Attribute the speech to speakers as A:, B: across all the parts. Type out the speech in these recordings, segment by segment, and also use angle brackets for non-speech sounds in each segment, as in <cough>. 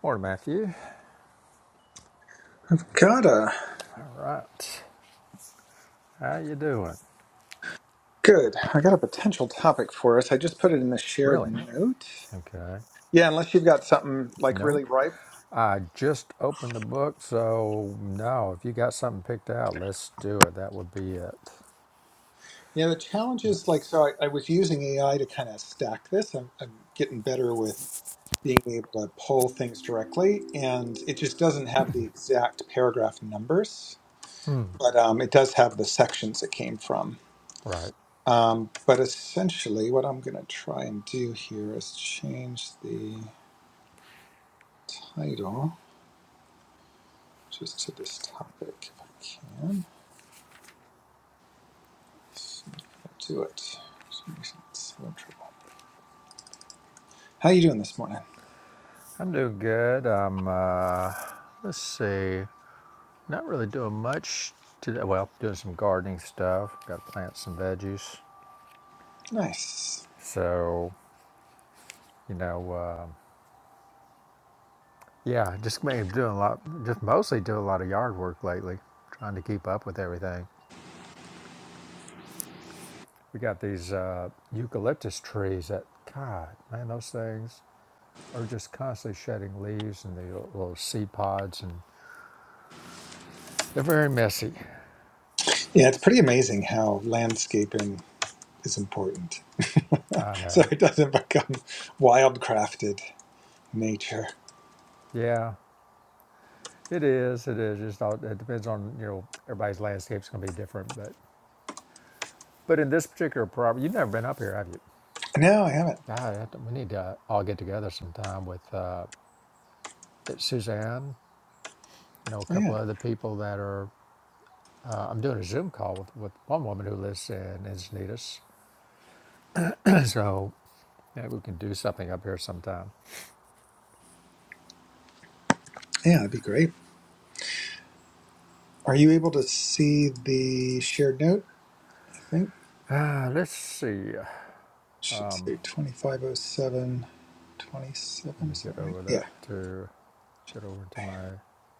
A: Morning, Matthew.
B: I've got a
A: All right. How you doing?
B: good. I got a potential topic for us. I just put it in the shared
A: Really?
B: note.
A: Okay.
B: Yeah, unless you've got something like
A: Nope.
B: really ripe.
A: I just opened the book, so no. If you got something picked out, let's do it. That would be it.
B: You know, the challenge is like so. I, I was using AI to kind of stack this. I'm, I'm getting better with being able to pull things directly, and it just doesn't have the exact paragraph numbers, but um, it does have the sections it came from.
A: Right.
B: Um, but essentially, what I'm going to try and do here is change the title. just to this topic if I can. Let's see if I do it. For some it's having trouble. How are you doing this morning?
A: I'm doing good. I'm, uh, let's see, not really doing much today. Well, doing some gardening stuff. Got to plant some veggies.
B: Nice.
A: So, you know, um yeah, just made doing a lot, just mostly doing a lot of yard work lately, trying to keep up with everything. We got these uh, eucalyptus trees that, God, man, those things are just constantly shedding leaves and the little seed pods, and they're very messy.
B: Yeah, it's pretty amazing how landscaping is important.
A: I
B: <laughs> so
A: know.
B: it doesn't become wildcrafted nature.
A: Yeah, it is. It is. Just all, it depends on you know everybody's landscape's going to be different, but but in this particular property, you've never been up here, have you?
B: No, I haven't.
A: God, I have to- we need to all get together sometime with uh, Suzanne. You know, a
B: Oh
A: couple
B: yeah.
A: other people that are. Uh, I'm doing a Zoom call with, with one woman who lives in Encinitas, <clears throat> so Yeah, we can do something up here sometime.
B: Yeah, that'd be great. Are you able to see the shared note? I think
A: Uh, let's see.
B: it should say twenty-five zero seven twenty-seven.
A: Let me
B: is that
A: get
B: right?
A: over
B: Yeah.
A: that to get over to my.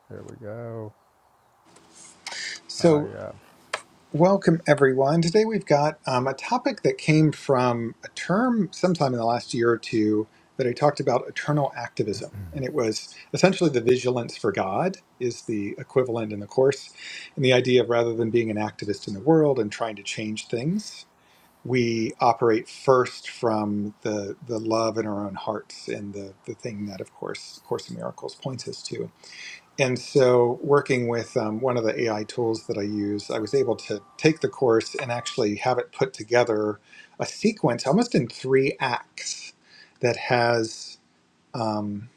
A: There we go. Uh,
B: So.
A: yeah,
B: Welcome, everyone. Today we've got um, a topic that came from a term sometime in the last year or two that I talked about eternal activism. And it was essentially the vigilance for God, is the equivalent in the course. And the idea of rather than being an activist in the world and trying to change things, we operate first from the, the love in our own hearts and the, the thing that, of course, Course in Miracles points us to. And so, working with um, one of the AI tools that I use, I was able to take the course and actually have it put together a sequence almost in three acts that has um,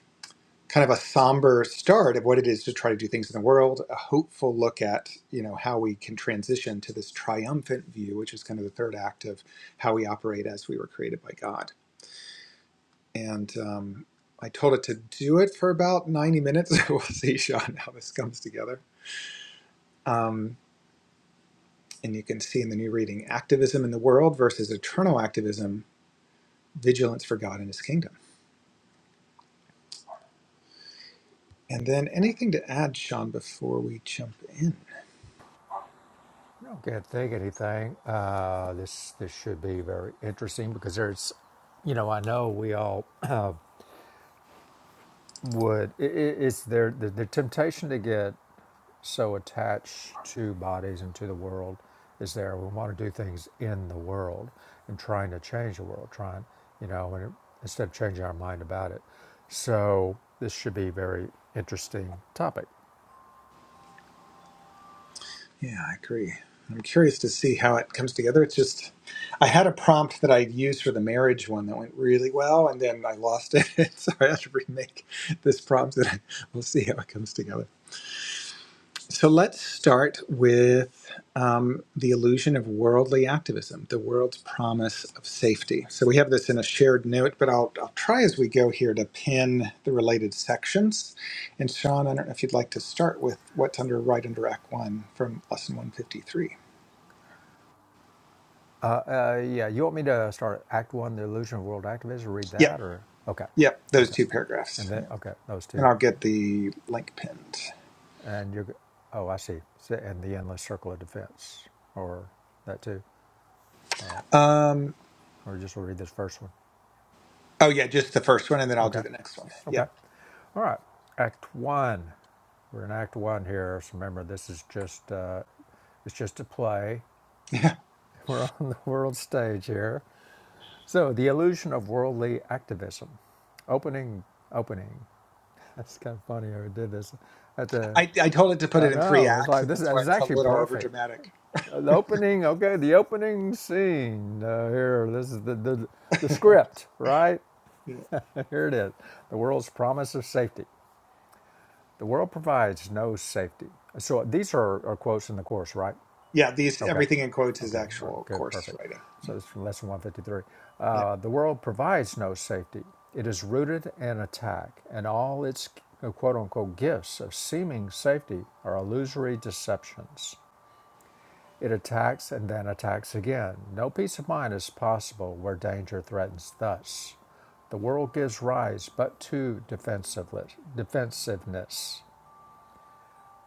B: kind of a somber start of what it is to try to do things in the world, a hopeful look at you know how we can transition to this triumphant view, which is kind of the third act of how we operate as we were created by God. And um, I told it to do it for about 90 minutes. <laughs> we'll see, Sean, how this comes together Um, and you can see in the new reading activism in the world versus eternal activism, vigilance for God and his kingdom. And then anything to add, Sean, before we jump in?
A: I can't think of anything. Uh, this this should be very interesting because there's, you know, I know we all <clears throat> uh, would. i i it's there the, the temptation to get so attached to bodies and to the world is there. We want to do things in the world and trying to change the world, trying, you know, and it, instead of changing our mind about it. So this should be a very interesting topic.
B: Yeah, I agree. I'm curious to see how it comes together. It's just, I had a prompt that I used for the marriage one that went really well, and then I lost it. <laughs> so I have to remake this prompt, and we'll see how it comes together. So let's start with um, the illusion of worldly activism, the world's promise of safety. So we have this in a shared note, but I'll, I'll try as we go here to pin the related sections. And Sean, I don't know if you'd like to start with what's under right under Act One from Lesson 153.
A: Uh, uh, yeah, you want me to start Act One, The Illusion of World Activism, read
B: Yep,
A: that or? Okay,
B: yep, those
A: okay.
B: two
A: And
B: paragraphs.
A: then,
B: Yeah.
A: okay, those two.
B: And I'll get the link pinned.
A: And you're, oh, I see. So- And The Endless Circle of Defense, or that too.
B: Um,
A: Or just read this first one.
B: oh, yeah, just the first one, and then I'll
A: Okay.
B: do the next one. Yeah.
A: Okay. All right. Act one. We're in Act one here. So remember, this is just uh, it's just a play.
B: <laughs>
A: <laughs> We're on the world stage here. So the illusion of worldly activism. Opening. Opening. <laughs> That's kind of funny. how I did this. At the.
B: I, I told it to put
A: I
B: it in three
A: know. It's
B: acts,
A: like
B: and
A: this.
B: that's
A: This
B: why
A: is
B: it's a
A: actually
B: little
A: perfect.
B: overdramatic.
A: Uh, The opening. Okay. The opening scene uh, here. This is the the the script, right? <laughs> Here it is. The world's promise of safety. The world provides no safety. So these are, are quotes in the course, right?
B: yeah these
A: Okay.
B: everything in quotes is
A: Okay. All right.
B: actual
A: Good.
B: course
A: Perfect.
B: writing yeah
A: So it's from lesson 153.
B: yeah
A: Uh, the world provides no safety. It is rooted in attack, and all its uh, quote unquote gifts of seeming safety are illusory deceptions. It attacks and then attacks again. No peace of mind is possible where danger threatens thus. The world gives rise but to defensiveness.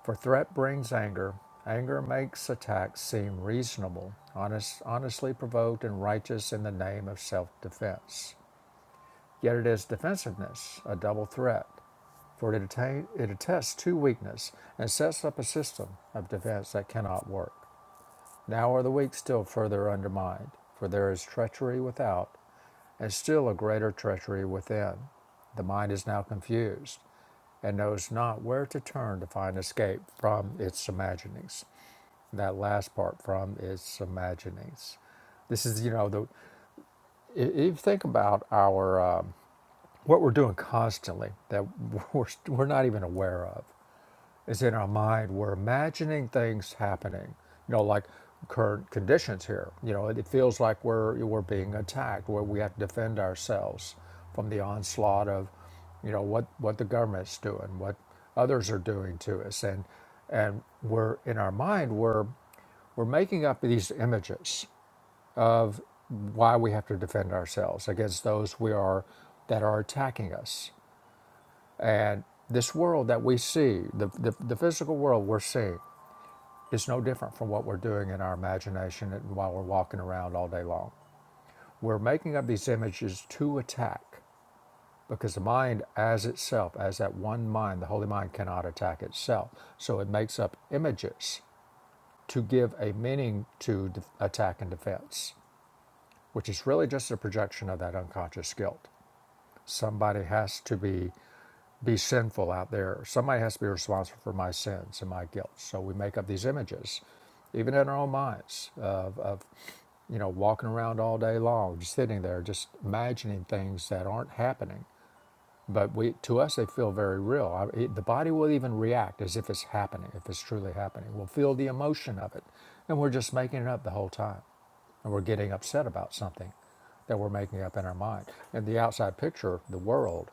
A: For threat brings anger. Anger makes attacks seem reasonable, honest, honestly provoked, and righteous in the name of self defense. Yet it is defensiveness, a double threat, for it, atta- it attests to weakness and sets up a system of defense that cannot work. Now are the weak still further undermined, for there is treachery without, and still a greater treachery within. The mind is now confused and knows not where to turn to find escape from its imaginings that last part from is imaginings. This is, you know, the if you think about our um, what we're doing constantly that <laughs> we're, we're not even aware of is in our mind. We're imagining things happening, you know, like current conditions here. You know, it feels like we're we're being attacked, where we have to defend ourselves from the onslaught of, you know, what what the government's doing, what others are doing to us, and and we're in our mind we're we're making up these images of why we have to defend ourselves against those we are that are attacking us and this world that we see, the, the, the physical world we're seeing, is no different from what we're doing in our imagination and while we're walking around all day long. We're making up these images to attack because the mind, as itself, as that one mind, the holy mind cannot attack itself. So it makes up images to give a meaning to attack and defense, which is really just a projection of that unconscious guilt. Somebody has to be be sinful out there. Somebody has to be responsible for my sins and my guilt. So we make up these images, even in our own minds, of, of you know, walking around all day long, just sitting there, just imagining things that aren't happening. But we, to us, they feel very real. I- it- the body will even react as if it's happening, if it's truly happening. We'll feel the emotion of it, and we're just making it up the whole time, and we're getting upset about something that we're making up in our mind. And the outside picture, the world,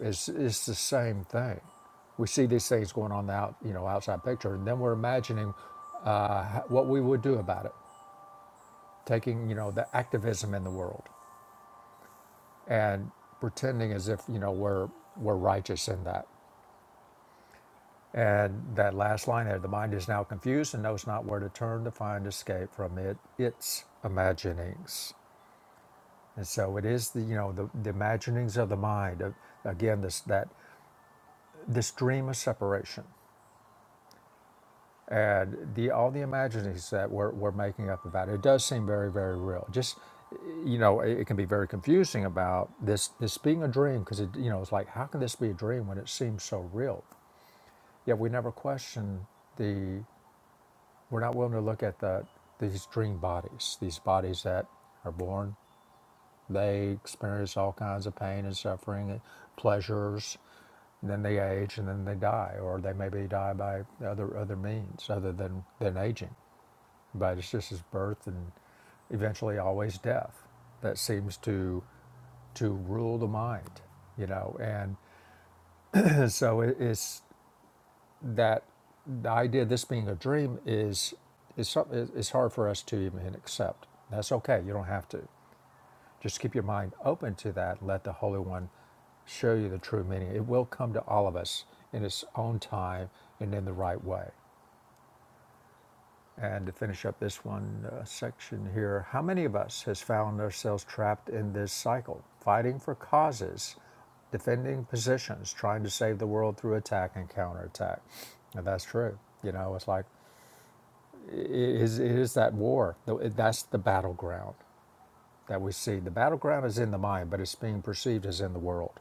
A: it's, it's the same thing. We see these things going on the out, you know, outside picture, and then we're imagining uh, what we would do about it, taking you know the activism in the world and pretending as if you know we're we're righteous in that. And that last line there, the mind is now confused and knows not where to turn to find escape from it its imaginings. And so it is the you know the, the imaginings of the mind. Of, again, this that this dream of separation. and the all the imaginings that we're, we're making up about it, it does seem very very real just you know it, it can be very confusing about this this being a dream because it you know it's like how can this be a dream when it seems so real yet we never question the we're not willing to look at the these dream bodies these bodies that are born they experience all kinds of pain and suffering and pleasures and then they age and then they die or they maybe die by other other means other than than aging but it's just his birth and eventually always death that seems to to rule the mind, you know. And <clears throat> so it's that the idea of this being a dream is is something. It's hard for us to even accept. That's okay. You don't have to. Just keep your mind open to that. and Let the Holy One show you the true meaning. It will come to all of us in its own time and in the right way. And to finish up this one uh, section here, how many of us has found ourselves trapped in this cycle, fighting for causes, defending positions, trying to save the world through attack and counterattack? And that's true. You know, it's like it is, it is that war. That's the battleground that we see. The battleground is in the mind, but it's being perceived as in the world.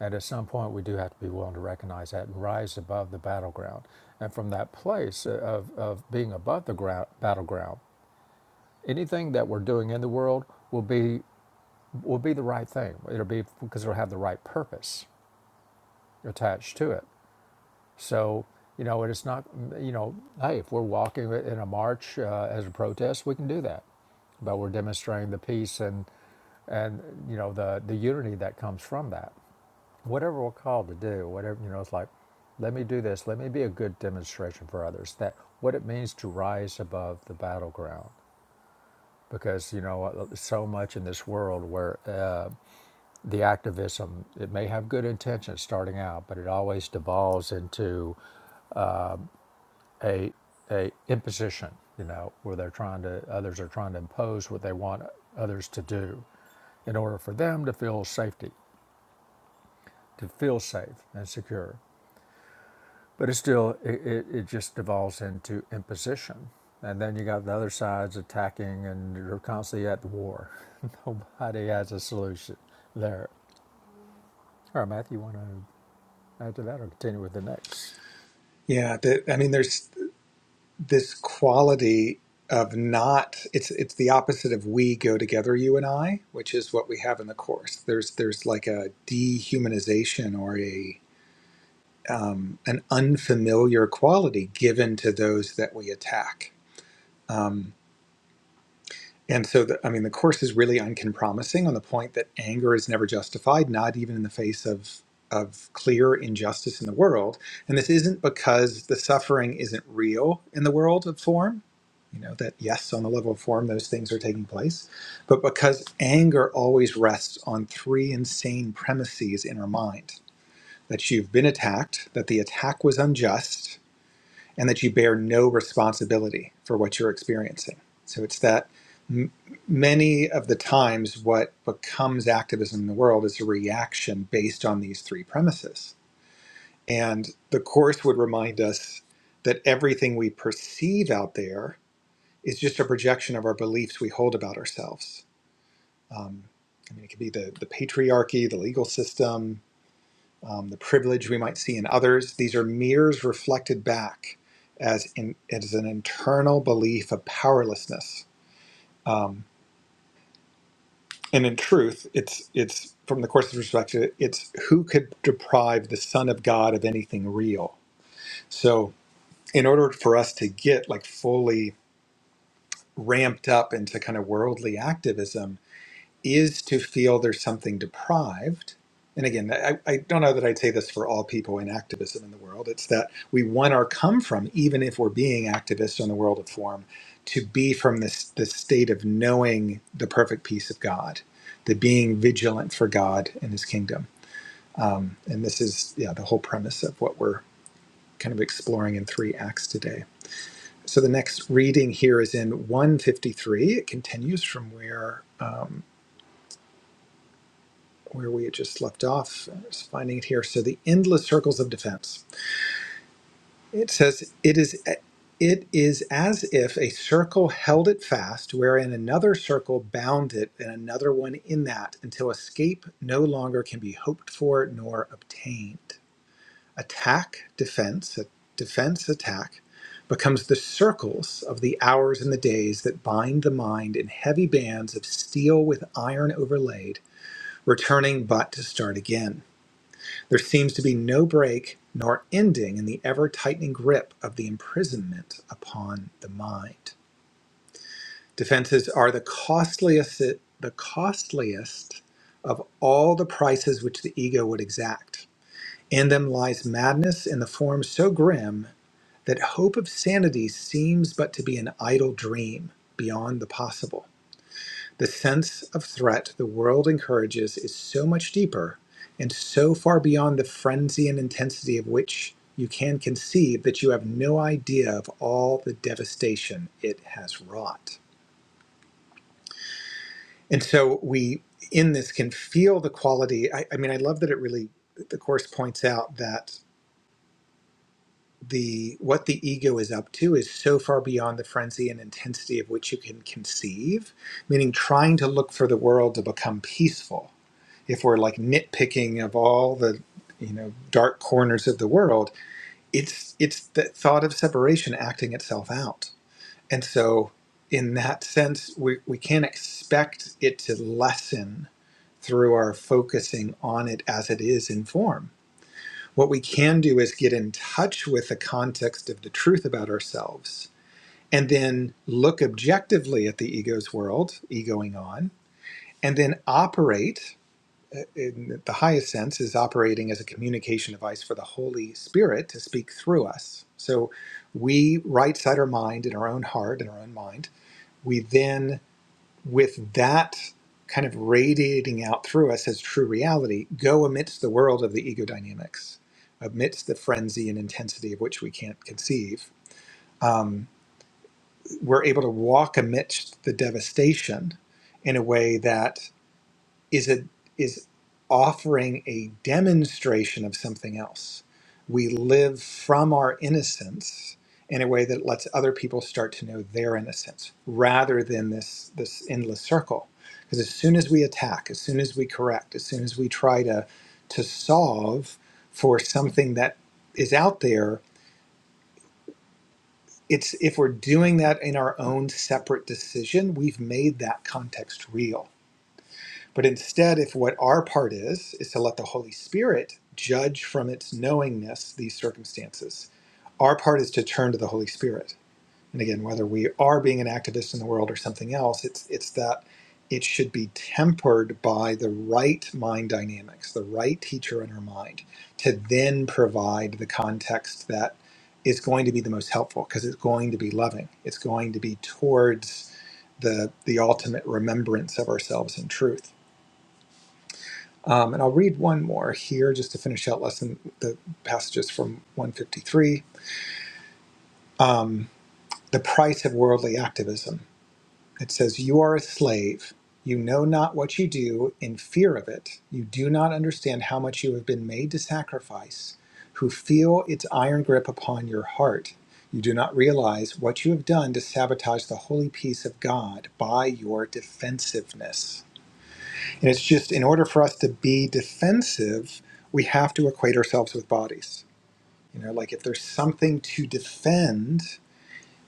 A: And at some point, we do have to be willing to recognize that and rise above the battleground. And from that place of, of being above the ground, battleground, anything that we're doing in the world will be will be the right thing. It'll be because it'll have the right purpose attached to it. So you know, it is not you know, hey, if we're walking in a march uh, as a protest, we can do that, but we're demonstrating the peace and and you know the the unity that comes from that. Whatever we're called to do, whatever you know, it's like, let me do this. Let me be a good demonstration for others that what it means to rise above the battleground because you know uh, so much in this world where uh, the activism it may have good intentions starting out but it always devolves into a a imposition you know where they're trying to others are trying to impose what they want others to do in order for them to feel safety to feel safe and secure but it still it, it, it just devolves into imposition and then you got the other sides attacking and you're constantly at war <laughs> nobody has a solution there All right, Matthew, you want to add to that or continue with the next?
B: yeah the, i mean there's this quality of not it's it's the opposite of we go together you and i which is what we have in the course there's there's like a dehumanization or a an unfamiliar quality given to those that we attack Um, And so, the, I mean, the course is really uncompromising on the point that anger is never justified, not even in the face of of clear injustice in the world. And this isn't because the suffering isn't real in the world of form. You know that yes, on the level of form, those things are taking place, but because anger always rests on three insane premises in our mind: that you've been attacked, that the attack was unjust, and that you bear no responsibility for what you're experiencing. So it's that m- many of the times what becomes activism in the world is a reaction based on these three premises. And the Course would remind us that everything we perceive out there is just a projection of our beliefs we hold about ourselves. Um, I mean, it could be the, the patriarchy, the legal system, um, the privilege we might see in others. These are mirrors reflected back as, in, as an internal belief of powerlessness. Um, and in truth, it's, it's from the Course's perspective, it's who could deprive the Son of God of anything real? So, in order for us to get like fully ramped up into kind of worldly activism, is to feel there's something deprived. And again, I, I don't know that I'd say this for all people in activism in the world. It's that we want our come from, even if we're being activists in the world of form, to be from this, this state of knowing the perfect peace of God, the being vigilant for God and his kingdom. Um, and this is yeah, the whole premise of what we're kind of exploring in three acts today. So the next reading here is in 153. It continues from where um, where we had just left off. I'm just finding it here. So the endless circles of defense. It says it is it is as if a circle held it fast, wherein another circle bound it, and another one in that, until escape no longer can be hoped for nor obtained. Attack, defense, defense, attack becomes the circles of the hours and the days that bind the mind in heavy bands of steel with iron overlaid, returning but to start again. There seems to be no break nor ending in the ever tightening grip of the imprisonment upon the mind. Defenses are the costliest, the costliest of all the prices which the ego would exact. In them lies madness in the form so grim that hope of sanity seems but to be an idle dream beyond the possible. The sense of threat the world encourages is so much deeper and so far beyond the frenzy and intensity of which you can conceive that you have no idea of all the devastation it has wrought. And so we, in this, can feel the quality. I, I mean, I love that it really, the course points out that the what the ego is up to is so far beyond the frenzy and intensity of which you can conceive meaning trying to look for the world to become peaceful if we're like nitpicking of all the you know dark corners of the world it's it's the thought of separation acting itself out and so in that sense we, we can't expect it to lessen through our focusing on it as it is in form what we can do is get in touch with the context of the truth about ourselves and then look objectively at the ego's world egoing on and then operate in the highest sense, is operating as a communication device for the Holy Spirit to speak through us. So we right side our mind in our own heart, in our own mind. We then, with that kind of radiating out through us as true reality, go amidst the world of the ego dynamics, amidst the frenzy and intensity of which we can't conceive. Um, we're able to walk amidst the devastation in a way that is a is offering a demonstration of something else. We live from our innocence in a way that lets other people start to know their innocence rather than this this endless circle. Because as soon as we attack, as soon as we correct, as soon as we try to to solve for something that is out there, it's if we're doing that in our own separate decision, we've made that context real but instead, if what our part is, is to let the Holy Spirit judge from its knowingness these circumstances, our part is to turn to the Holy Spirit. And again, whether we are being an activist in the world or something else, it's, it's that it should be tempered by the right mind dynamics, the right teacher in our mind, to then provide the context that is going to be the most helpful because it's going to be loving. It's going to be towards the, the ultimate remembrance of ourselves in truth. Um, and I'll read one more here just to finish out lesson the passages from 153. Um, the price of worldly activism. It says, "You are a slave. You know not what you do in fear of it. You do not understand how much you have been made to sacrifice. Who feel its iron grip upon your heart. You do not realize what you have done to sabotage the holy peace of God by your defensiveness." And it's just in order for us to be defensive, we have to equate ourselves with bodies. You know, like if there's something to defend,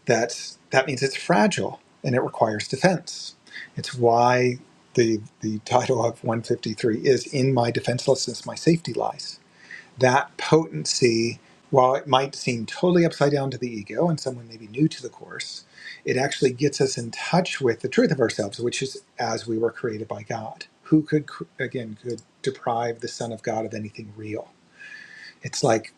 B: that's that means it's fragile and it requires defense. It's why the the title of 153 is in my defenselessness my safety lies that potency, while it might seem totally upside down to the ego and someone maybe new to the course, it actually gets us in touch with the truth of ourselves, which is as we were created by God. Who could, again, could deprive the Son of God of anything real? It's like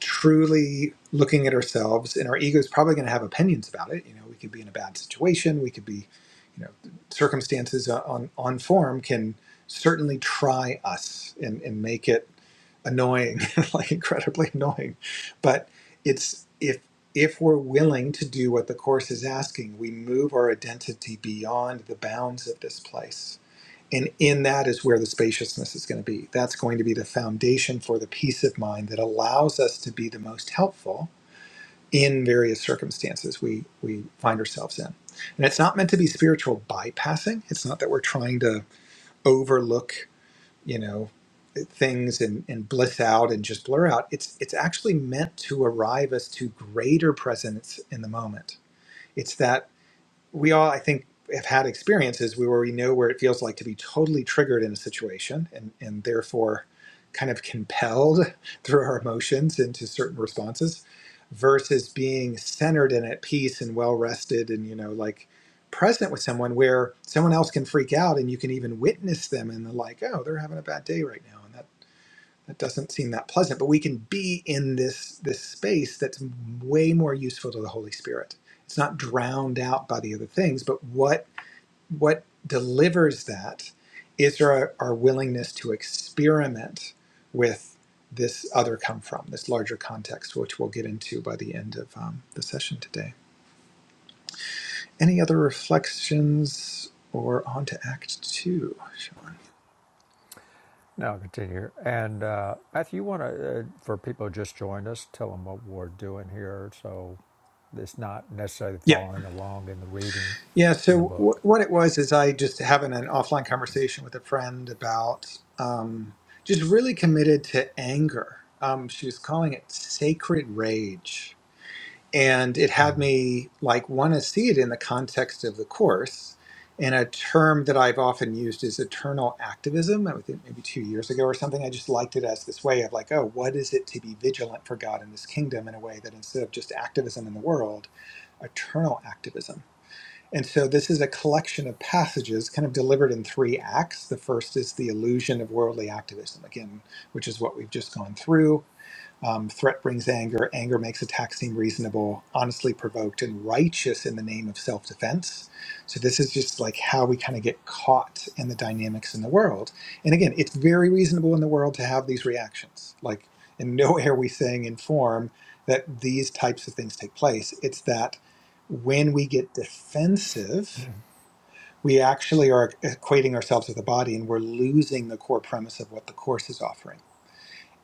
B: truly looking at ourselves, and our ego is probably going to have opinions about it. You know, we could be in a bad situation, we could be, you know, circumstances on on form can certainly try us and, and make it annoying, <laughs> like incredibly annoying. But it's if if we're willing to do what the course is asking, we move our identity beyond the bounds of this place. And in that is where the spaciousness is going to be. That's going to be the foundation for the peace of mind that allows us to be the most helpful in various circumstances we, we find ourselves in. And it's not meant to be spiritual bypassing. It's not that we're trying to overlook you know things and, and bliss out and just blur out it's it's actually meant to arrive us to greater presence in the moment it's that we all, I think, have had experiences where we know where it feels like to be totally triggered in a situation and, and therefore kind of compelled <laughs> through our emotions into certain responses versus being centered and at peace and well rested and, you know, like present with someone where someone else can freak out and you can even witness them and they're like, oh, they're having a bad day right now. and that. That doesn't seem that pleasant, but we can be in this this space that's way more useful to the Holy Spirit. It's not drowned out by the other things, but what what delivers that is our, our willingness to experiment with this other come from, this larger context, which we'll get into by the end of um, the session today. Any other reflections or on to Act Two, Sean?
A: No, I'll continue. And uh, Matthew, you want to, uh, for people who just joined us, tell them what we're doing here so it's not necessarily
B: Yeah,
A: following along in the reading
B: Yeah,
A: in the
B: so w-
A: book.
B: what it was is I just having an offline conversation with a friend about um, just really committed to anger. Um, she was calling it sacred rage, and it had me like want to see it in the context of the course. And a term that I've often used is eternal activism. I think maybe two years ago or something. I just liked it as this way of like, oh, what is it to be vigilant for God in this kingdom in a way that instead of just activism in the world, eternal activism. And so this is a collection of passages kind of delivered in three acts. The first is the illusion of worldly activism, again, which is what we've just gone through. Um, threat brings anger. Anger makes attack seem reasonable, honestly provoked, and righteous in the name of self defense. So, this is just like how we kind of get caught in the dynamics in the world. And again, it's very reasonable in the world to have these reactions. Like, in <laughs> nowhere are we saying in form that these types of things take place. It's that when we get defensive, we actually are equating ourselves with the body and we're losing the core premise of what the Course is offering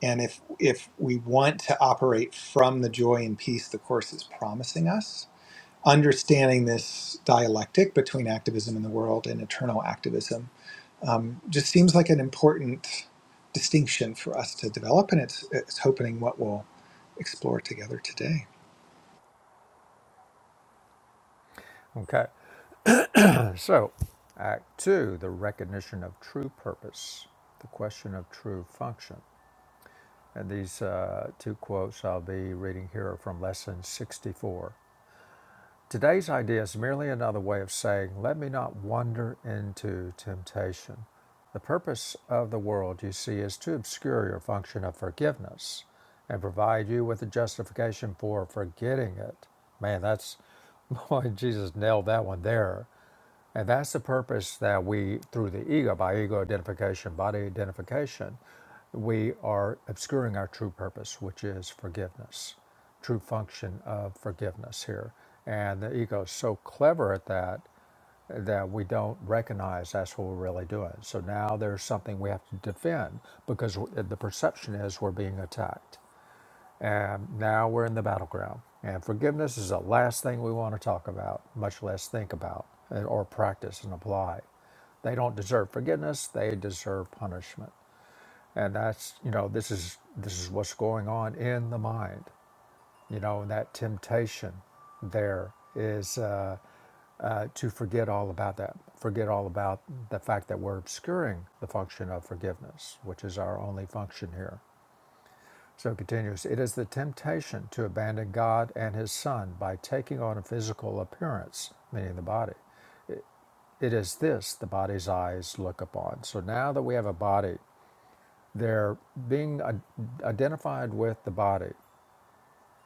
B: and if if we want to operate from the joy and peace the course is promising us, understanding this dialectic between activism in the world and eternal activism um, just seems like an important distinction for us to develop, and it's it's opening what we'll explore together today.
A: Okay, so Act Two the recognition of true purpose, the question of true function. And these uh, two quotes I'll be reading here are from lesson 64. Today's idea is merely another way of saying, let me not wander into temptation. The purpose of the world, you see, is to obscure your function of forgiveness and provide you with a justification for forgetting it. Man, that's <laughs> boy, Jesus nailed that one there. And that's the purpose that we, through the ego, by ego identification, body identification, we are obscuring our true purpose, which is forgiveness, true function of forgiveness here. And the ego is so clever at that that we don't recognize that's what we're really doing. So now there's something we have to defend because the perception is we're being attacked. And now we're in the battleground. And forgiveness is the last thing we want to talk about, much less think about uh, or practice and apply. They don't deserve forgiveness, they deserve punishment. And that's, you know, this is this is what's going on in the mind. You know, and that temptation there is uh, uh, to forget all about that, forget all about the fact that we're obscuring the function of forgiveness, which is our only function here so it continues It is the temptation to abandon God and His Son by taking on a physical appearance, meaning the body. It is this the body's eyes look upon. So now that we have a body, they're being identified with the body.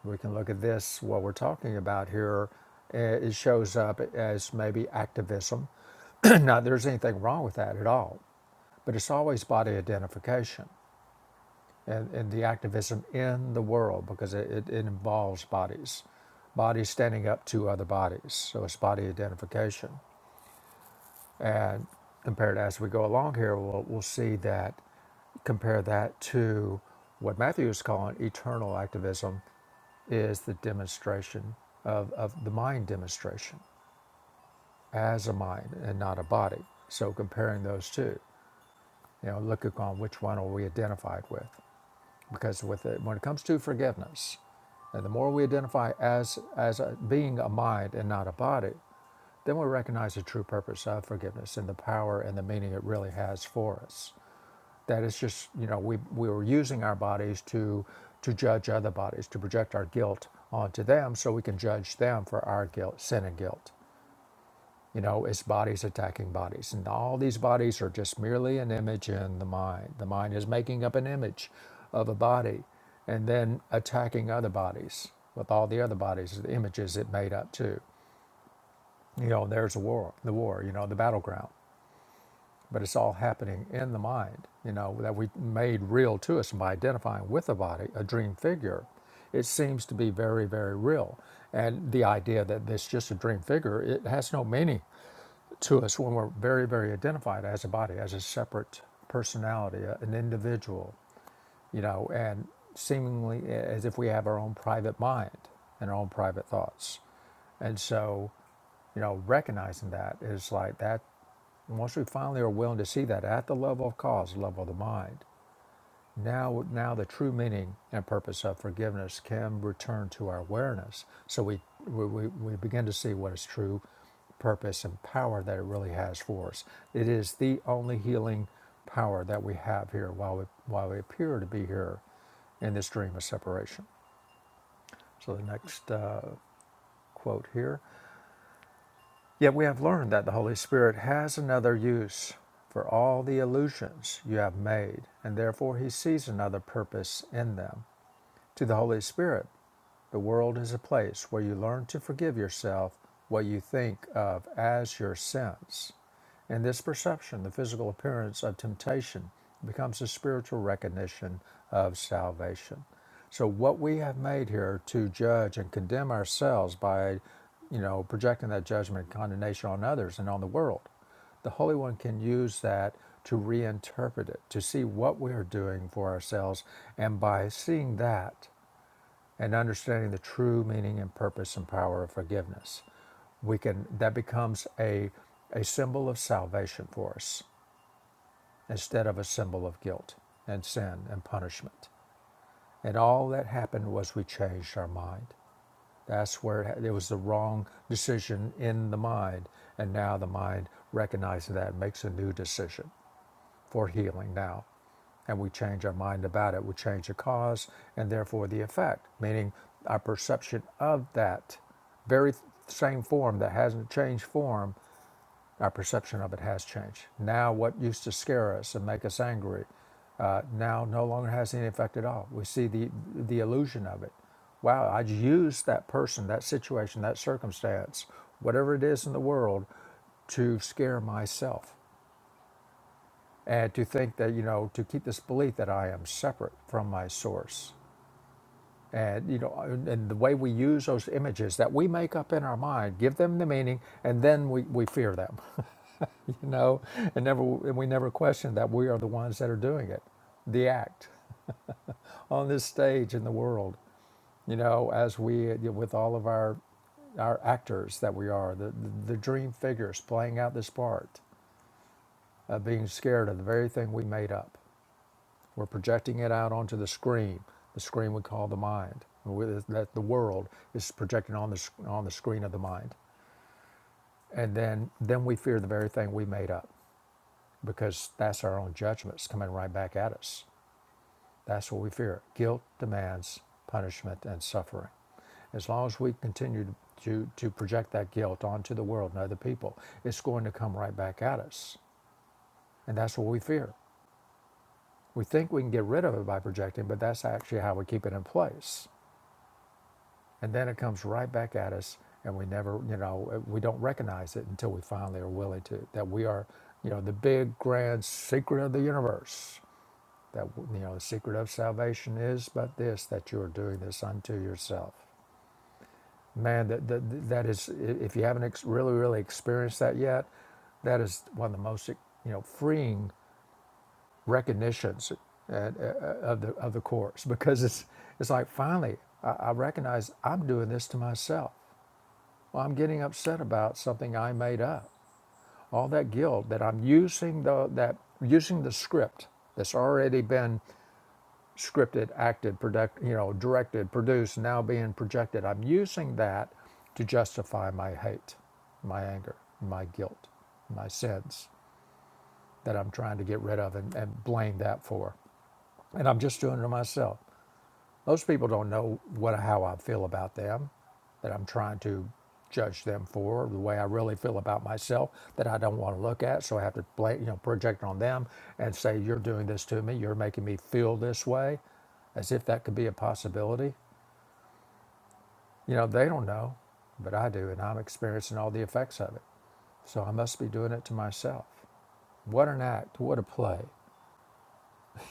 A: We can look at this, what we're talking about here. eh, It shows up as maybe activism. <clears throat> Not that there's anything wrong with that at all, but it's always body identification. and, and the activism in the world because it, it, it involves bodies, bodies standing up to other bodies. So it's body identification. And compared as we go along here, we'll, we'll see that, compare that to what Matthew is calling eternal activism is the demonstration of, of the mind demonstration as a mind and not a body. So comparing those two, you know, look upon which one are we identified with. because with it, when it comes to forgiveness, and the more we identify as as a, being a mind and not a body, then we recognize the true purpose of forgiveness and the power and the meaning it really has for us. That it's just you know we we were using our bodies to to judge other bodies to project our guilt onto them so we can judge them for our guilt sin and guilt you know, it's bodies attacking bodies. And all these bodies are just merely an image in the mind. The mind is making up an image of a body and then attacking other bodies with all the other bodies, the images it made up too. You know, there's a war, the war, you know, the battleground. But it's all happening in the mind, you know, that we made real to us by identifying with a body, a dream figure. It seems to be very, very real. And the idea that it's just a dream figure, it has no meaning to us when we're very, very identified as a body, as a separate personality, uh, an individual, you know, and seemingly as if we have our own private mind and our own private thoughts. And so, you know, recognizing that is like that, once we finally are willing to see that at the level of cause, level of the mind, now, now the true meaning and purpose of forgiveness can return to our awareness. So we, we, we begin to see what is true purpose and power that it really has for us. It is the only healing power that we have here while we, while we appear to be here in this dream of separation. So the next uh, quote here. Yet we have learned that the Holy Spirit has another use for all the illusions you have made, and therefore he sees another purpose in them. To the Holy Spirit, the world is a place where you learn to forgive yourself what you think of as your sins. In this perception, the physical appearance of temptation becomes a spiritual recognition of salvation. So what we have made here to judge and condemn ourselves by, you know, projecting that judgment and condemnation on others and on the world, the Holy One can use that to reinterpret it, to see what we are doing for ourselves, and by seeing that and understanding the true meaning and purpose and power of forgiveness we can that becomes a a symbol of salvation for us instead of a symbol of guilt and sin and punishment and all that happened was we changed our mind that's where it, it was the wrong decision in the mind and now the mind recognizes that and makes a new decision for healing now. And we change our mind about it. We change the cause and therefore the effect, meaning our perception of that very same form that hasn't changed form, our perception of it has changed. Now, what used to scare us and make us angry uh, now no longer has any effect at all. We see the, the illusion of it. Wow, I used that person, that situation, that circumstance, whatever it is in the world, to scare myself and to think that you know to keep this belief that i am separate from my source and you know and and the way we use those images that we make up in our mind give them the meaning and then we, we fear them <laughs> you know and never and we never question that we are the ones that are doing it the act on this stage in the world you know as we with all of our our actors that we are the the, the dream figures playing out this part of being scared of the very thing we made up We're projecting it out onto the screen, the screen we call the mind, that the world is projecting on the, on the screen of the mind. And then, then we fear the very thing we made up because that's our own judgments coming right back at us. That's what we fear. Guilt demands punishment and suffering. As long as we continue to, to project that guilt onto the world and other people, it's going to come right back at us. And that's what we fear. We think we can get rid of it by projecting, but that's actually how we keep it in place. And then it comes right back at us, and we never, you know, we don't recognize it until we finally are willing to, that we are, you know, the big grand secret of the universe. That, you know, the secret of salvation is but this, that you are doing this unto yourself. Man, that, that, that is, if you haven't ex- really, really experienced that yet, that is one of the most, you know, freeing recognitions and, uh, of the of the course <laughs> because it's it's like finally I, I recognize I'm doing this to myself. Well, I'm getting upset about something I made up. All that guilt that I'm using the that using the script that's already been scripted, acted, product, you know, directed, produced, now being projected. I'm using that to justify my hate, my anger, my guilt, my sins that I'm trying to get rid of and, and blame that for. And I'm just doing it to myself. Most people don't know what how I feel about them, that I'm trying to judge them for, the way I really feel about myself that I don't want to look at. So I have to play, you know, project on them and say, "You're doing this to me. You're making me feel this way," as if that could be a possibility. You know, they don't know, but I do, and I'm experiencing all the effects of it. So I must be doing it to myself. What an act! What a play!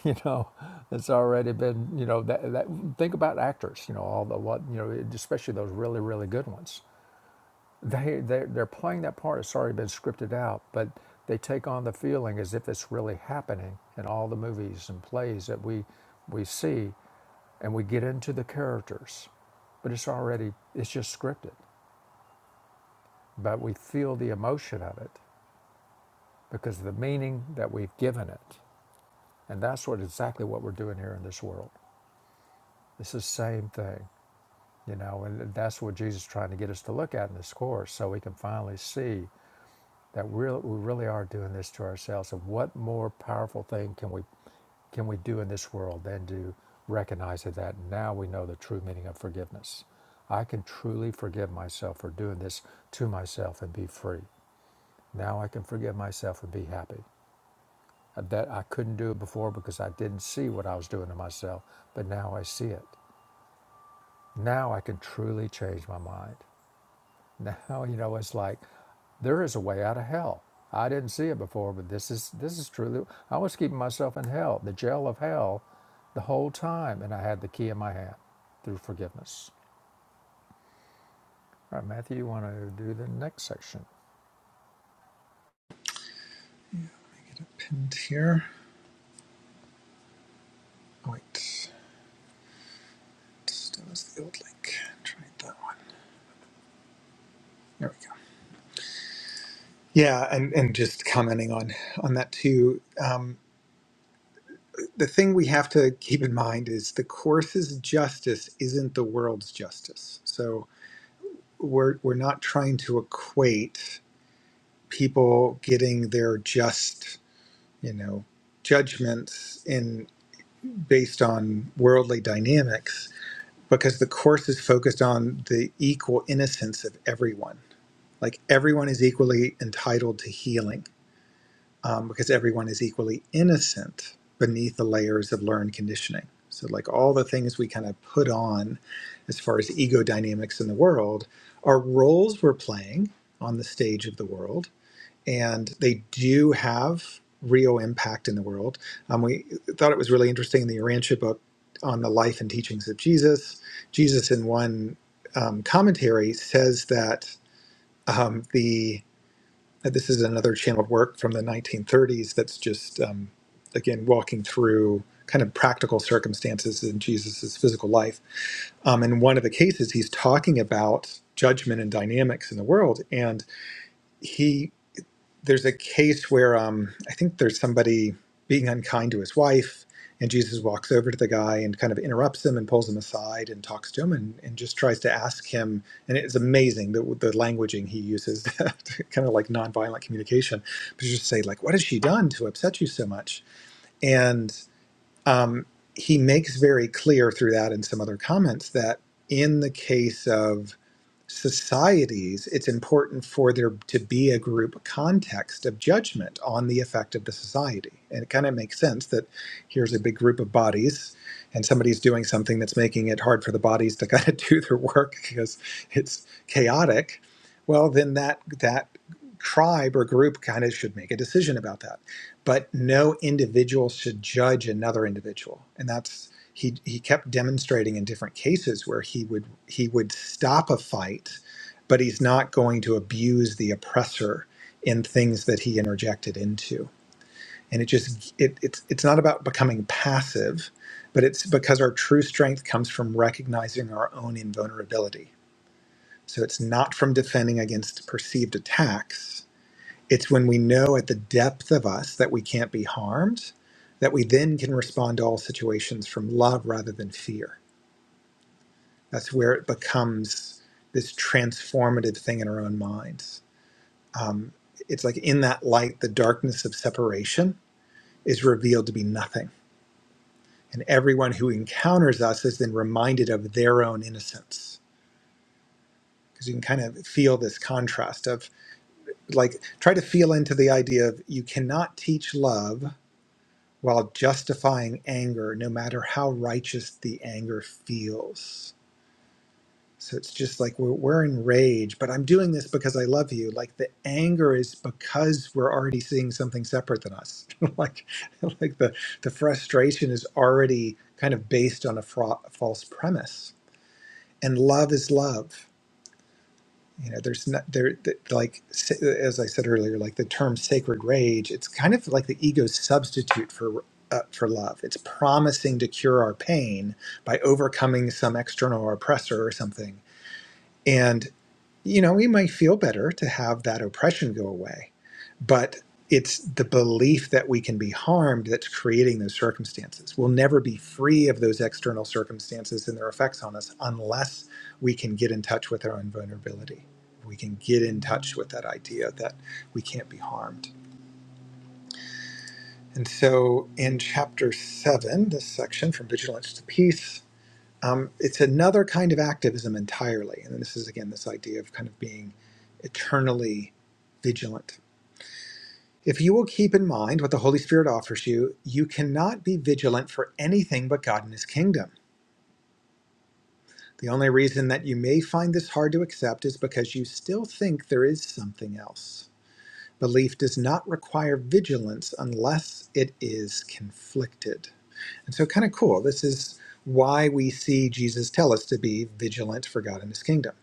A: <laughs> you know it's already been you know that, that think about actors you know all the what you know especially those really really good ones they they're, they're playing that part it's already been scripted out but they take on the feeling as if it's really happening in all the movies and plays that we we see and we get into the characters but it's already it's just scripted but we feel the emotion of it because of the meaning that we've given it and that's what exactly what we're doing here in this world it's the same thing You know, and that's what Jesus is trying to get us to look at in this course so we can finally see that we're, we really are doing this to ourselves. And what more powerful thing can we can we do in this world than to recognize that now we know the true meaning of forgiveness? I can truly forgive myself for doing this to myself and be free. Now I can forgive myself and be happy. Uh, That I couldn't do it before because I didn't see what I was doing to myself, but now I see it. Now I can truly change my mind. Now, you know, it's like there is a way out of hell. I didn't see it before, but this is this is truly. I was keeping myself in hell, the jail of hell, the whole time, and I had the key in my hand through forgiveness. All right, Matthew, you want to do the next section?
B: Get it pinned here. Oh, wait, that was the old link. Tried that one. There we go. Yeah, and, and just commenting on on that too. Um, the thing we have to keep in mind is the course's justice isn't the world's justice. So we're we're not trying to equate people getting their just, you know, judgments in based on worldly dynamics because the course is focused on the equal innocence of everyone. Like everyone is equally entitled to healing um, because everyone is equally innocent beneath the layers of learned conditioning. So, like all the things we kind of put on as far as ego dynamics in the world are roles we're playing on the stage of the world, and they do have real impact in the world. Um, we thought it was really interesting in the Urantia book on the life and teachings of Jesus. Jesus, in one um, commentary, says that um, the uh, This is another channeled work from the 1930s that's just, um, again, walking through kind of practical circumstances in Jesus's physical life. Um, in one of the cases, he's talking about judgment and dynamics in the world. And he there's a case where um, I think there's somebody being unkind to his wife, and Jesus walks over to the guy and kind of interrupts him and pulls him aside and talks to him and, and just tries to ask him. And it's amazing the, the languaging he uses, <laughs> to kind of like nonviolent communication, but you just say like, "What has she done to upset you so much?" And um, he makes very clear through that and some other comments that in the case of societies, it's important for there to be a group context of judgment on the effect of the society. And it kind of makes sense that here's a big group of bodies, and somebody's doing something that's making it hard for the bodies to kind of <laughs> do their work because it's chaotic. Well, then that that tribe or group kind of should make a decision about that. But no individual should judge another individual, and that's he he kept demonstrating in different cases where he would he would stop a fight, but he's not going to abuse the oppressor in things that he interjected into. And it just it, it's it's not about becoming passive, but it's because our true strength comes from recognizing our own invulnerability. So it's not from defending against perceived attacks. It's when we know at the depth of us that we can't be harmed, that we then can respond to all situations from love rather than fear That's where it becomes this transformative thing in our own minds. Um, it's like in that light, the darkness of separation is revealed to be nothing. And everyone who encounters us is then reminded of their own innocence. Because you can kind of feel this contrast of like, try to feel into the idea of you cannot teach love while justifying anger, no matter how righteous the anger feels So it's just like we're, we're in rage, but I'm doing this because I love you. Like the anger is because we're already seeing something separate than us. <laughs> like like the, the frustration is already kind of based on a fra- false premise. And love is love. You know, there's not there th- like s- as I said earlier, like the term sacred rage. It's kind of like the ego's substitute for uh, for love. It's promising to cure our pain by overcoming some external oppressor or something and you know, we might feel better to have that oppression go away, but it's the belief that we can be harmed that's creating those circumstances. We'll never be free of those external circumstances and their effects on us unless we can get in touch with our own vulnerability. We can get in touch with that idea that we can't be harmed. And so in chapter seven, this section from Vigilance to Peace, um, it's another kind of activism entirely. And this is, again, this idea of kind of being eternally vigilant. If you will keep in mind what the Holy Spirit offers you, you cannot be vigilant for anything but God and His kingdom. The only reason that you may find this hard to accept is because you still think there is something else. Belief does not require vigilance unless it is conflicted. And so, kind of cool. This is why we see Jesus tell us to be vigilant for God and His kingdom.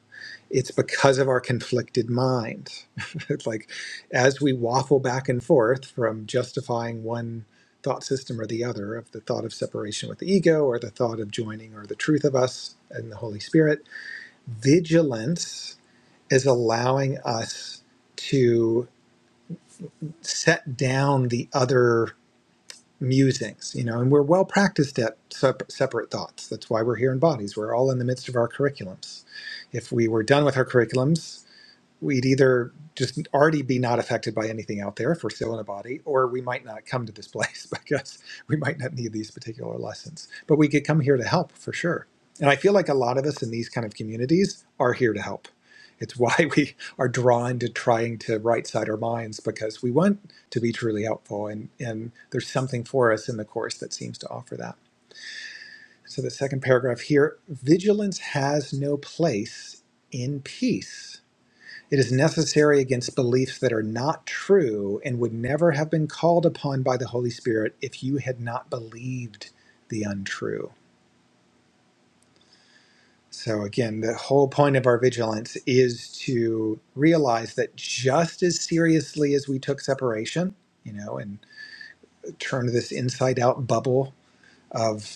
B: it's because of our conflicted mind. <laughs> it's like as we waffle back and forth from justifying one thought system or the other of the thought of separation with the ego or the thought of joining or the truth of us and the Holy Spirit, vigilance is allowing us to set down the other musings, you know, and we're well practiced at sep- separate thoughts. That's why we're here in bodies. We're all in the midst of our curriculums. If we were done with our curriculums, we'd either just already be not affected by anything out there if we're still in a body, or we might not come to this place <laughs> because we might not need these particular lessons. But we could come here to help for sure. And I feel like a lot of us in these kind of communities are here to help. It's why <laughs> we are drawn to trying to right side our minds because we want to be truly helpful. And, and there's something for us in the Course that seems to offer that. So, the second paragraph here vigilance has no place in peace it is necessary against beliefs that are not true and would never have been called upon by the Holy Spirit if you had not believed the untrue. So, again, the whole point of our vigilance is to realize that just as seriously as we took separation, you know, and turned this inside out bubble of.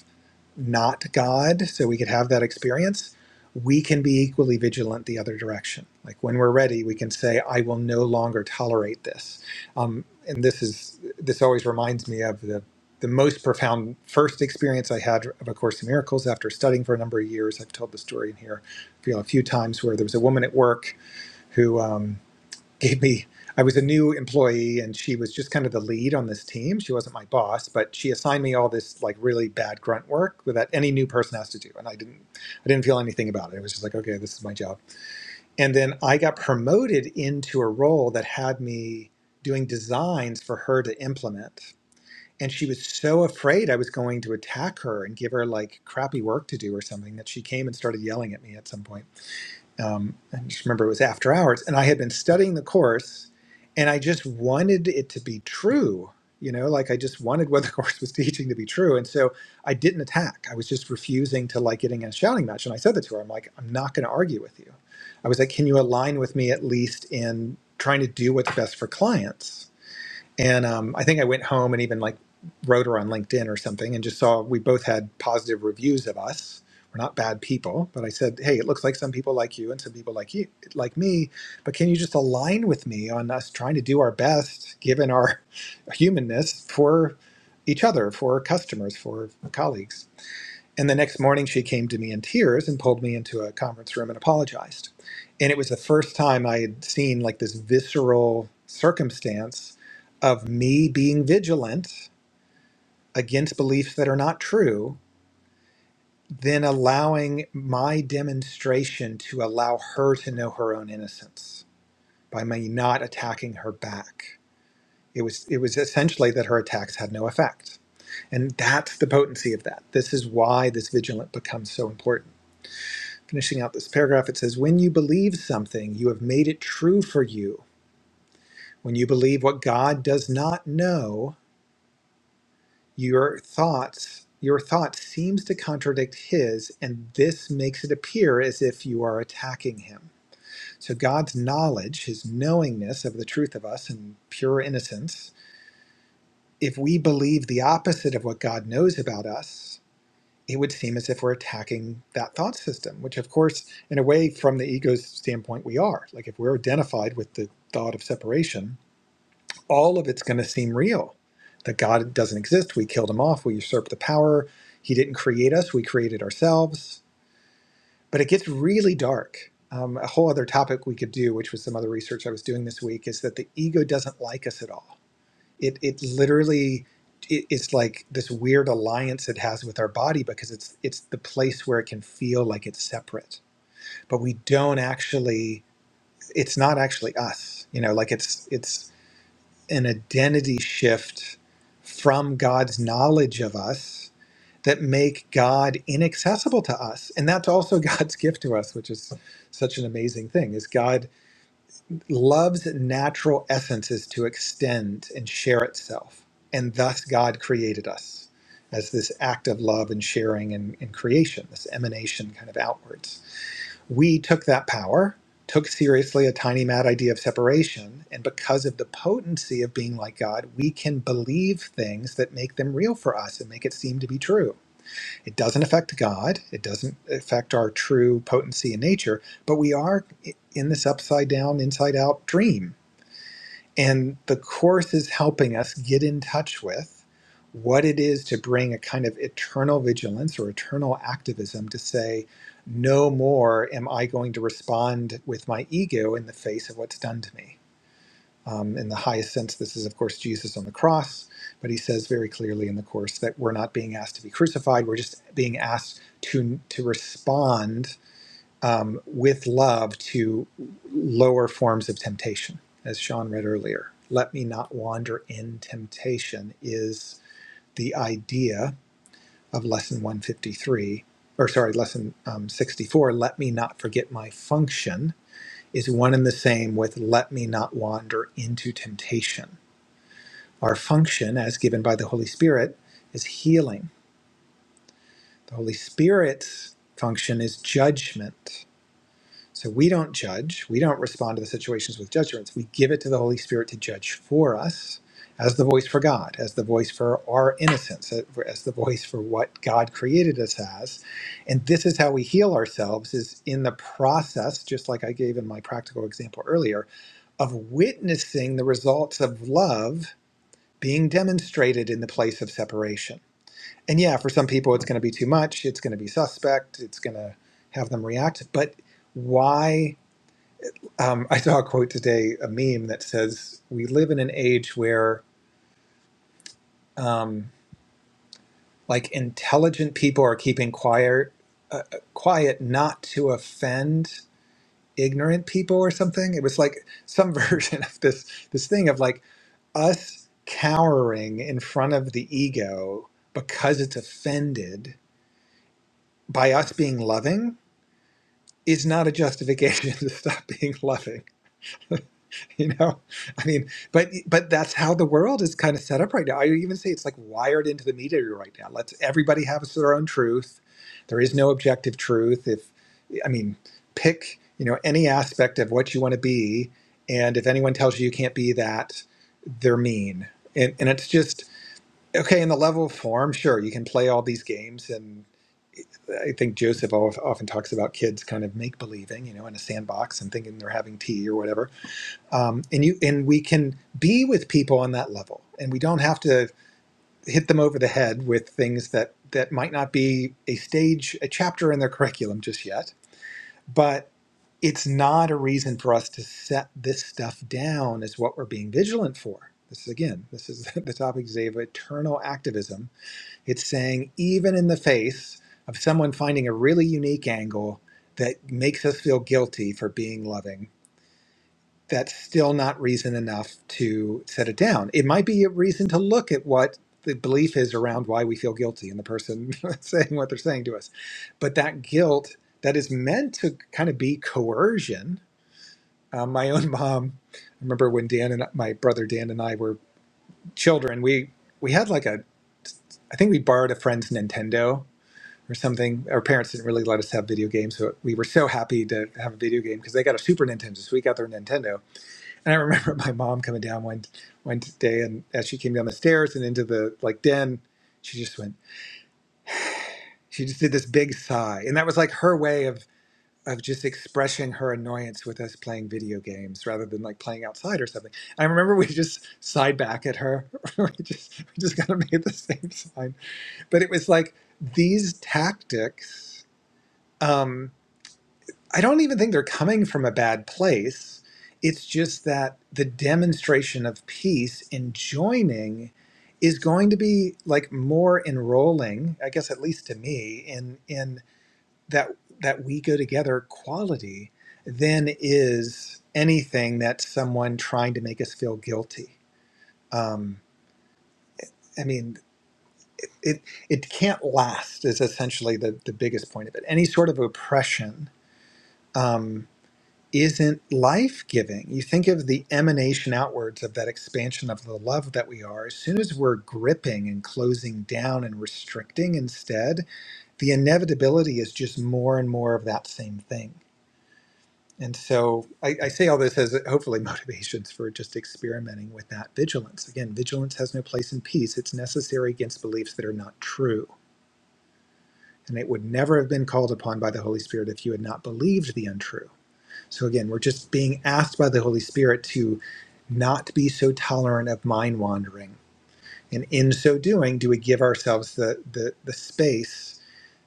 B: not God, so we could have that experience, we can be equally vigilant the other direction. Like when we're ready, we can say, "I will no longer tolerate this." Um, and this is this always reminds me of the the most profound first experience I had of A Course in Miracles after studying for a number of years. I've told the story in here you know, a few times where there was a woman at work who. um, gave me I was a new employee and she was just kind of the lead on this team. She wasn't my boss, but she assigned me all this like really bad grunt work that any new person has to do. And I didn't I didn't feel anything about it. It was just like, okay, this is my job. And then I got promoted into a role that had me doing designs for her to implement. And she was so afraid I was going to attack her and give her like crappy work to do or something that she came and started yelling at me at some point um, I just remember it was after hours, and I had been studying the course, and I just wanted it to be true. You know, like I just wanted what the <laughs> course was teaching to be true, and so I didn't attack. I was just refusing to like getting in a shouting match, and I said that to her. I'm like, I'm not going to argue with you. I was like, can you align with me at least in trying to do what's best for clients? And um, I think I went home and even like wrote her on LinkedIn or something and just saw we both had positive reviews of us. We're not bad people, but I said, "Hey, it looks like some people like you and some people like you, like me. But can you just align with me on us trying to do our best, given our <laughs> humanness, for each other, for customers, for colleagues?" And the next morning, she came to me in tears and pulled me into a conference room and apologized. And it was the first time I had seen like this visceral circumstance of me being vigilant against beliefs that are not true, then allowing my demonstration to allow her to know her own innocence by me not attacking her back. It was it was essentially that her attacks had no effect. And that's the potency of that. This is why this vigilant becomes so important. Finishing out this paragraph, it says, When you believe something, you have made it true for you. When you believe what God does not know, your thoughts your thought seems to contradict his and this makes it appear as if you are attacking him so god's knowledge his knowingness of the truth of us and pure innocence if we believe the opposite of what god knows about us it would seem as if we're attacking that thought system, which, of course, in a way, from the ego's standpoint, we are. Like, if we're identified with the thought of separation, all of it's going to seem real that God doesn't exist. We killed him off. We usurped the power. He didn't create us. We created ourselves. But it gets really dark. Um, a whole other topic we could do, which was some other research I was doing this week, is that the ego doesn't like us at all it it literally it, it's like this weird alliance it has with our body because it's it's the place where it can feel like it's separate but we don't actually it's not actually us you know like it's it's an identity shift from god's knowledge of us that make god inaccessible to us and that's also <laughs> god's gift to us which is such an amazing thing is god love's natural essence is to extend and share itself. And thus God created us as this act of love and sharing and, and creation, this emanation kind of outwards. We took that power, took seriously a tiny mad idea of separation, and because of the potency of being like God, we can believe things that make them real for us and make it seem to be true. It doesn't affect God, it doesn't affect our true potency in nature, but we are in this upside down, inside out dream and the Course is helping us get in touch with what it is to bring a kind of eternal vigilance or eternal activism to say, no more am I going to respond with my ego in the face of what's done to me. Um, in the highest sense, this is, of course, Jesus on the cross, but he says very clearly in the Course that we're not being asked to be crucified, we're just being asked to, to respond um, with love to lower forms of temptation, as Sean read earlier. Let me not wander in temptation is the idea of lesson 153, or sorry, lesson um, 64. Let me not forget my function is one and the same with let me not wander into temptation. Our function, as given by the Holy Spirit, is healing. The Holy Spirit's function is judgment So we don't judge. We don't respond to the situations with judgments. We give it to the Holy Spirit to judge for us as the voice for God, as the voice for our innocence, as the voice for what God created us as. And this is how we heal ourselves is in the process, just like I gave in my practical example earlier, of witnessing the results of love being demonstrated in the place of separation. And yeah, for some people it's going to be too much, it's going to be suspect, it's going to have them react, but why um, I saw a quote today, a meme that says, "We live in an age where, um, like, intelligent people are keeping quiet, uh, uh, quiet not to offend ignorant people or something." It was like some <laughs> version of this this thing of like us cowering in front of the ego because it's offended by us being loving is not a justification <laughs> to stop being loving. <laughs> you know i mean but but that's how the world is kind of set up right now i would even say it's like wired into the media right now let's everybody have their own truth there is no objective truth if i mean pick you know any aspect of what you want to be and if anyone tells you you can't be that they're mean and and it's just okay in the level of form sure you can play all these games and I think Joseph of- often talks about kids kind of make believing, you know, in a sandbox and thinking they're having tea or whatever um, and you and we can be with people on that level and we don't have to hit them over the head with things that that might not be a stage a chapter in their curriculum just yet but it's not a reason for us to set this stuff down as what we're being vigilant for this is again this is <laughs> the topic today of eternal activism it's saying even in the face of someone finding a really unique angle that makes us feel guilty for being loving that's still not reason enough to set it down. It might be a reason to look at what the belief is around why we feel guilty and the person <laughs> saying what they're saying to us. But that guilt that is meant to kind of be coercion. Um, my own <laughs> mom, I remember when Dan and my brother Dan and I were children, we, we had like a, I think we borrowed a friend's Nintendo or something. Our parents didn't really let us have video games, so we were so happy to have a video game because they got a Super Nintendo, so we got their Nintendo and I remember <laughs> my mom coming down one one day, and as she came down the stairs and into the like den, she just went. She just did this big sigh, and that was like her way of of just expressing her annoyance with us playing video games rather than like playing outside or something. I remember we just sighed back at her. <laughs> we just we just kind of made the same <laughs> sign, but it was like these tactics. Um, I don't even think they're coming from a bad place. It's just that the demonstration of peace in joining is going to be like more enrolling, I guess at least to me, in in that that we go together quality than is anything that someone trying to make us feel guilty. Um, I mean, it, it it can't last is essentially the the biggest point of it. Any sort of oppression. Um, isn't life giving. You think of the emanation outwards of that expansion of the love that we are. As soon as we're gripping and closing down and restricting instead, the inevitability is just more and more of that same thing. And so I, I say all this as hopefully <laughs> motivations for just experimenting with that vigilance. Again, vigilance has no place in peace. It's necessary against beliefs that are not true. And it would never have been called upon by the Holy Spirit if you had not believed the untrue. So again, we're just being asked by the Holy Spirit to not be so tolerant of mind wandering. And in so doing, do we give ourselves the the, the space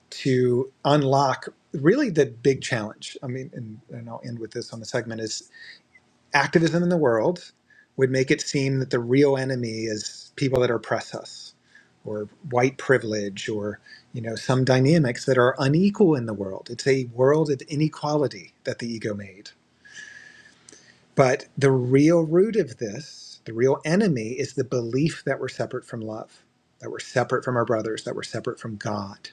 B: to unlock really the big challenge? I mean, and, and I'll end with this on the segment is activism in the world would make it seem that the real enemy is people that oppress us or white privilege or you know some dynamics that are unequal in the world. It's a world of inequality that the ego made but the real root of this, the real enemy, is the belief that we're separate from love, that we're separate from our brothers, that we're separate from God.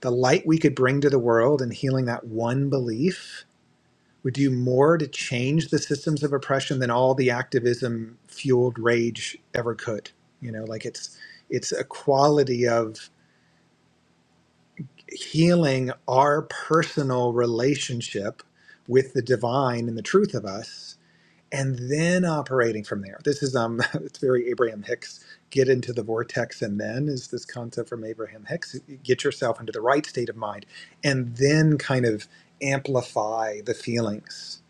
B: The light we could bring to the world in healing that one belief would do more to change the systems of oppression than all the activism fueled rage ever could. You know, like it's it's a quality of healing our personal relationship with the divine and the truth of us and then operating from there. This is um, <laughs> it's very Abraham Hicks. Get into the vortex, and then is this concept from Abraham Hicks. Get yourself into the right state of mind, and then kind of amplify the feelings.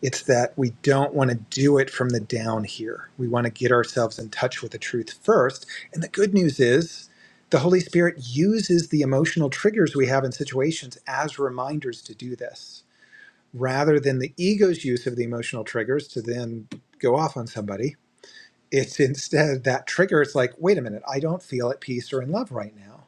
B: It's that we don't want to do it from the down here. We want to get ourselves in touch with the truth first. And the good news is, the Holy Spirit uses the emotional triggers we have in situations as reminders to do this rather than the ego's use of the emotional triggers to then go off on somebody, it's instead that trigger. It's like, wait a minute, I don't feel at peace or in love right now.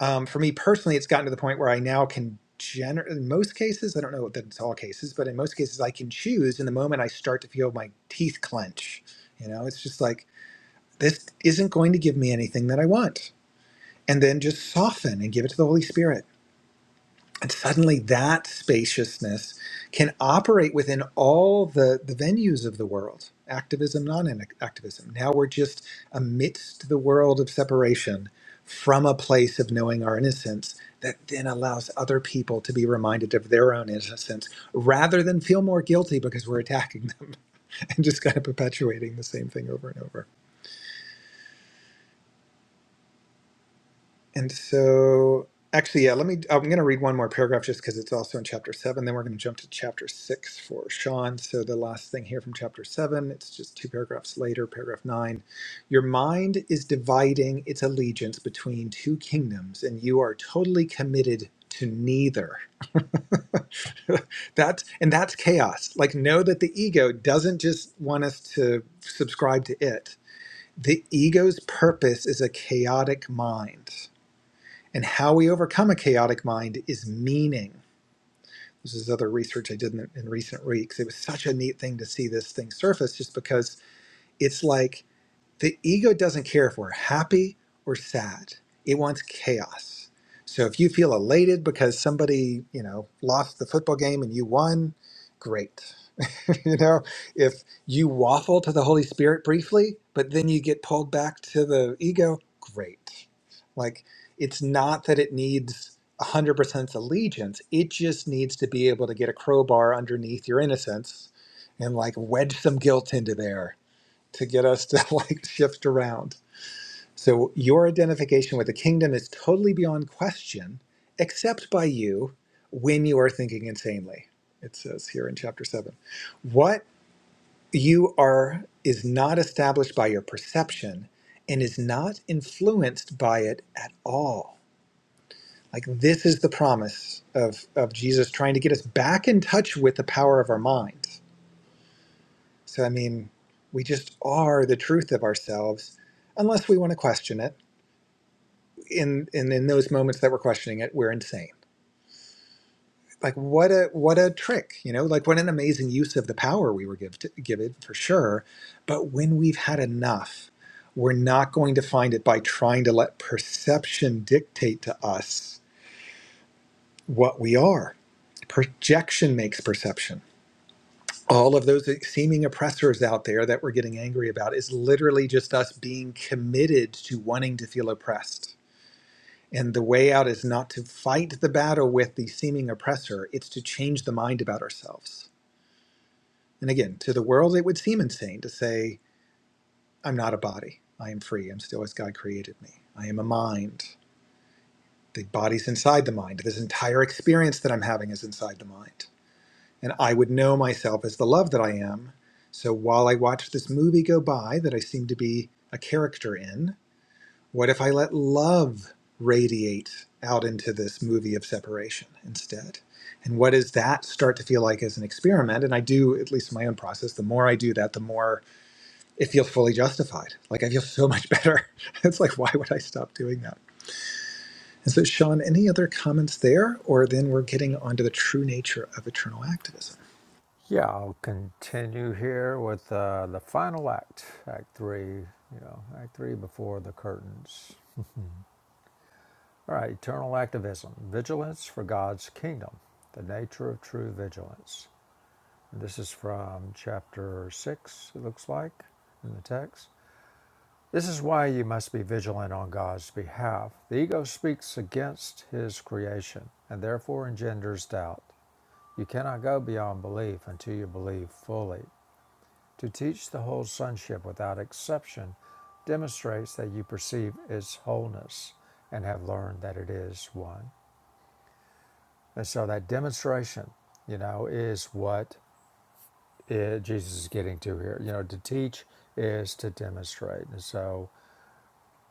B: Um, for me personally, it's gotten to the point where I now can generate, in most cases, I don't know that it's all cases, but in most cases, I can choose in the moment I start to feel my teeth clench. You know, it's just like, this isn't going to give me anything that I want. And then just soften and give it to the Holy Spirit And suddenly that spaciousness can operate within all the, the venues of the world activism, non activism. Now we're just amidst the world of separation from a place of knowing our innocence that then allows other people to be reminded of their own innocence rather than feel more guilty because we're attacking them <laughs> and just kind of perpetuating the same thing over and over. And so, actually, yeah, let me. I'm going to read one more paragraph just because it's also in chapter seven. Then we're going to jump to chapter six for Sean. So, the last thing here from chapter seven, it's just two paragraphs later, paragraph nine. Your mind is dividing its allegiance between two kingdoms, and you are totally committed to neither. <laughs> that's and that's chaos. Like know that the ego doesn't just want us to subscribe to it. The ego's purpose is a chaotic mind. And how we overcome a chaotic mind is meaning. This is other research I did in, in recent weeks. It was such a neat thing to see this thing surface just because it's like the ego doesn't care if we're happy or sad, it wants chaos. So if you feel elated because somebody, you know, lost the football game and you won, great. <laughs> you know, if you waffle to the Holy Spirit briefly, but then you get pulled back to the ego, great. Like, it's not that it needs 100% allegiance, it just needs to be able to get a crowbar underneath your innocence and like wedge some guilt into there to get us to <laughs> like shift around. So, your identification with the kingdom is totally beyond question, except by you when you are thinking insanely, it says here in chapter 7. What you are is not established by your perception and is not influenced by it at all like this is the promise of of jesus trying to get us back in touch with the power of our mind so i mean we just are the truth of ourselves unless we want to question it in and in those moments that we're questioning it we're insane like what a what a trick you know like what an amazing use of the power we were give to, given for sure but when we've had enough we're not going to find it by trying to let perception dictate to us what we are projection makes perception all of those e, seeming oppressors out there that we're getting angry about is literally just us being committed to wanting to feel oppressed and the way out is not to fight the battle with the seeming oppressor it's to change the mind about ourselves And again, to the world, it would seem insane to say, I'm not a body. I am free. I'm still as God created me. I am a mind. The body's inside the mind. This entire experience that I'm having is inside the mind. And I would know myself as the love that I am. So while I watch this movie go by that I seem to be a character in, what if I let love radiate out into this movie of separation instead? And what does that start to feel like as an experiment? And I do, at least in my own process, the more I do that, the more it feels fully justified. Like I feel so much better. <laughs> It's like, why would I stop doing that? And so, Sean, any other comments there? Or then we're getting onto the true nature of eternal activism.
A: Yeah, I'll continue here with uh, the final act, Act Three. You know, Act Three before the curtains. All right, eternal activism, vigilance for God's kingdom, the nature of true vigilance. This is from chapter 6, it looks like, in the text. This is why you must be vigilant on God's behalf. The ego speaks against his creation and therefore engenders doubt. You cannot go beyond belief until you believe fully. To teach the whole sonship without exception demonstrates that you perceive its wholeness and have learned that it is one. And so that demonstration, you know, is what it, Jesus is getting to here. You know, to teach is to demonstrate, and so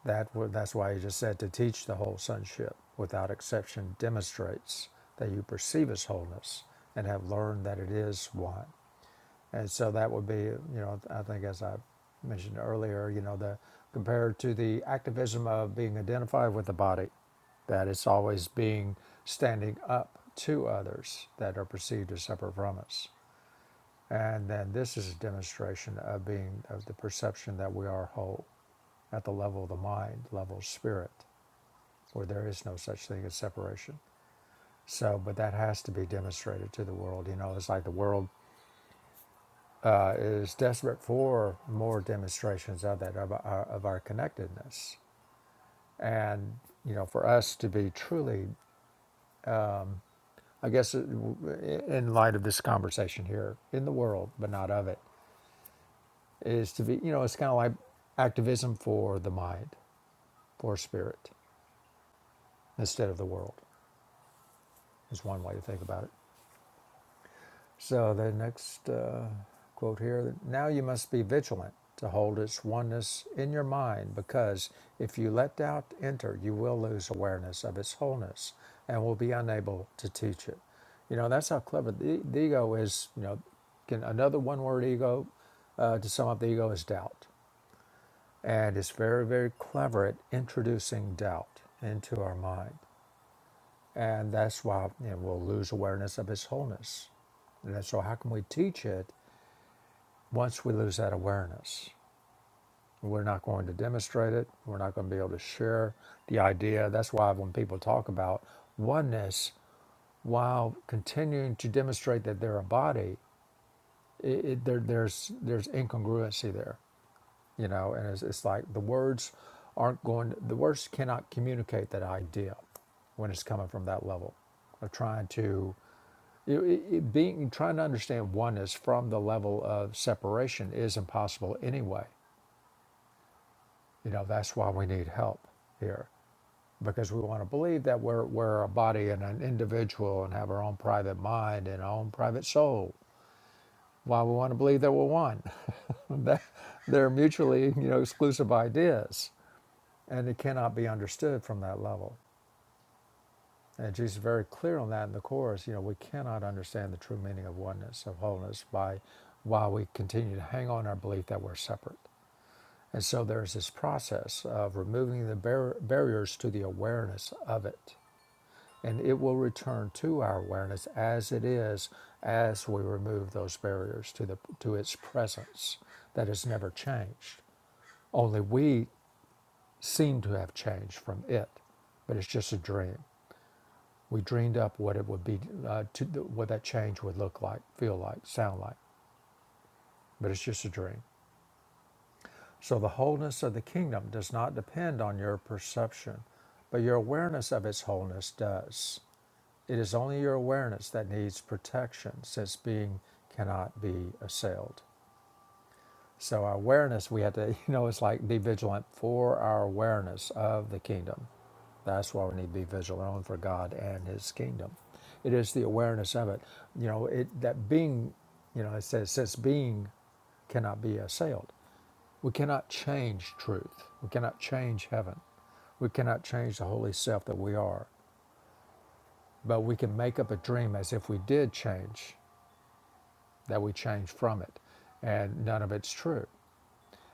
A: that wa- that's why he just said to teach the whole sonship without exception demonstrates that you perceive His wholeness and have learned that it is one. And so that would be, you know, I think as I mentioned earlier, you know, the compared to the activism of being identified with the body, that it's always being standing up to others that are perceived as separate from us. And then this is a demonstration of being of the perception that we are whole at the level of the mind, level of spirit, where there is no such thing as separation. So, but that has to be demonstrated to the world. You know, it's like the world uh, is desperate for more demonstrations of that of our, of our connectedness, and you know, for us to be truly, I guess, uh, in light of this conversation here, in the world, but not of it, is to be. You know, it's kind of like activism for the mind for spirit instead of the world is one way to think about it so the next uh, quote here now you must be vigilant to hold its oneness in your mind because if you let doubt enter you will lose awareness of its wholeness and will be unable to teach it you know that's how clever the, the ego is you know can another one word ego uh, to sum up the ego is doubt and it's very very clever at introducing doubt into our mind And that's why you know, we'll lose awareness of His wholeness. And so, how can we teach it once we lose that awareness? We're not going to demonstrate it. We're not going to be able to share the idea. That's why when people talk about oneness, while continuing to demonstrate that they're a body, it, it, there, there's there's incongruency there, you know. And it's, it's like the words aren't going. The words cannot communicate that idea when it's coming from that level of trying to It, it, being trying to understand oneness from the level of separation is impossible anyway. You know that's why we need help here because we want to believe that we're we're a body and an individual and have our own private mind and our own private soul. Why we want to believe that we're one? <laughs> That- They're mutually you know exclusive ideas, and it cannot be understood from that level. And Jesus is very clear on that in the Course. You know, we cannot understand the true meaning of oneness, of wholeness, by while we continue to hang on our belief that we're separate. And so there's this process of removing the bar- barriers to the awareness of it. And it will return to our awareness as it is as we remove those barriers to, the, to its presence that has never changed. Only we seem to have changed from it, but it's just a dream. We dreamed up what it would be, uh, to, what that change would look like, feel like, sound like, but it's just a dream. So the wholeness of the kingdom does not depend on your perception, but your awareness of its wholeness does. It is only your awareness that needs protection, since being cannot be assailed. So our awareness, we have to, <laughs> you know, it's like be vigilant for our awareness of the kingdom That's why we need to be vigilant on for God and His kingdom. It is the awareness of it. You know, it that being, you know, it says since being cannot be assailed. We cannot change truth. We cannot change heaven. We cannot change the holy self that we are. But we can make up a dream as if we did change, that we change from it. And none of it's true.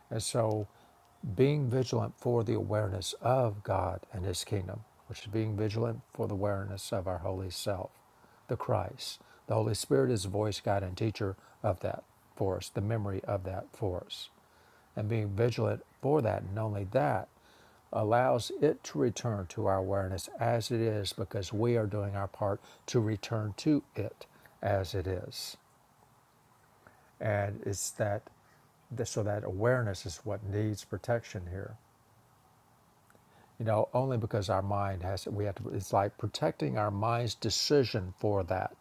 A: And so being vigilant for the awareness of God and His kingdom, which is being vigilant for the awareness of our holy self, the Christ. The Holy Spirit is the voice, guide, and teacher of that for us, the memory of that for us. And being vigilant for that, and only that, allows it to return to our awareness as it is because we are doing our part to return to it as it is. And it's that, so that awareness is what needs protection here you know only because our mind has we have to it's like protecting our mind's decision for that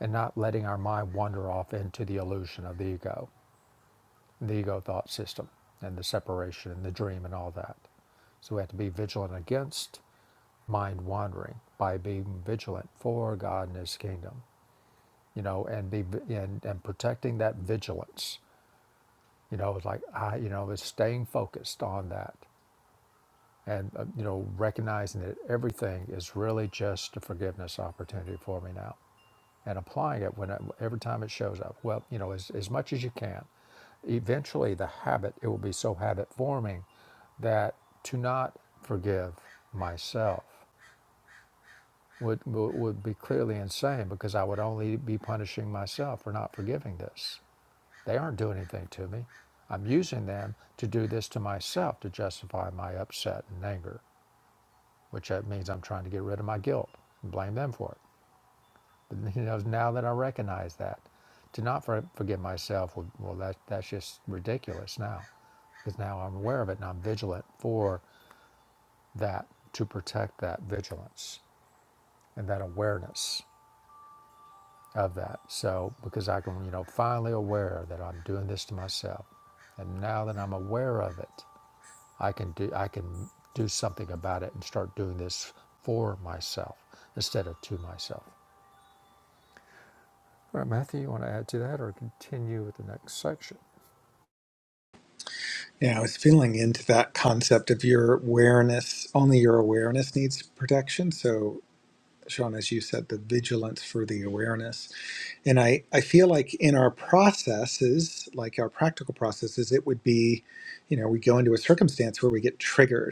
A: and not letting our mind wander off into the illusion of the ego the ego thought system and the separation and the dream and all that so we have to be vigilant against mind wandering by being vigilant for god and his kingdom you know and be and, and protecting that vigilance you know it's like i you know is staying focused on that and uh, you know recognizing that everything is really just a forgiveness opportunity for me now and applying it when every time it shows up well you know as, as much as you can eventually the habit it will be so habit forming that to not forgive myself would would would be clearly insane because I would only be punishing myself for not forgiving this. They aren't doing anything to me. I'm using them to do this to myself to justify my upset and anger which that means I'm trying to get rid of my guilt and blame them for it. <laughs> But you know, now that I recognize that, to not for, forgive myself, well, well, that that's just ridiculous now, because now I'm aware of it and I'm vigilant for that to protect that vigilance and that awareness of that. So because I can, you know, finally aware that I'm doing this to myself, and now that I'm aware of it, I can do I can do something about it and start doing this for myself instead of to myself. All right, Matthew, you want to add to that or continue with the next section?
B: Yeah, I was feeling into that concept of your awareness, only your awareness needs protection. So, Sean, as you said, the vigilance for the awareness. And I, I feel like in our processes, like our practical processes, it would be, you know, we go into a circumstance where we get triggered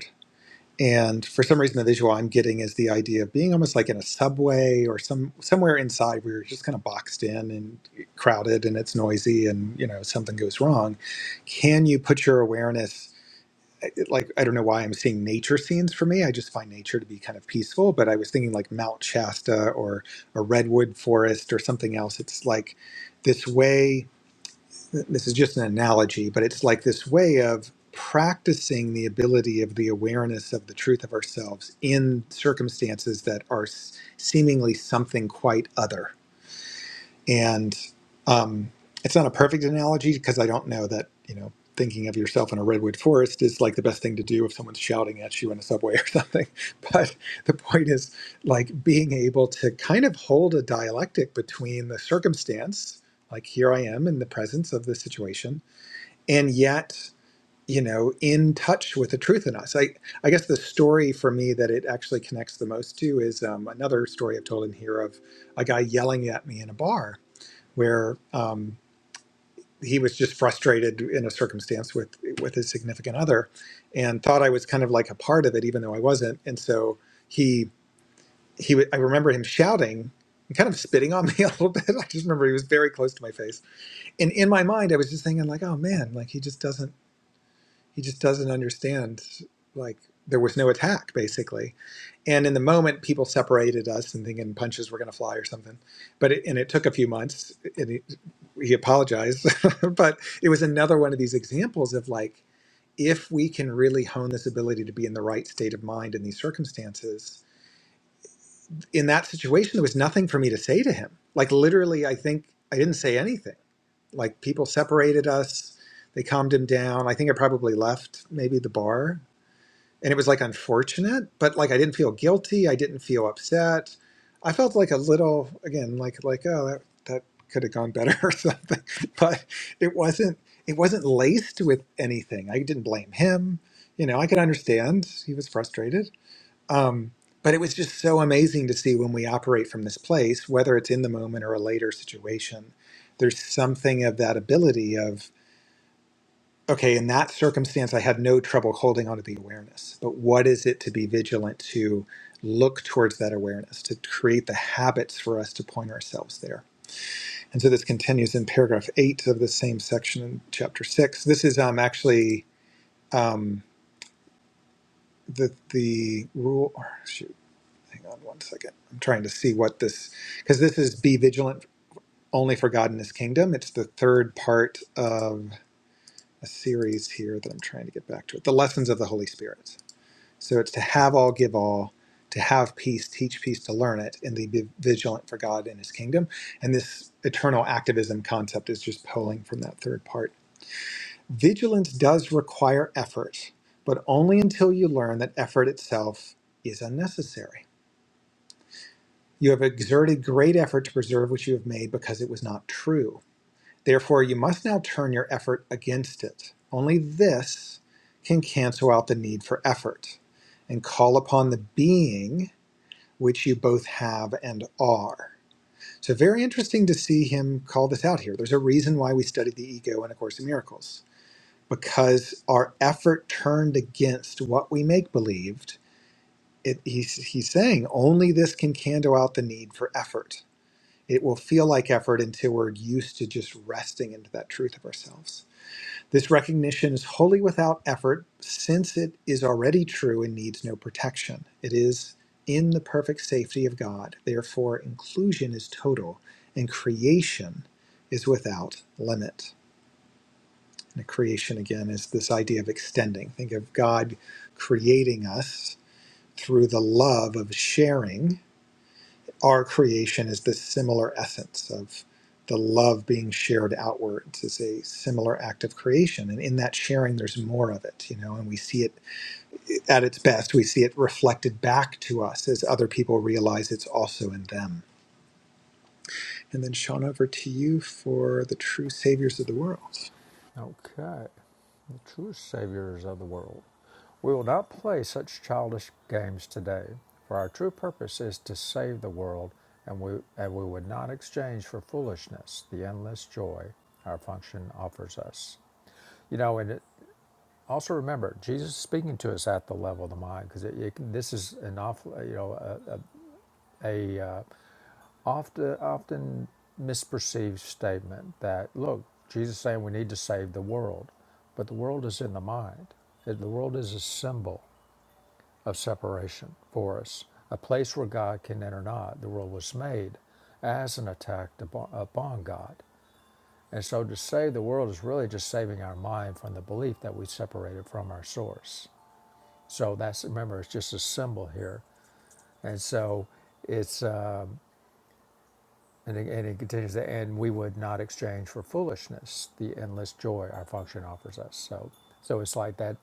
B: And for some reason, the visual I'm getting is the idea of being almost like in a subway or some somewhere inside where you're just kind of boxed in and crowded and it's noisy and you know something goes wrong. Can you put your awareness? Like I don't know why I'm seeing nature scenes for me. I just find nature to be kind of peaceful. But I was thinking like Mount Shasta or a redwood forest or something else. It's like this way this is just an analogy, but it's like this way of practicing the ability of the awareness of the truth of ourselves in circumstances that are s- seemingly something quite other. And um, it's not a perfect analogy because I don't know that, you know, thinking of yourself in a redwood forest is like the best thing to do if someone's shouting at you in a subway <laughs> or something. But the point is like being able to kind of hold a dialectic between the circumstance, like here I am in the presence of the situation and yet you know in touch with the truth in us i i guess the story for me that it actually connects the most to is um, another story i've told in here of a guy yelling at me in a bar where um, he was just frustrated in a circumstance with with his significant other and thought i was kind of like a part of it even though i wasn't and so he he w- i remember him shouting and kind of spitting on me <laughs> a little bit i just remember he was very close to my face and in my mind i was just thinking like oh man like he just doesn't he just doesn't understand like there was no attack basically and in the moment people separated us and thinking punches were going to fly or something but it, and it took a few months and he, he apologized <laughs> but it was another one of these examples of like if we can really hone this ability to be in the right state of mind in these circumstances in that situation there was nothing for me to say to him like literally i think i didn't say anything like people separated us they calmed him down i think i probably left maybe the bar and it was like unfortunate but like i didn't feel guilty i didn't feel upset i felt like a little again like like oh that, that could have gone better <laughs> or something but it wasn't it wasn't laced with anything i didn't blame him you know i could understand he was frustrated um, but it was just so amazing to see when we operate from this place whether it's in the moment or a later situation there's something of that ability of. Okay, in that circumstance, I had no trouble holding on to the awareness. But what is it to be vigilant to look towards that awareness, to create the habits for us to point ourselves there? And so this continues in paragraph eight of the same section in chapter six. This is um, actually um, the, the rule. Or shoot, hang on one second. I'm trying to see what this, because this is be vigilant only for God and his kingdom. It's the third part of a series here that I'm trying to get back to it. The lessons of the Holy Spirit. So it's to have all, give all, to have peace, teach peace, to learn it, and to be vigilant for God and his kingdom. And this eternal activism concept is just pulling from that third part. Vigilance does require effort, but only until you learn that effort itself is unnecessary. You have exerted great effort to preserve what you have made because it was not true. Therefore, you must now turn your effort against it. Only this can cancel out the need for effort and call upon the being which you both have and are. So, very interesting to see him call this out here. There's a reason why we studied the ego in A Course in Miracles, because our effort turned against what we make believed. It, he's, he's saying only this can candle out the need for effort. It will feel like effort until we're used to just resting into that truth of ourselves. This recognition is wholly without effort, since it is already true and needs no protection. It is in the perfect safety of God. Therefore, inclusion is total, and creation is without limit. And creation, again, is this idea of extending. Think of God creating us through the love of sharing our creation is this similar essence of the love being shared outwards is a similar act of creation and in that sharing there's more of it you know and we see it at its best we see it reflected back to us as other people realize it's also in them and then sean over to you for the true saviors of the world
A: Okay. The true saviors of the world. We will not play such childish games today, for our true purpose is to save the world, and we, and we would not exchange for foolishness the endless joy our function offers us. You know, and it, also remember, Jesus is speaking to us at the level of the mind, because this is an awful, you know, a, a a uh, often often misperceived statement that look jesus is saying we need to save the world but the world is in the mind That the world is a symbol of separation for us a place where god can enter not the world was made as an attack upon, upon god and so to save the world is really just saving our mind from the belief that we separated from our source so that's remember it's just a symbol here and so it's um, And it, and it continues, and we would not exchange for foolishness the endless joy our function offers us. So, so it's like that.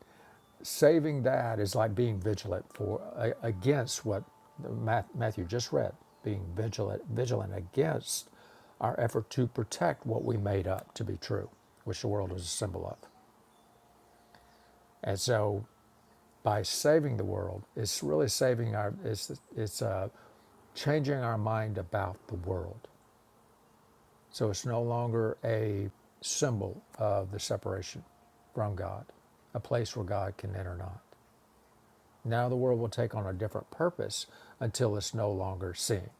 A: Saving that is like being vigilant for a, against what the Math- Matthew just read. Being vigilant, vigilant against our effort to protect what we made up to be true, which the world is a symbol of. And so, by saving the world, it's really saving our. It's it's uh, changing our mind about the world So it's no longer a symbol of the separation from God, a place where God can enter not. Now the world will take on a different purpose until it's no longer seen.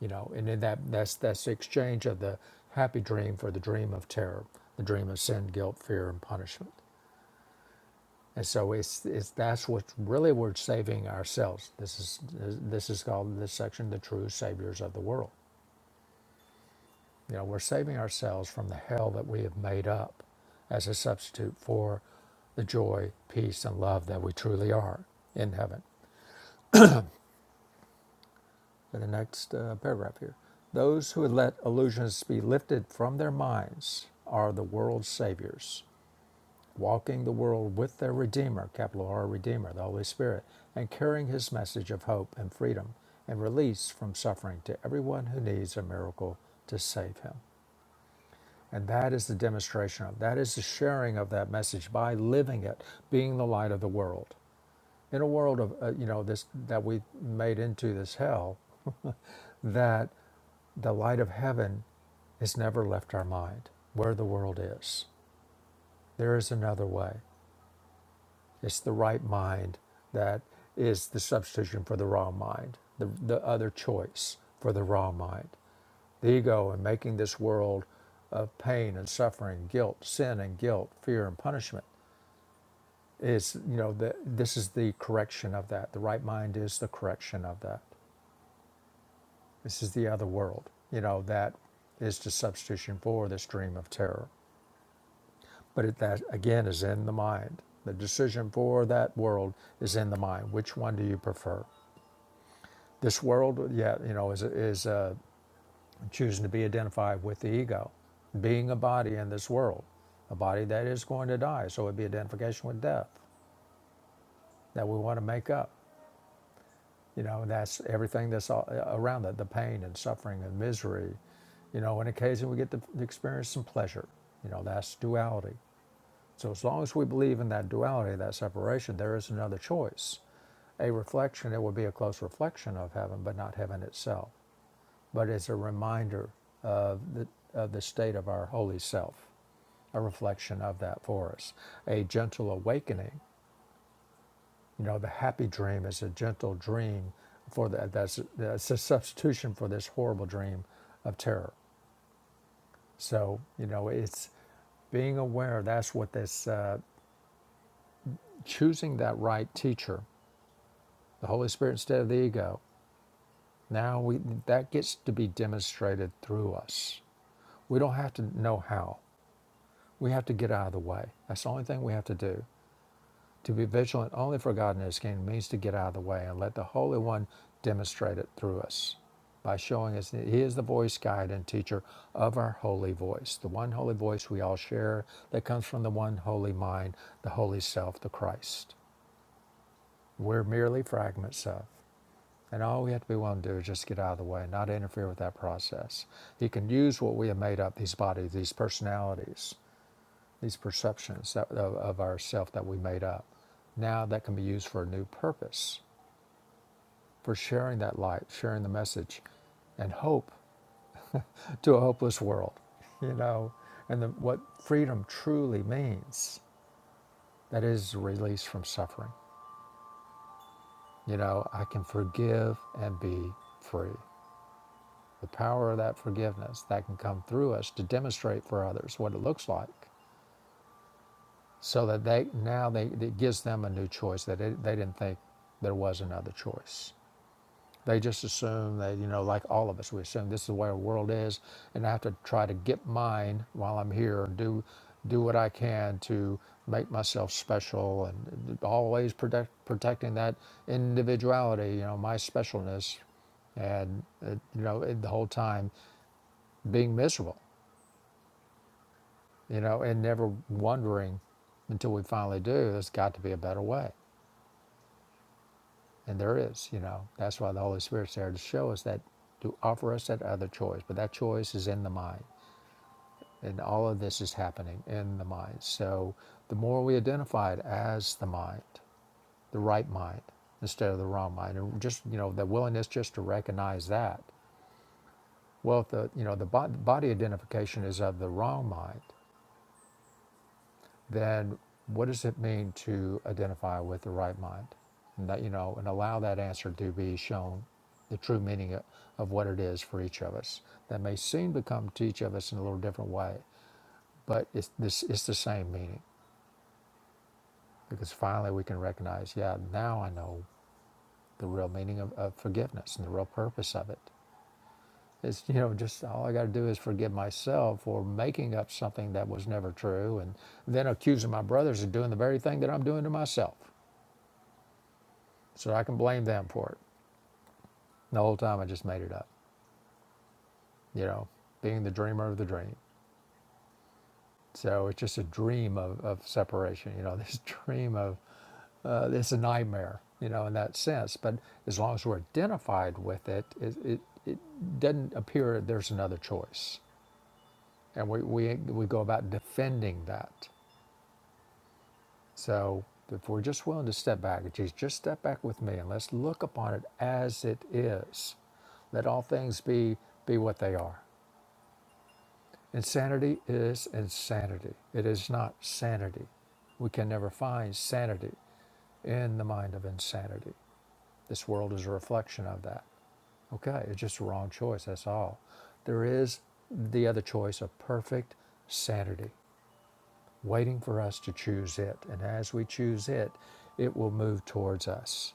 A: You know, and in that that's that's the exchange of the happy dream for the dream of terror, the dream of sin, guilt, fear, and punishment. And so it's, it's that's what really we're saving ourselves. This is this is called in this section the true saviors of the world. You know, we're saving ourselves from the hell that we have made up as a substitute for the joy, peace, and love that we truly are in heaven. In the next uh, paragraph here, those who would let illusions be lifted from their minds are the world's saviors, walking the world with their Redeemer, capital R Redeemer, the Holy Spirit, and carrying his message of hope and freedom and release from suffering to everyone who needs a miracle to save him. And that is the demonstration of, that is the sharing of that message by living it, being the light of the world. In a world of, uh, you know, this, that we made into this hell, <laughs> that the light of heaven has never left our mind where the world is. There is another way. It's the right mind that is the substitution for the wrong mind, the, the other choice for the wrong mind the ego and making this world of pain and suffering, guilt, sin and guilt, fear and punishment is, you know, the, this is the correction of that. The right mind is the correction of that. This is the other world, you know, that is the substitution for this dream of terror. But it, that, again, is in the mind. The decision for that world is in the mind. Which one do you prefer? This world, yeah, you know, is, is uh, choosing to be identified with the ego, being a body in this world, a body that is going to die. So it'd be identification with death that we want to make up. You know, that's everything that's all uh, around it the pain and suffering and misery. You know, and occasionally we get to experience some pleasure. You know, that's duality. So as long as we believe in that duality, that separation, there is another choice. A reflection, it would be a close reflection of heaven, but not heaven itself. but as a reminder of the, of the state of our holy self, a reflection of that for us, a gentle awakening. You know, the happy dream is a gentle dream for that. That's, that's a substitution for this horrible dream of terror. So, you know, it's being aware that's what this uh, choosing that right teacher, the Holy Spirit instead of the ego. Now we that gets to be demonstrated through us. We don't have to know how. We have to get out of the way. That's the only thing we have to do. To be vigilant only for God and His kingdom means to get out of the way and let the Holy One demonstrate it through us by showing us that He is the voice, guide, and teacher of our holy voice, the one holy voice we all share that comes from the one holy mind, the holy self, the Christ. We're merely fragments of. And all we have to be willing to do is just get out of the way, and not interfere with that process. He can use what we have made up these bodies, these personalities, these perceptions that, of, of ourself that we made up. Now that can be used for a new purpose, for sharing that light, sharing the message, and hope to a hopeless world. <laughs> You know, and the, what freedom truly means that is release from suffering. You know, I can forgive and be free. The power of that forgiveness that can come through us to demonstrate for others what it looks like, so that they now they it gives them a new choice that it, they didn't think there was another choice. They just assume that, you know, like all of us, we assume this is the way our world is, and I have to try to get mine while I'm here and do do what I can to make myself special and always protect protecting that individuality, you know, my specialness, and it, you know, it, the whole time being miserable, you know, and never wondering until we finally do. There's got to be a better way. And there is, you know, that's why the Holy Spirit's there to show us that, to offer us that other choice. But that choice is in the mind. And all of this is happening in the mind. So the more we identify it as the mind, the right mind, instead of the wrong mind, and just, you know, the willingness just to recognize that. Well, if the, you know, the body identification is of the wrong mind, then what does it mean to identify with the right mind? And that, you know, and allow that answer to be shown the true meaning of what it is for each of us. That may seem to come to each of us in a little different way, but it's, this, it's the same meaning because finally we can recognize, yeah, now I know the real meaning of, of forgiveness and the real purpose of it. It's, you know, just all I got to do is forgive myself for making up something that was never true and then accusing my brothers of doing the very thing that I'm doing to myself. So I can blame them for it. And The whole time I just made it up, you know, being the dreamer of the dream. So it's just a dream of, of separation, you know, <laughs> this dream of, uh, it's a nightmare, you know, in that sense. But as long as we're identified with it, it, it, it doesn't appear there's another choice. And we, we, we go about defending that. So if we're just willing to step back, just, just step back with me and let's look upon it as it is. Let all things be, be what they are. Insanity is insanity. It is not sanity. We can never find sanity in the mind of insanity. This world is a reflection of that. Okay, it's just a wrong choice, that's all. There is the other choice of perfect sanity waiting for us to choose it. And as we choose it, it will move towards us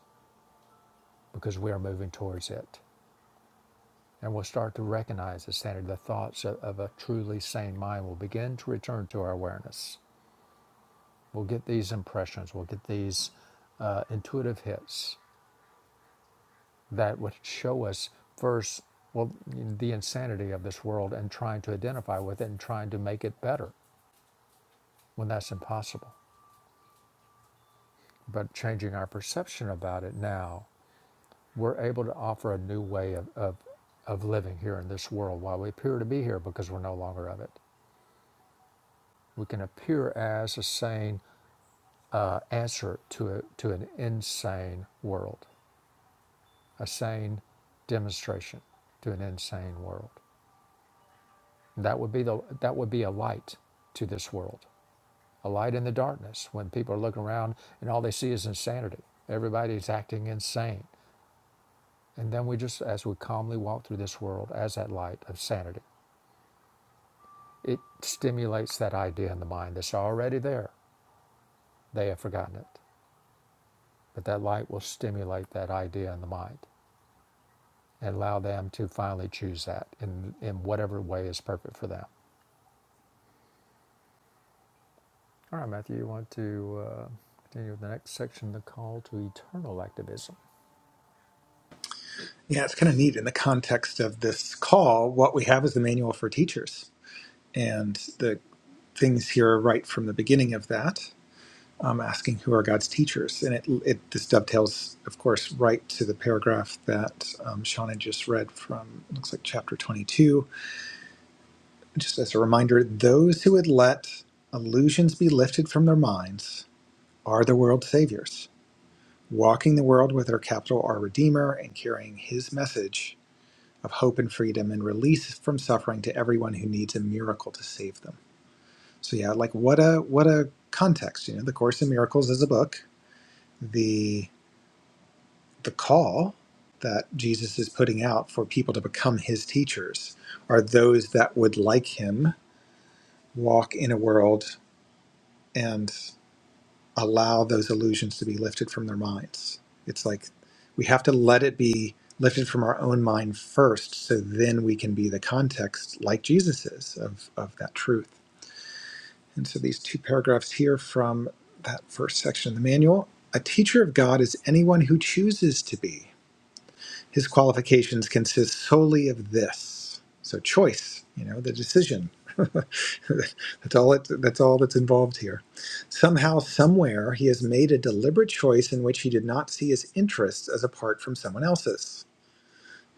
A: because we are moving towards it. And we'll start to recognize the sanity. The thoughts of, of a truly sane mind will begin to return to our awareness We'll get these impressions, we'll get these uh, intuitive hits that would show us first, well, the insanity of this world and trying to identify with it and trying to make it better when that's impossible. But changing our perception about it now, we're able to offer a new way of, of, of living here in this world while we appear to be here because we're no longer of it. We can appear as a sane uh, answer to, a, to an insane world a sane demonstration to an insane world. That would be the that would be a light to this world, a light in the darkness when people are looking around and all they see is insanity. Everybody's acting insane, and then we just as we calmly walk through this world as that light of sanity, it stimulates that idea in the mind that's already there. They have forgotten it, but that light will stimulate that idea in the mind and allow them to finally choose that in in whatever way is perfect for them All right, Matthew, you want to uh, continue with the next section, the call to eternal activism.
B: yeah it's kind of neat in the context of this call what we have is the manual for teachers and the things here are right from the beginning of that um, asking who are God's teachers, and it, it this dovetails, of course, right to the paragraph that um, Shauna just read from. It looks like chapter twenty-two. Just as a reminder, those who would let illusions be lifted from their minds are the world's saviors, walking the world with their capital R Redeemer and carrying His message of hope and freedom and release from suffering to everyone who needs a miracle to save them. So yeah, like what a what a context. You know, the Course in Miracles is a book. The the call that Jesus is putting out for people to become his teachers are those that would, like him, walk in a world and allow those illusions to be lifted from their minds. It's like we have to let it be lifted from our own mind first, so then we can be the context, like Jesus is, of, of that truth. And so these two paragraphs here from that first section of the manual a teacher of God is anyone who chooses to be. His qualifications consist solely of this. So choice, you know, the decision. <laughs> that's all it, that's all that's involved here. Somehow, somewhere, he has made a deliberate choice in which he did not see his interests as apart from someone else's.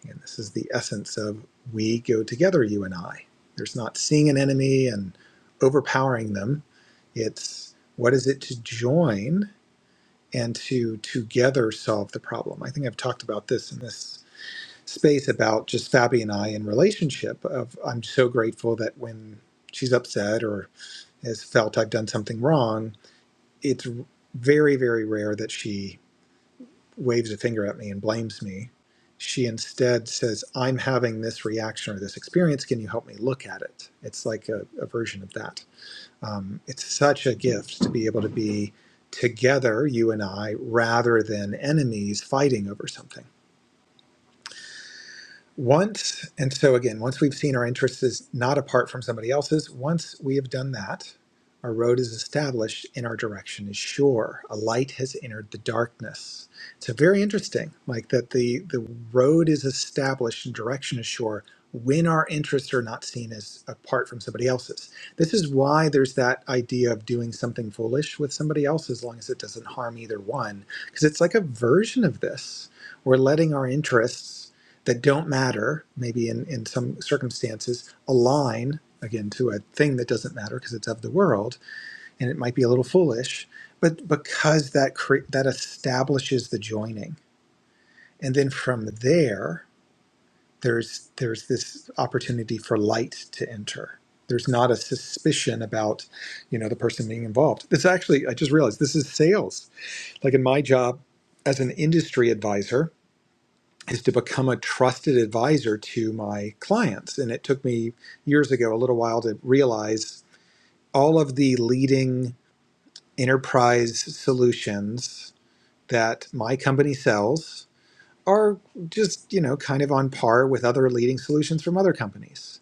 B: And this is the essence of we go together, you and I. There's not seeing an enemy and overpowering them. It's what is it to join and to together solve the problem. I think I've talked about this in this space about just Fabi and I in relationship of I'm so grateful that when she's upset or has felt I've done something wrong, it's very, very rare that she waves a finger at me and blames me. She instead says, I'm having this reaction or this experience. Can you help me look at it? It's like a, a version of that. Um, it's such a gift to be able to be together, you and I, rather than enemies fighting over something Once, and so again, once we've seen our interests is not apart from somebody else's, once we have done that, our road is established and our direction is sure. A light has entered the darkness. So very interesting, like that the the road is established and direction is sure when our interests are not seen as apart from somebody else's. This is why there's that idea of doing something foolish with somebody else as long as it doesn't harm either one, because it's like a version of this. We're letting our interests that don't matter, maybe in, in some circumstances, align again to a thing that doesn't matter because it's of the world and it might be a little foolish, but because that cre- that establishes the joining. And then from there, there's there's this opportunity for light to enter. There's not a suspicion about, you know, the person being involved. This actually, I just realized this is sales. Like in my job as an industry advisor, is to become a trusted advisor to my clients. And it took me years ago, a little while, to realize all of the leading enterprise solutions that my company sells are just, you know, kind of on par with other leading solutions from other companies.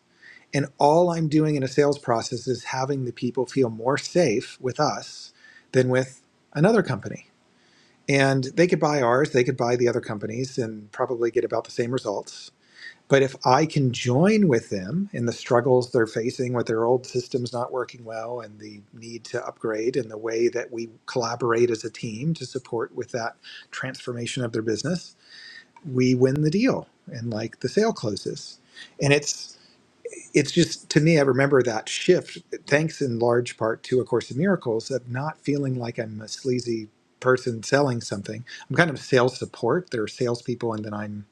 B: And all I'm doing in a sales process is having the people feel more safe with us than with another company. And they could buy ours, they could buy the other companies and probably get about the same results but if I can join with them in the struggles they're facing with their old systems not working well and the need to upgrade and the way that we collaborate as a team to support with that transformation of their business, we win the deal and like the sale closes. And it's it's just to me I remember that shift thanks in large part to a course in miracles of not feeling like I'm a sleazy person selling something. I'm kind of sales support. There are salespeople and then I'm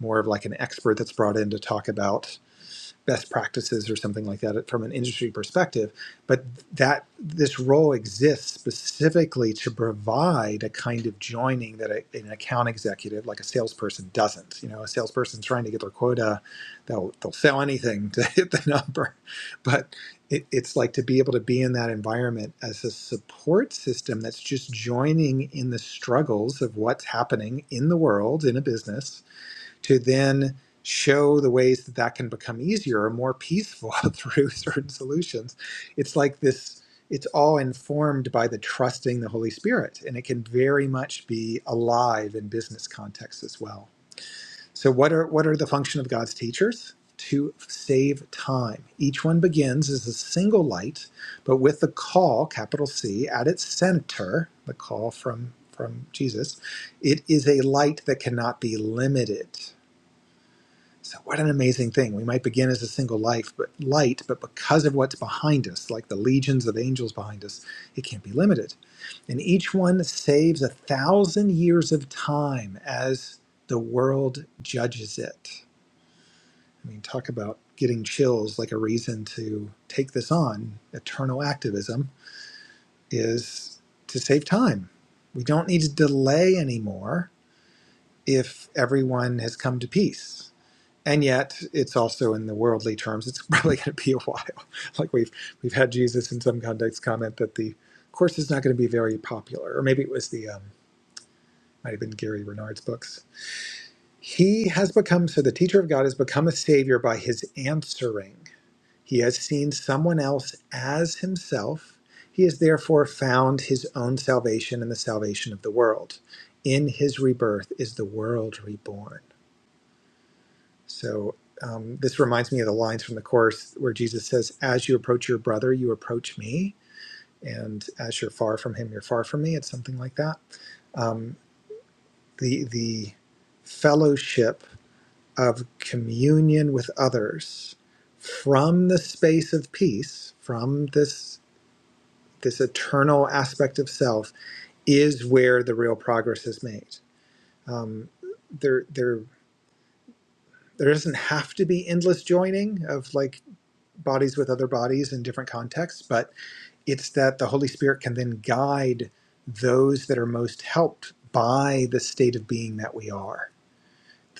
B: more of like an expert that's brought in to talk about best practices or something like that from an industry perspective but that this role exists specifically to provide a kind of joining that a, an account executive like a salesperson doesn't you know a salesperson trying to get their quota they'll they'll sell anything to hit the number but it, it's like to be able to be in that environment as a support system that's just joining in the struggles of what's happening in the world in a business to then show the ways that that can become easier or more peaceful <laughs> through certain solutions. It's like this, it's all informed by the trusting the Holy Spirit, and it can very much be alive in business contexts as well. So, what are, what are the function of God's teachers? To save time. Each one begins as a single light, but with the call, capital C, at its center, the call from, from Jesus, it is a light that cannot be limited so what an amazing thing. We might begin as a single life, but light, but because of what's behind us, like the legions of angels behind us, it can't be limited. And each one saves a thousand years of time as the world judges it. I mean, talk about getting chills like a reason to take this on. Eternal activism is to save time. We don't need to delay anymore if everyone has come to peace and yet it's also in the worldly terms it's <laughs> probably going to be a while <laughs> like we've we've had jesus in some context comment that the course is not going to be very popular or maybe it was the um, might have been gary renard's books he has become so the teacher of god has become a savior by his answering he has seen someone else as himself he has therefore found his own salvation and the salvation of the world in his rebirth is the world reborn So um, this reminds me of the lines from the Course where Jesus says, As you approach your brother, you approach me. And as you're far from him, you're far from me. It's something like that. Um, the, the fellowship of communion with others from the space of peace, from this, this eternal aspect of self, is where the real progress is made. Um, there, there, there doesn't have to be endless joining of like bodies with other bodies in different contexts, but it's that the Holy Spirit can then guide those that are most helped by the state of being that we are.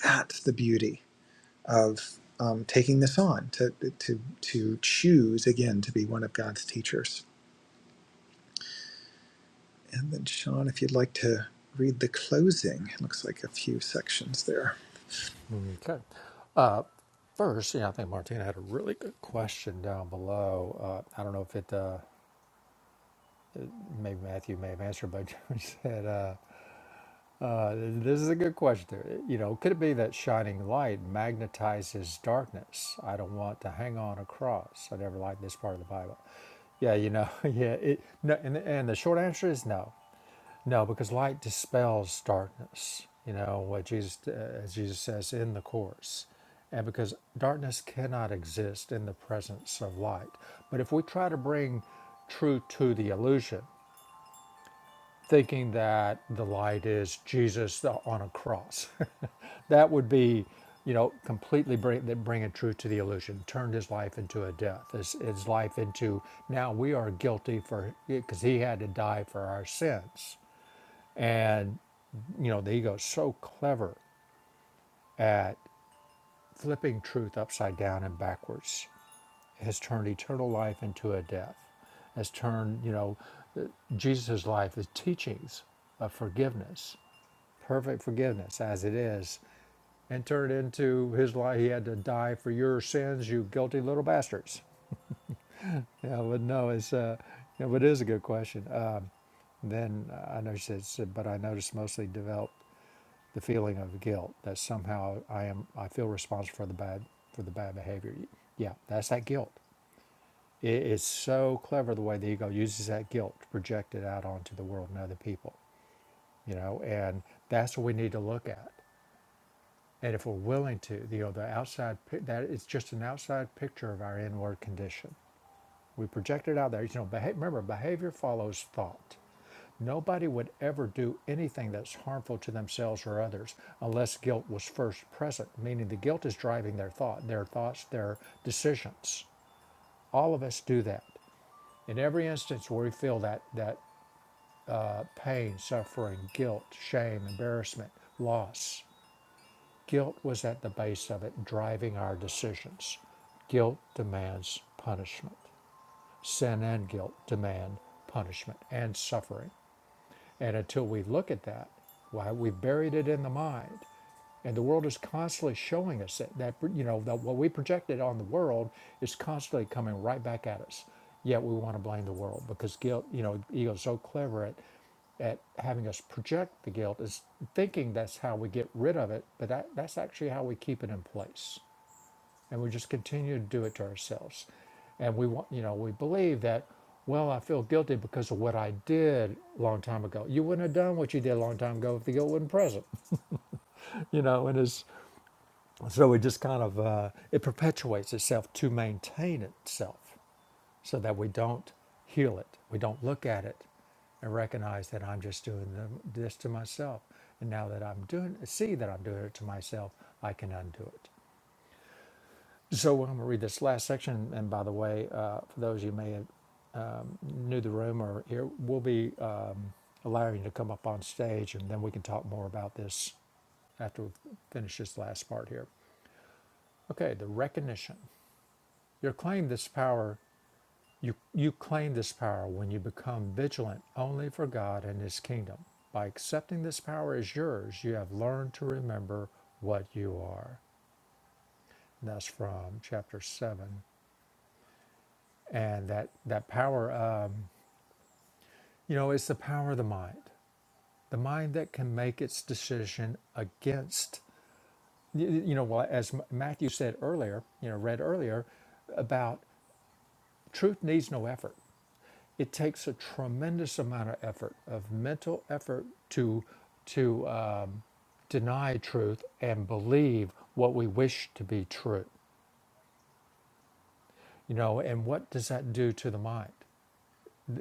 B: That's the beauty of um, taking this on to, to to choose again to be one of God's teachers. And then Sean, if you'd like to read the closing, it looks like a few sections there.
A: Okay. Uh, first, yeah, I think Martina had a really good question down below. Uh, I don't know if it, uh, maybe Matthew may have answered, but <laughs> she said, uh, uh, this is a good question. Uh, You know, could it be that shining light magnetizes darkness? I don't want to hang on a cross. I never liked this part of the Bible. Yeah, you know, <laughs> yeah. It, no, and, and the short answer is no. No, because light dispels darkness. You know what Jesus, uh, as Jesus says in the course, and because darkness cannot exist in the presence of light. But if we try to bring truth to the illusion, thinking that the light is Jesus on a cross, <laughs> that would be, you know, completely bring that bringing truth to the illusion, turned his life into a death, his, his life into now we are guilty for because he had to die for our sins and, you know, the ego is so clever at flipping truth upside down and backwards, It has turned eternal life into a death, It has turned, you know, Jesus' life, the teachings of forgiveness, perfect forgiveness as it is, and turned into his life. He had to die for your sins, you guilty little bastards. Yeah, but no, it's, uh, yeah, but it is a good question. Uh, then uh, I know she says, but I noticed mostly developed the feeling of guilt that somehow I am I feel responsible for the bad for the bad behavior. Yeah, that's that guilt. It is so clever the way the ego uses that guilt to project it out onto the world and other people. You know, and that's what we need to look at. And if we're willing to, you know, the outside that it's just an outside picture of our inward condition. We project it out there. You know, behavior. remember behavior follows thought. Nobody would ever do anything that's harmful to themselves or others unless guilt was first present, meaning the guilt is driving their thought, their thoughts, their decisions. All of us do that. In every instance where we feel that, that uh, pain, suffering, guilt, shame, embarrassment, loss, guilt was at the base of it, driving our decisions. Guilt demands punishment. Sin and guilt demand punishment and suffering. And until we look at that, why we've buried it in the mind. And the world is constantly showing us that, that you know, that what we projected on the world is constantly coming right back at us. Yet we want to blame the world because guilt, you know, ego is so clever at, at having us project the guilt is thinking that's how we get rid of it, but that, that's actually how we keep it in place and we just continue to do it to ourselves and we want you know we believe that well i feel guilty because of what i did a long time ago you wouldn't have done what you did a long time ago if the guilt wasn't present <laughs> you know and it's so it just kind of uh, it perpetuates itself to maintain itself so that we don't heal it we don't look at it and recognize that i'm just doing the- this to myself and now that i'm doing see that i'm doing it to myself i can undo it So I'm going to read this last section. And by the way, uh, for those of you who may have new to the room or here, we'll be um, allowing you to come up on stage and then we can talk more about this after we finish this last part here. Okay, the recognition. You claim this power. You, you claim this power when you become vigilant only for God and His kingdom. By accepting this power as yours, you have learned to remember what you are. And that's from chapter 7, and that that power um, you know it's the power of the mind the mind that can make its decision against y- you know well as matthew said earlier you know read earlier about truth needs no effort it takes a tremendous amount of effort of mental effort to to um, deny truth and believe what we wish to be true you know and what does that do to the mind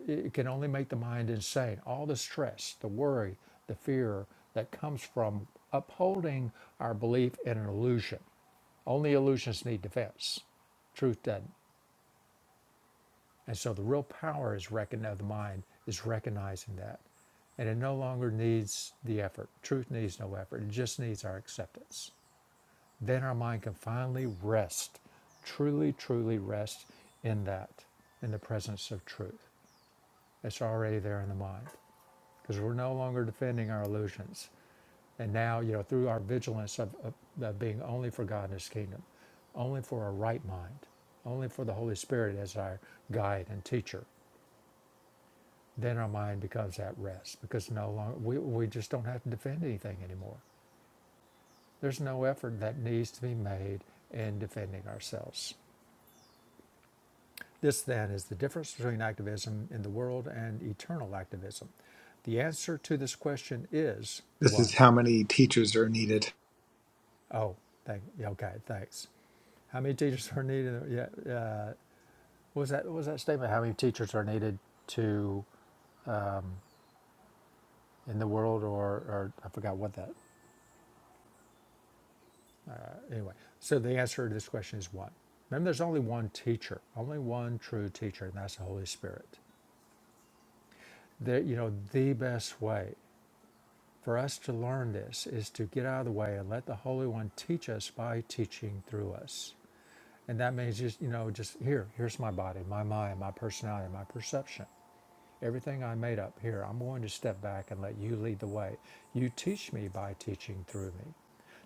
A: it can only make the mind insane. All the stress, the worry, the fear that comes from upholding our belief in an illusion. Only illusions need defense. Truth doesn't. And so the real power is recon- of the mind is recognizing that. And it no longer needs the effort. Truth needs no effort. It just needs our acceptance. Then our mind can finally rest, truly, truly rest in that, in the presence of truth. It's already there in the mind. because we're no longer defending our illusions. And now, you know, through our vigilance of, of, of being only for God and His kingdom, only for a right mind, only for the Holy Spirit as our guide and teacher, then our mind becomes at rest because no longer we, we just don't have to defend anything anymore. There's no effort that needs to be made in defending ourselves. This then is the difference between activism in the world and eternal activism. The answer to this question is
B: This is
A: one.
B: how many teachers are needed.
A: Oh, thank. Yeah, okay, thanks. How many teachers are needed? Yeah, uh, what was that what was that statement? How many teachers are needed to in the world, or or I forgot what that. Anyway, so the answer to this question is one. Remember, there's only one teacher, only one true teacher, and that's the Holy Spirit. There, you know, the best way for us to learn this is to get out of the way and let the Holy One teach us by teaching through us. And that means just, you know, just here, here's my body, my mind, my personality, my perception Everything I made up here, I'm going to step back and let you lead the way. You teach me by teaching through me.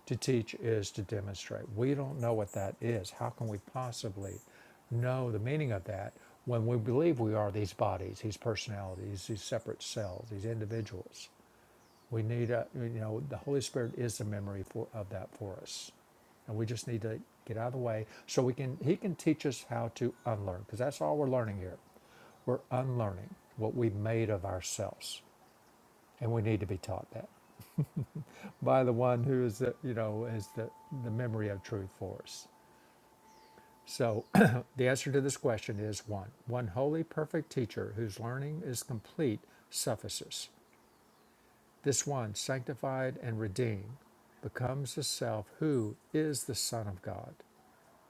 A: To teach is to demonstrate. We don't know what that is. How can we possibly know the meaning of that when we believe we are these bodies, these personalities, these separate cells, these individuals? We need a, you know, the Holy Spirit is the memory for, of that for us. And we just need to get out of the way so we can, He can teach us how to unlearn because that's all we're learning here. We're unlearning what we've made of ourselves, and we need to be taught that by the one who is the you know is the the memory of truth for us. So <clears throat> the answer to this question is one: one holy, perfect teacher whose learning is complete suffices. This one, sanctified and redeemed, becomes the self who is the Son of God.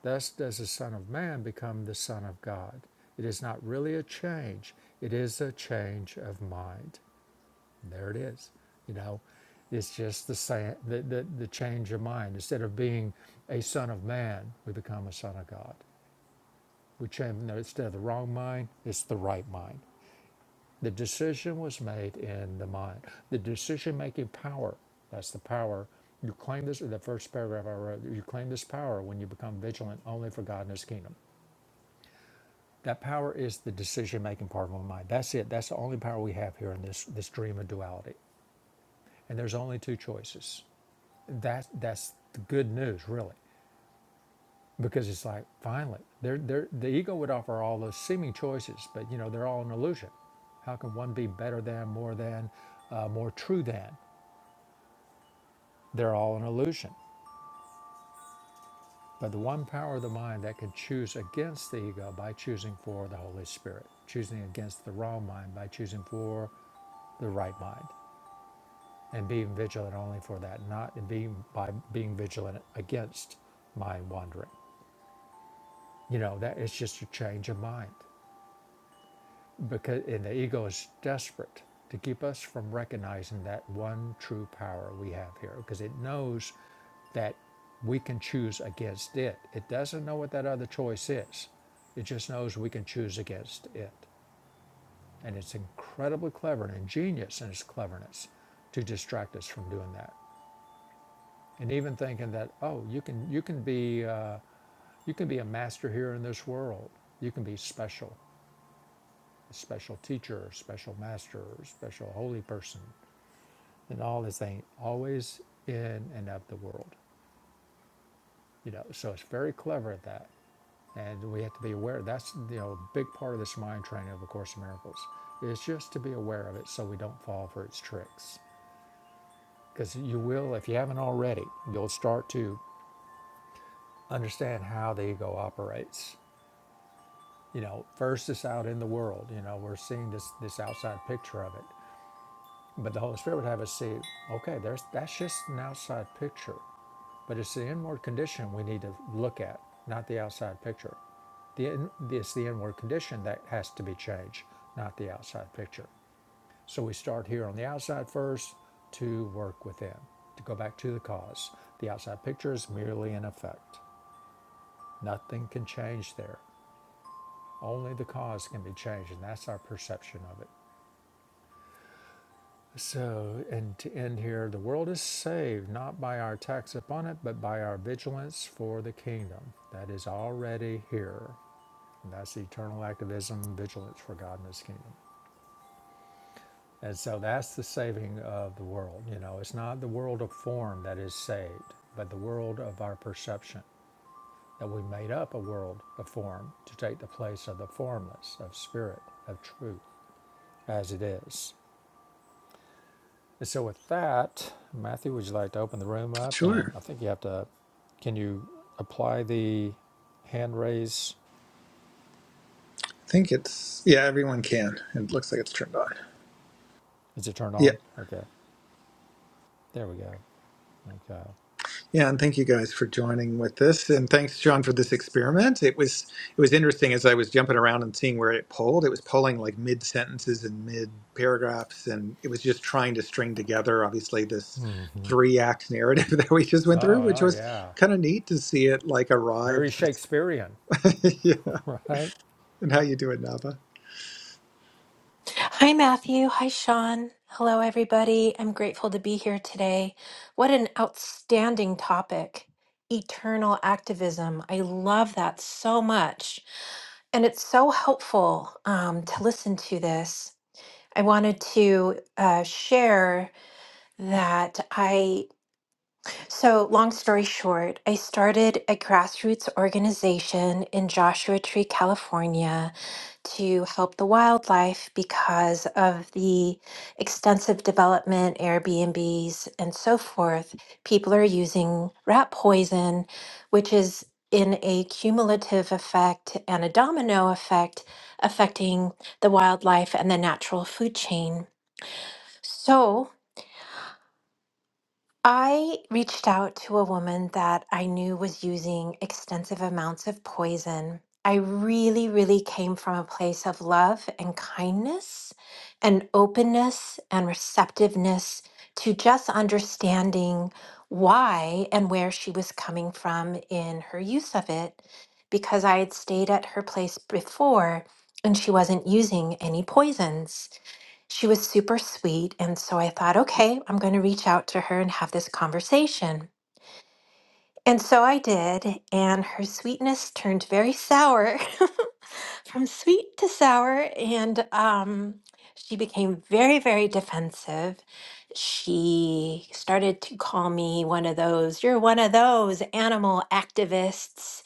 A: Thus does the Son of Man become the Son of God. It is not really a change, it is a change of mind. There it is. You know, it's just the, sa the, the, the change of mind. Instead of being a son of man, we become a son of God. We change, no, instead of the wrong mind, it's the right mind. The decision was made in the mind. The decision making power, that's the power. You claim this, in the first paragraph I wrote, you claim this power when you become vigilant only for God and His kingdom. That power is the decision making part of our mind. That's it. That's the only power we have here in this, this dream of duality. And there's only two choices that that's the good news really because it's like finally they're, they're, the ego would offer all those seeming choices but you know they're all an illusion how can one be better than more than uh, more true than they're all an illusion but the one power of the mind that can choose against the ego by choosing for the holy spirit choosing against the wrong mind by choosing for the right mind and being vigilant only for that not being by being vigilant against mind wandering You know, that it's just a change of mind. Because and the ego is desperate to keep us from recognizing that one true power we have here. Because it knows that we can choose against it. It doesn't know what that other choice is. It just knows we can choose against it. And it's incredibly clever and ingenious in its cleverness to distract us from doing that. And even thinking that, oh, you can you can be uh, you can be a master here in this world. You can be special. a special teacher, special master, special holy person, and all this thing, always in and of the world. You know, so it's very clever at that. And we have to be aware. That's you know a big part of this mind training of A Course in Miracles is just to be aware of it, so we don't fall for its tricks. Because you will, if you haven't already, you'll start to understand how the ego operates. You know, first it's out in the world. You know, we're seeing this this outside picture of it, But the Holy Spirit would have us see, okay, there's that's just an outside picture, but it's the inward condition we need to look at, not the outside picture. The it's the inward condition that has to be changed, not the outside picture. So we start here on the outside first to work within, to go back to the cause. The outside picture is merely an effect. Nothing can change there. Only the cause can be changed, and that's our perception of it. So, and to end here, the world is saved not by our tax upon it, but by our vigilance for the kingdom that is already here. And that's eternal activism, vigilance for God and His kingdom. And so that's the saving of the world. You know, it's not the world of form that is saved, but the world of our perception that we made up a world of form to take the place of the formless, of spirit, of truth as it is. And so with that, Matthew, would you like to open the room up? And
B: Sure.
A: I think you have to, can you apply the hand raise?
B: I think it's yeah, everyone can. It looks like it's turned on.
A: Is it turned
B: Yeah.
A: on? Okay. There we go. Okay.
B: Yeah, and thank you guys for joining with this, and thanks John for this experiment. It was it was interesting as I was jumping around and seeing where it polled. It was polling like mid sentences and mid paragraphs, and it was just trying to string together, obviously, this
A: Hmm.
B: three act narrative <laughs> that we just went through,
A: Oh,
B: which
A: no,
B: was
A: yeah.
B: kind of neat to see it like arrive.
A: Very Shakespearean,
B: To, <laughs> yeah,
A: <laughs> right?
B: and how you do it, Nava.
C: Hi, Matthew. Hi, Sean. Hello, everybody. I'm grateful to be here today. What an outstanding topic! Eternal activism. I love that so much. And it's so helpful um, to listen to this. I wanted to uh, share that I, so long story short, I started a grassroots organization in Joshua Tree, California to help the wildlife because of the extensive development, Airbnbs, and so forth. People are using rat poison, which is in a cumulative effect and a domino effect affecting the wildlife and the natural food chain. So, I reached out to a woman that I knew was using extensive amounts of poison. I really, really came from a place of love and kindness and openness and receptiveness to just understanding why and where she was coming from in her use of it, because I had stayed at her place before and she wasn't using any poisons. She was super sweet. And so I thought, okay, I'm going to reach out to her and have this conversation. And so I did. And her sweetness turned very sour, <laughs> from sweet to sour. And um, she became very, very defensive. She started to call me one of those, you're one of those animal activists.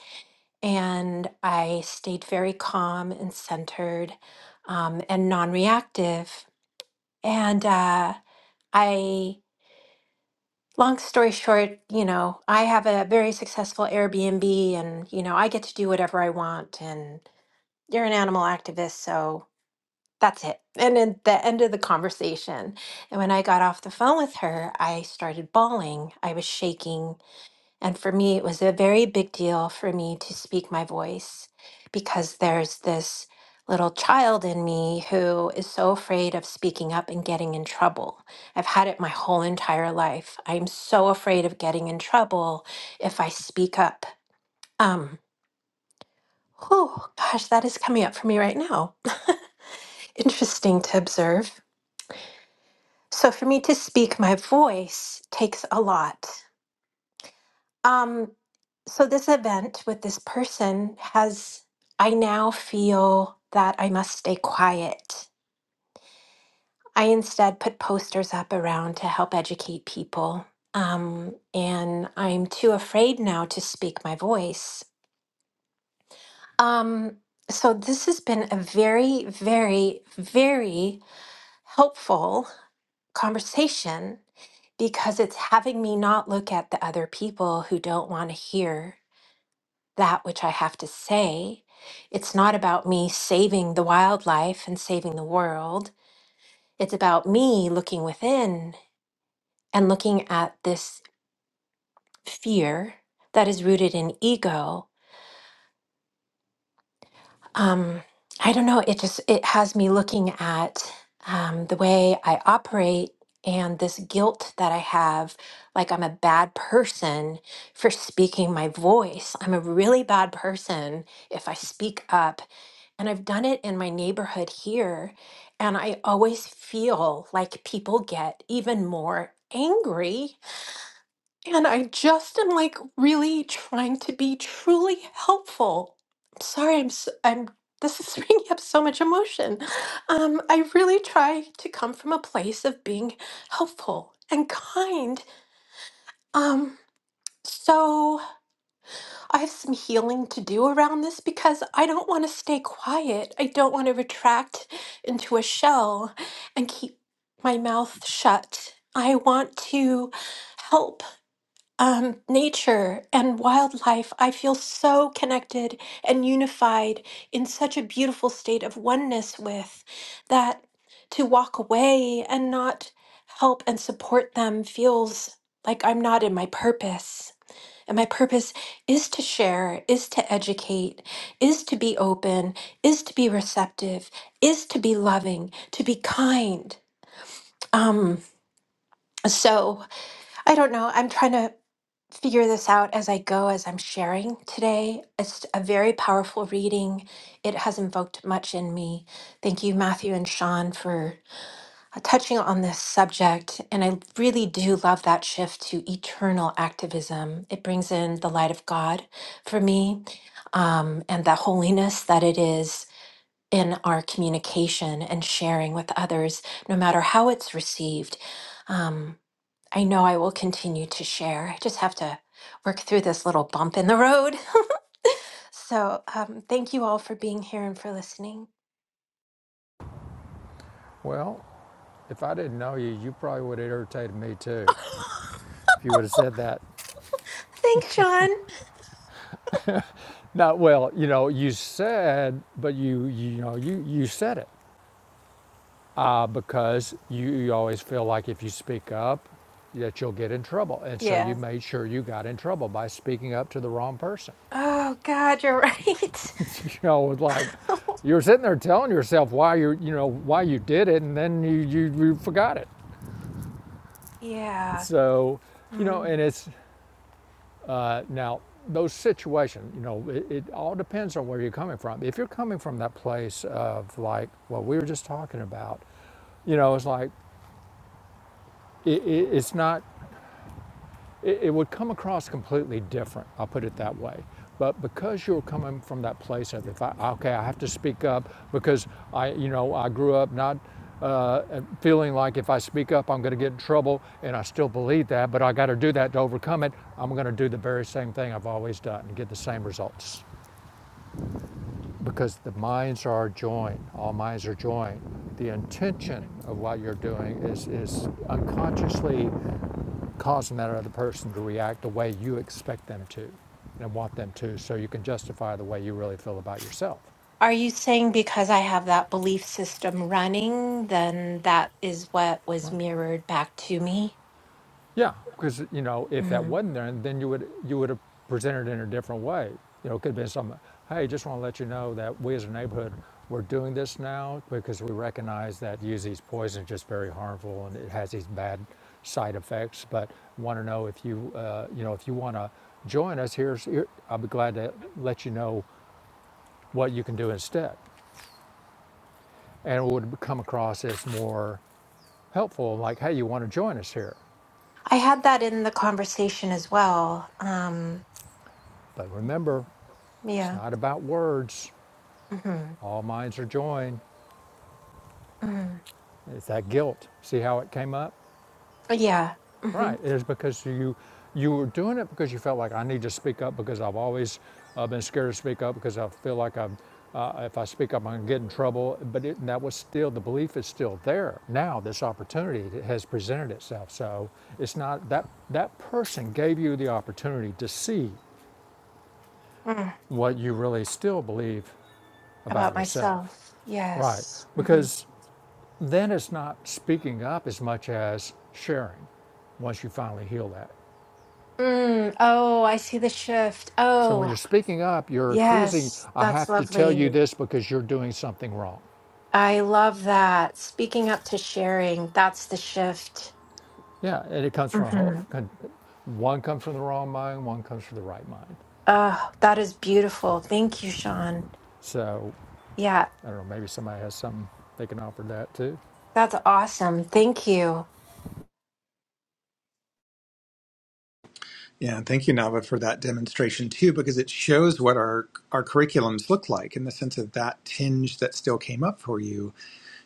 C: And I stayed very calm and centered um, and non reactive. And, uh, I, long story short, you know, I have a very successful Airbnb and, you know, I get to do whatever I want. And you're an animal activist, so that's it. And at the end of the conversation, and when I got off the phone with her, I started bawling. I was shaking. And for me, it was a very big deal for me to speak my voice because there's this little child in me who is so afraid of speaking up and getting in trouble. I've had it my whole entire life. I'm so afraid of getting in trouble if I speak up. Um, oh gosh, that is coming up for me right now. <laughs> Interesting to observe. So for me to speak my voice takes a lot. Um, so this event with this person has, I now feel that I must stay quiet. I instead put posters up around to help educate people. Um, and I'm too afraid now to speak my voice. Um, so this has been a very, very, very helpful conversation because it's having me not look at the other people who don't want to hear that which I have to say. It's not about me saving the wildlife and saving the world. It's about me looking within and looking at this fear that is rooted in ego. Um, I don't know. It just it has me looking at um, the way I operate and this guilt that I have, like I'm a bad person for speaking my voice. I'm a really bad person if I speak up And I've done it in my neighborhood here. And I always feel like people get even more angry. And I just am like really trying to be truly helpful. I'm sorry, I'm, s- I'm, this is <laughs> bringing up so much emotion. Um, I really try to come from a place of being helpful and kind. Um, so, I have some healing to do around this because I don't want to stay quiet. I don't want to retract into a shell and keep my mouth shut. I want to help um, nature and wildlife. I feel so connected and unified in such a beautiful state of oneness with that to walk away and not help and support them feels like I'm not in my purpose. And my purpose is to share, is to educate, is to be open, is to be receptive, is to be loving, to be kind. Um, so I don't know. I'm trying to figure this out as I go, as I'm sharing today. It's a very powerful reading. It has invoked much in me. Thank you, Matthew and Sean, for uh, touching on this subject, and I really do love that shift to eternal activism. It brings in the light of God for me um, and the holiness that it is in our communication and sharing with others, no matter how it's received. Um, I know I will continue to share. I just have to work through this little bump in the road. <laughs> so, um, thank you all for being here and for listening.
A: Well, if I didn't know you, you probably would have irritated me
C: <laughs>
A: too. If you would have said that.
C: Thanks, Sean.
A: Not well, you know, you said, but you, you know, you, you said it. uh, because you, you always feel like if you speak up, that you'll get in trouble. And so you
C: Yeah.
A: made sure you got in trouble by speaking up to the wrong person.
C: Oh, God, you're right. <laughs>
A: <laughs> You know, it's like you're sitting there telling yourself why you you know why you did it, and then you you, you forgot it.
C: Yeah.
A: So, you know,
C: Mm.
A: and it's uh, now those situations. You know, it, it all depends on where you're coming from. If you're coming from that place of like what we were just talking about, you know, it's like it, it, it's not. it, it would come across completely different. I'll put it that way. But because you're coming from that place of, if I, okay, I have to speak up because I, you know, I grew up not uh, feeling like if I speak up, I'm going to get in trouble, and I still believe that, but I got to do that to overcome it. I'm going to do the very same thing I've always done and get the same results because the minds are joined. All minds are joined. The intention of what you're doing is is unconsciously causing that other person to react the way you expect them to and want them to so you can justify the way you really feel about yourself
C: Are you saying because I have that belief system running, then that is what was
A: Right.
C: mirrored back to me?
A: yeah because you know if that
C: Mhm.
A: wasn't there then you would you would have presented it in a different way you know it could have been something hey just want to let you know that we as a neighborhood we're doing this now because we recognize that using these poisons is just very harmful and it has these bad side effects but want to know if you uh, you know if you want to join us here's here, i'll be glad to let you know what you can do instead. And it would come across as more helpful, like, hey, you want to join us here.
C: I had that in the conversation as well. Um,
A: But remember, it's
C: yeah.
A: not about words.
C: hmm
A: All minds are joined.
C: hmm
A: It's that guilt. See how it came up?
C: Yeah. hmm
A: Right, it is because you you were doing it because you felt like I need to speak up because I've always uh, been scared to speak up because I feel like I'm uh, if I speak up I'm gonna get in trouble. But it, that was still the belief is still there. Now this opportunity has presented itself, so it's not that that person gave you the opportunity to see
C: Mm.
A: what you really still believe about
C: About
A: yourself.
C: myself.
A: Right,
C: Yes. hmm
A: because then it's not speaking up as much as sharing once you finally heal that.
C: Mm. Oh, I see the shift.
A: So when
C: Oh,
A: you're speaking up, you're accusing,
C: yes.
A: I
C: That's
A: have to tell
C: lovely.
A: you this because you're doing something wrong.
C: I love that. Speaking up to sharing, that's the shift.
A: Yeah, and it comes from a whole, one comes from the wrong mind, one comes from the right mind.
C: Oh, that is beautiful. Thank you, Sean.
A: So
C: Yeah,
A: I don't know, maybe somebody has something they can offer that too.
C: that's awesome. Thank you.
B: Yeah, and thank you, Nava, for that demonstration too, because it shows what our our curriculums look like in the sense of that tinge that still came up for you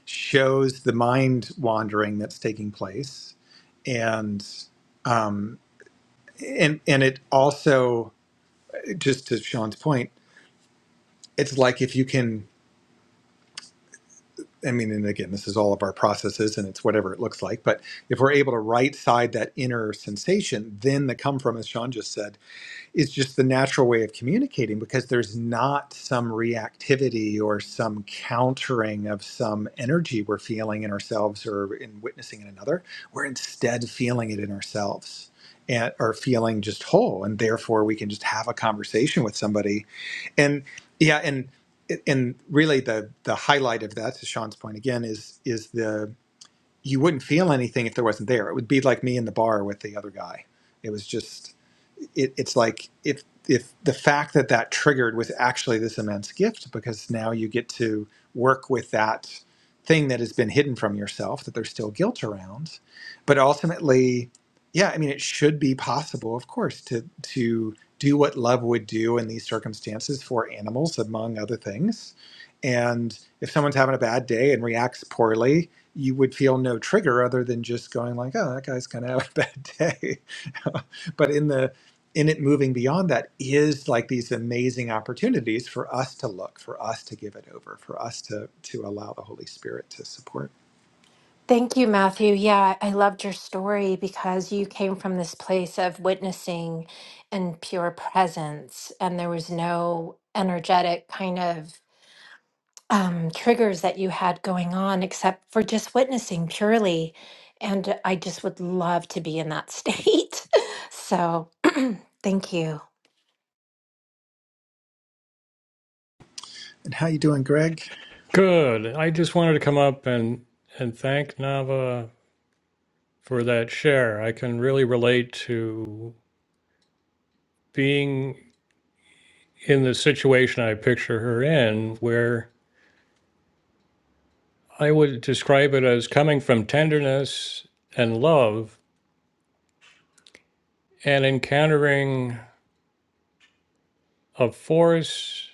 B: shows the mind wandering that's taking place and um and and it also just to sean's point it's like if you can i mean and again this is all of our processes and it's whatever it looks like but if we're able to right side that inner sensation then the come from as sean just said Is just the natural way of communicating because there's not some reactivity or some countering of some energy we're feeling in ourselves or in witnessing in another. We're instead feeling it in ourselves and are feeling just whole, and therefore we can just have a conversation with somebody. And yeah, and and really the the highlight of that, to Sean's point again, is is the you wouldn't feel anything if there wasn't there. It would be like me in the bar with the other guy. It was just it, it's like if if the fact that that triggered was actually this immense gift because now you get to work with that thing that has been hidden from yourself that there's still guilt around but ultimately yeah i mean it should be possible of course to to do what love would do in these circumstances for animals among other things and if someone's having a bad day and reacts poorly you would feel no trigger other than just going like, oh, that guy's kind of <laughs> having a bad day. <laughs> but in the in it moving beyond that is like these amazing opportunities for us to look, for us to give it over, for us to to allow the Holy Spirit to support.
C: Thank you, Matthew. Yeah, I loved your story because you came from this place of witnessing and pure presence, and there was no energetic kind of um, triggers that you had going on except for just witnessing purely. And I just would love to be in that <laughs> state. so thank you.
B: And how you doing, Greg?
D: Good. I just wanted to come up and and thank Nava for that share. I can really relate to being in the situation I picture her in, where I would describe it as coming from tenderness and love and encountering a force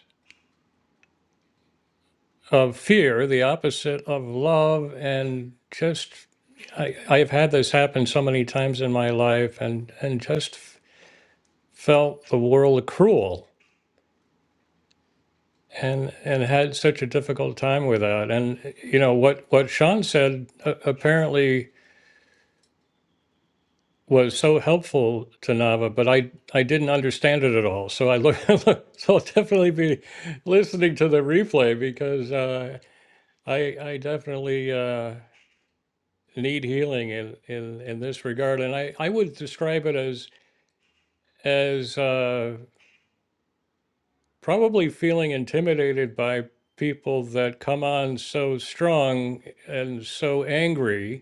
D: of fear, the opposite of love, and just I, I've had this happen so many times in my life and, and just felt the world cruel and and had such a difficult time with that and you know what what sean said uh, apparently was so helpful to nava but i i didn't understand it at all so i look <laughs> so i'll definitely be listening to the replay because uh i i definitely uh need healing in in in this regard and i i would describe it as as uh probably feeling intimidated by people that come on so strong and so angry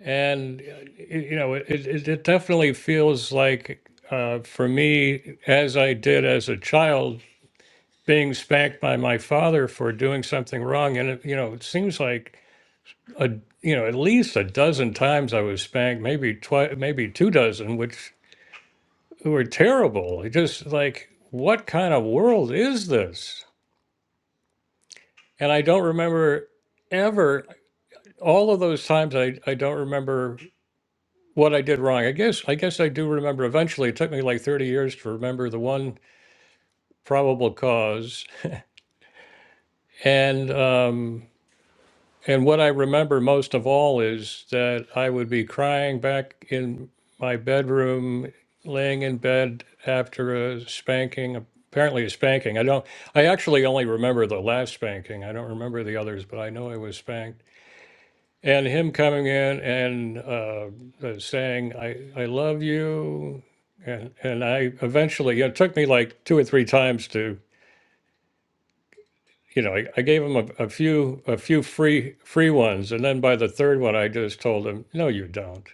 D: And, uh, y- you know, it, it, it definitely feels like uh, for me, as I did as a child, being spanked by my father for doing something wrong. And, it, you know, it seems like, a, you know, at least a dozen times I was spanked, maybe twi- maybe two dozen, which were terrible. It just like, what kind of world is this? And I don't remember ever, all of those times, I, I don't remember what I did wrong. I guess I guess I do remember. Eventually, it took me like thirty years to remember the one probable cause, and um, and what I remember most of all is that I would be crying back in my bedroom, laying in bed after a spanking. Apparently, a spanking. I don't. I actually only remember the last spanking. I don't remember the others, but I know I was spanked. and him coming in and uh, uh, saying I, I love you and and I eventually it took me like two or three times to you know I, I gave him a, a few a few free free ones and then by the third one I just told him no you don't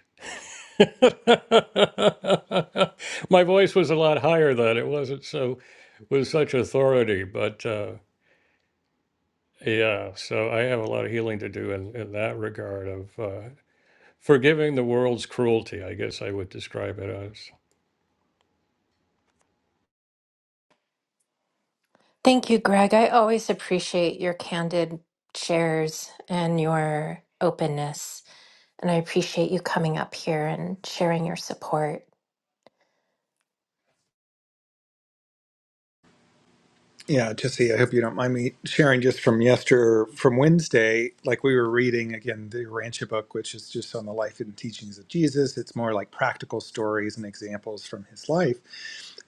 D: <laughs> my voice was a lot higher then it wasn't so with such authority but uh, yeah so I have a lot of healing to do in, in that regard of. uh, forgiving the world's cruelty, I guess I would describe it as.
C: Thank you, Greg. I always appreciate your candid shares and your openness. And I appreciate you coming up here and sharing your support.
B: Yeah, Jesse, I hope you don't mind me sharing just from yester from Wednesday. Like we were reading again the Rancha book, which is just on the life and teachings of Jesus. It's more like practical stories and examples from his life.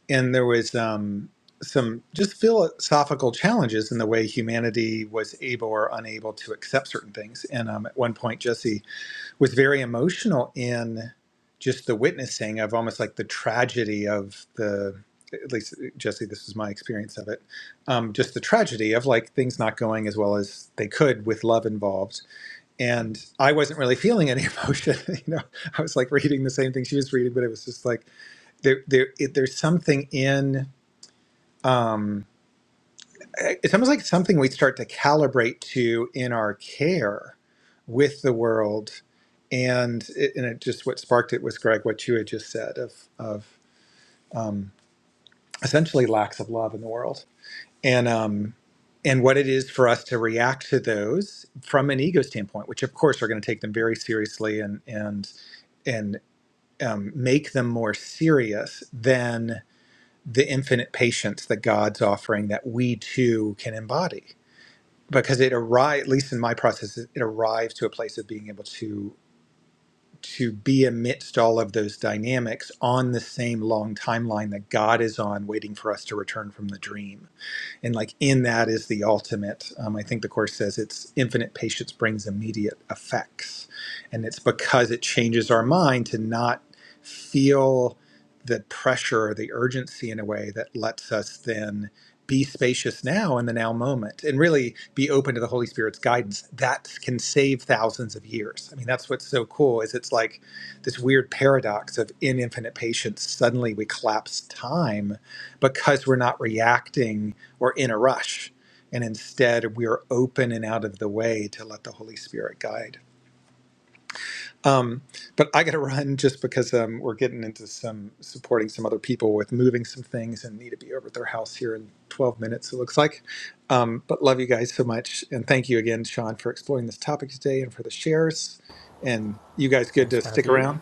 B: And there was um, some just philosophical challenges in the way humanity was able or unable to accept certain things. And um, at one point, Jesse was very emotional in just the witnessing of almost like the tragedy of the at least jesse this is my experience of it um, just the tragedy of like things not going as well as they could with love involved and i wasn't really feeling any emotion <laughs> you know i was like reading the same thing she was reading but it was just like there, there it, there's something in um, it's almost like something we start to calibrate to in our care with the world and it, and it just what sparked it was greg what you had just said of of um, essentially lacks of love in the world and um and what it is for us to react to those from an ego standpoint which of course are going to take them very seriously and and and um, make them more serious than the infinite patience that god's offering that we too can embody because it arrived at least in my process it arrived to a place of being able to to be amidst all of those dynamics on the same long timeline that god is on waiting for us to return from the dream and like in that is the ultimate um, i think the course says it's infinite patience brings immediate effects and it's because it changes our mind to not feel the pressure or the urgency in a way that lets us then be spacious now in the now moment and really be open to the holy spirit's guidance that can save thousands of years i mean that's what's so cool is it's like this weird paradox of in infinite patience suddenly we collapse time because we're not reacting or in a rush. And instead, we are open and out of the way to let the Holy Spirit guide. Um, but I got to run just because um, we're getting into some supporting some other people with moving some things and need to be over at their house here in 12 minutes, it looks like. Um, but love you guys so much. And thank you again, Sean, for exploring this topic today and for the shares. And you guys good
A: Thanks,
B: to stick
A: Matthew.
B: around?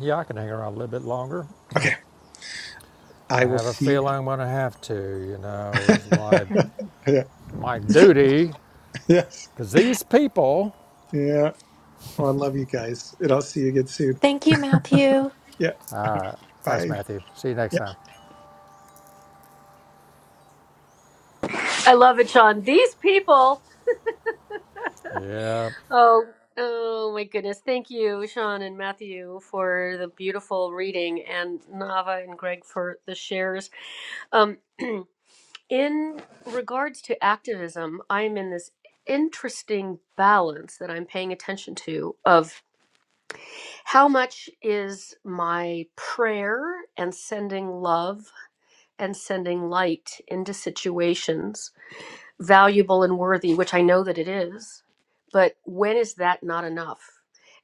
A: Yeah, I can hang around a little bit longer.
B: Okay. I
A: I
B: will
A: have a
B: see you.
A: feeling I'm going to have to, you know, is
B: <laughs>
A: why
C: Mhm.
B: yeah.
A: my duty,
B: Yes.
A: because these people.
B: Yeah. Well, I love you guys. And I'll see you again soon.
C: Thank you, Matthew.
B: Yeah.
A: Thanks,
B: Bye. Yeah.
A: Matthew. See you next time.
E: I love it, Sean. These people.
A: Yeah.
E: Oh, oh my goodness. Thank you, Sean and Matthew, for the beautiful reading, and Nava and Greg for the shares. Um, in regards to activism, I'm in this interesting balance that I'm paying attention to of how much is my prayer and sending love and sending light into situations valuable and worthy, which I know that it is. But when is that not enough?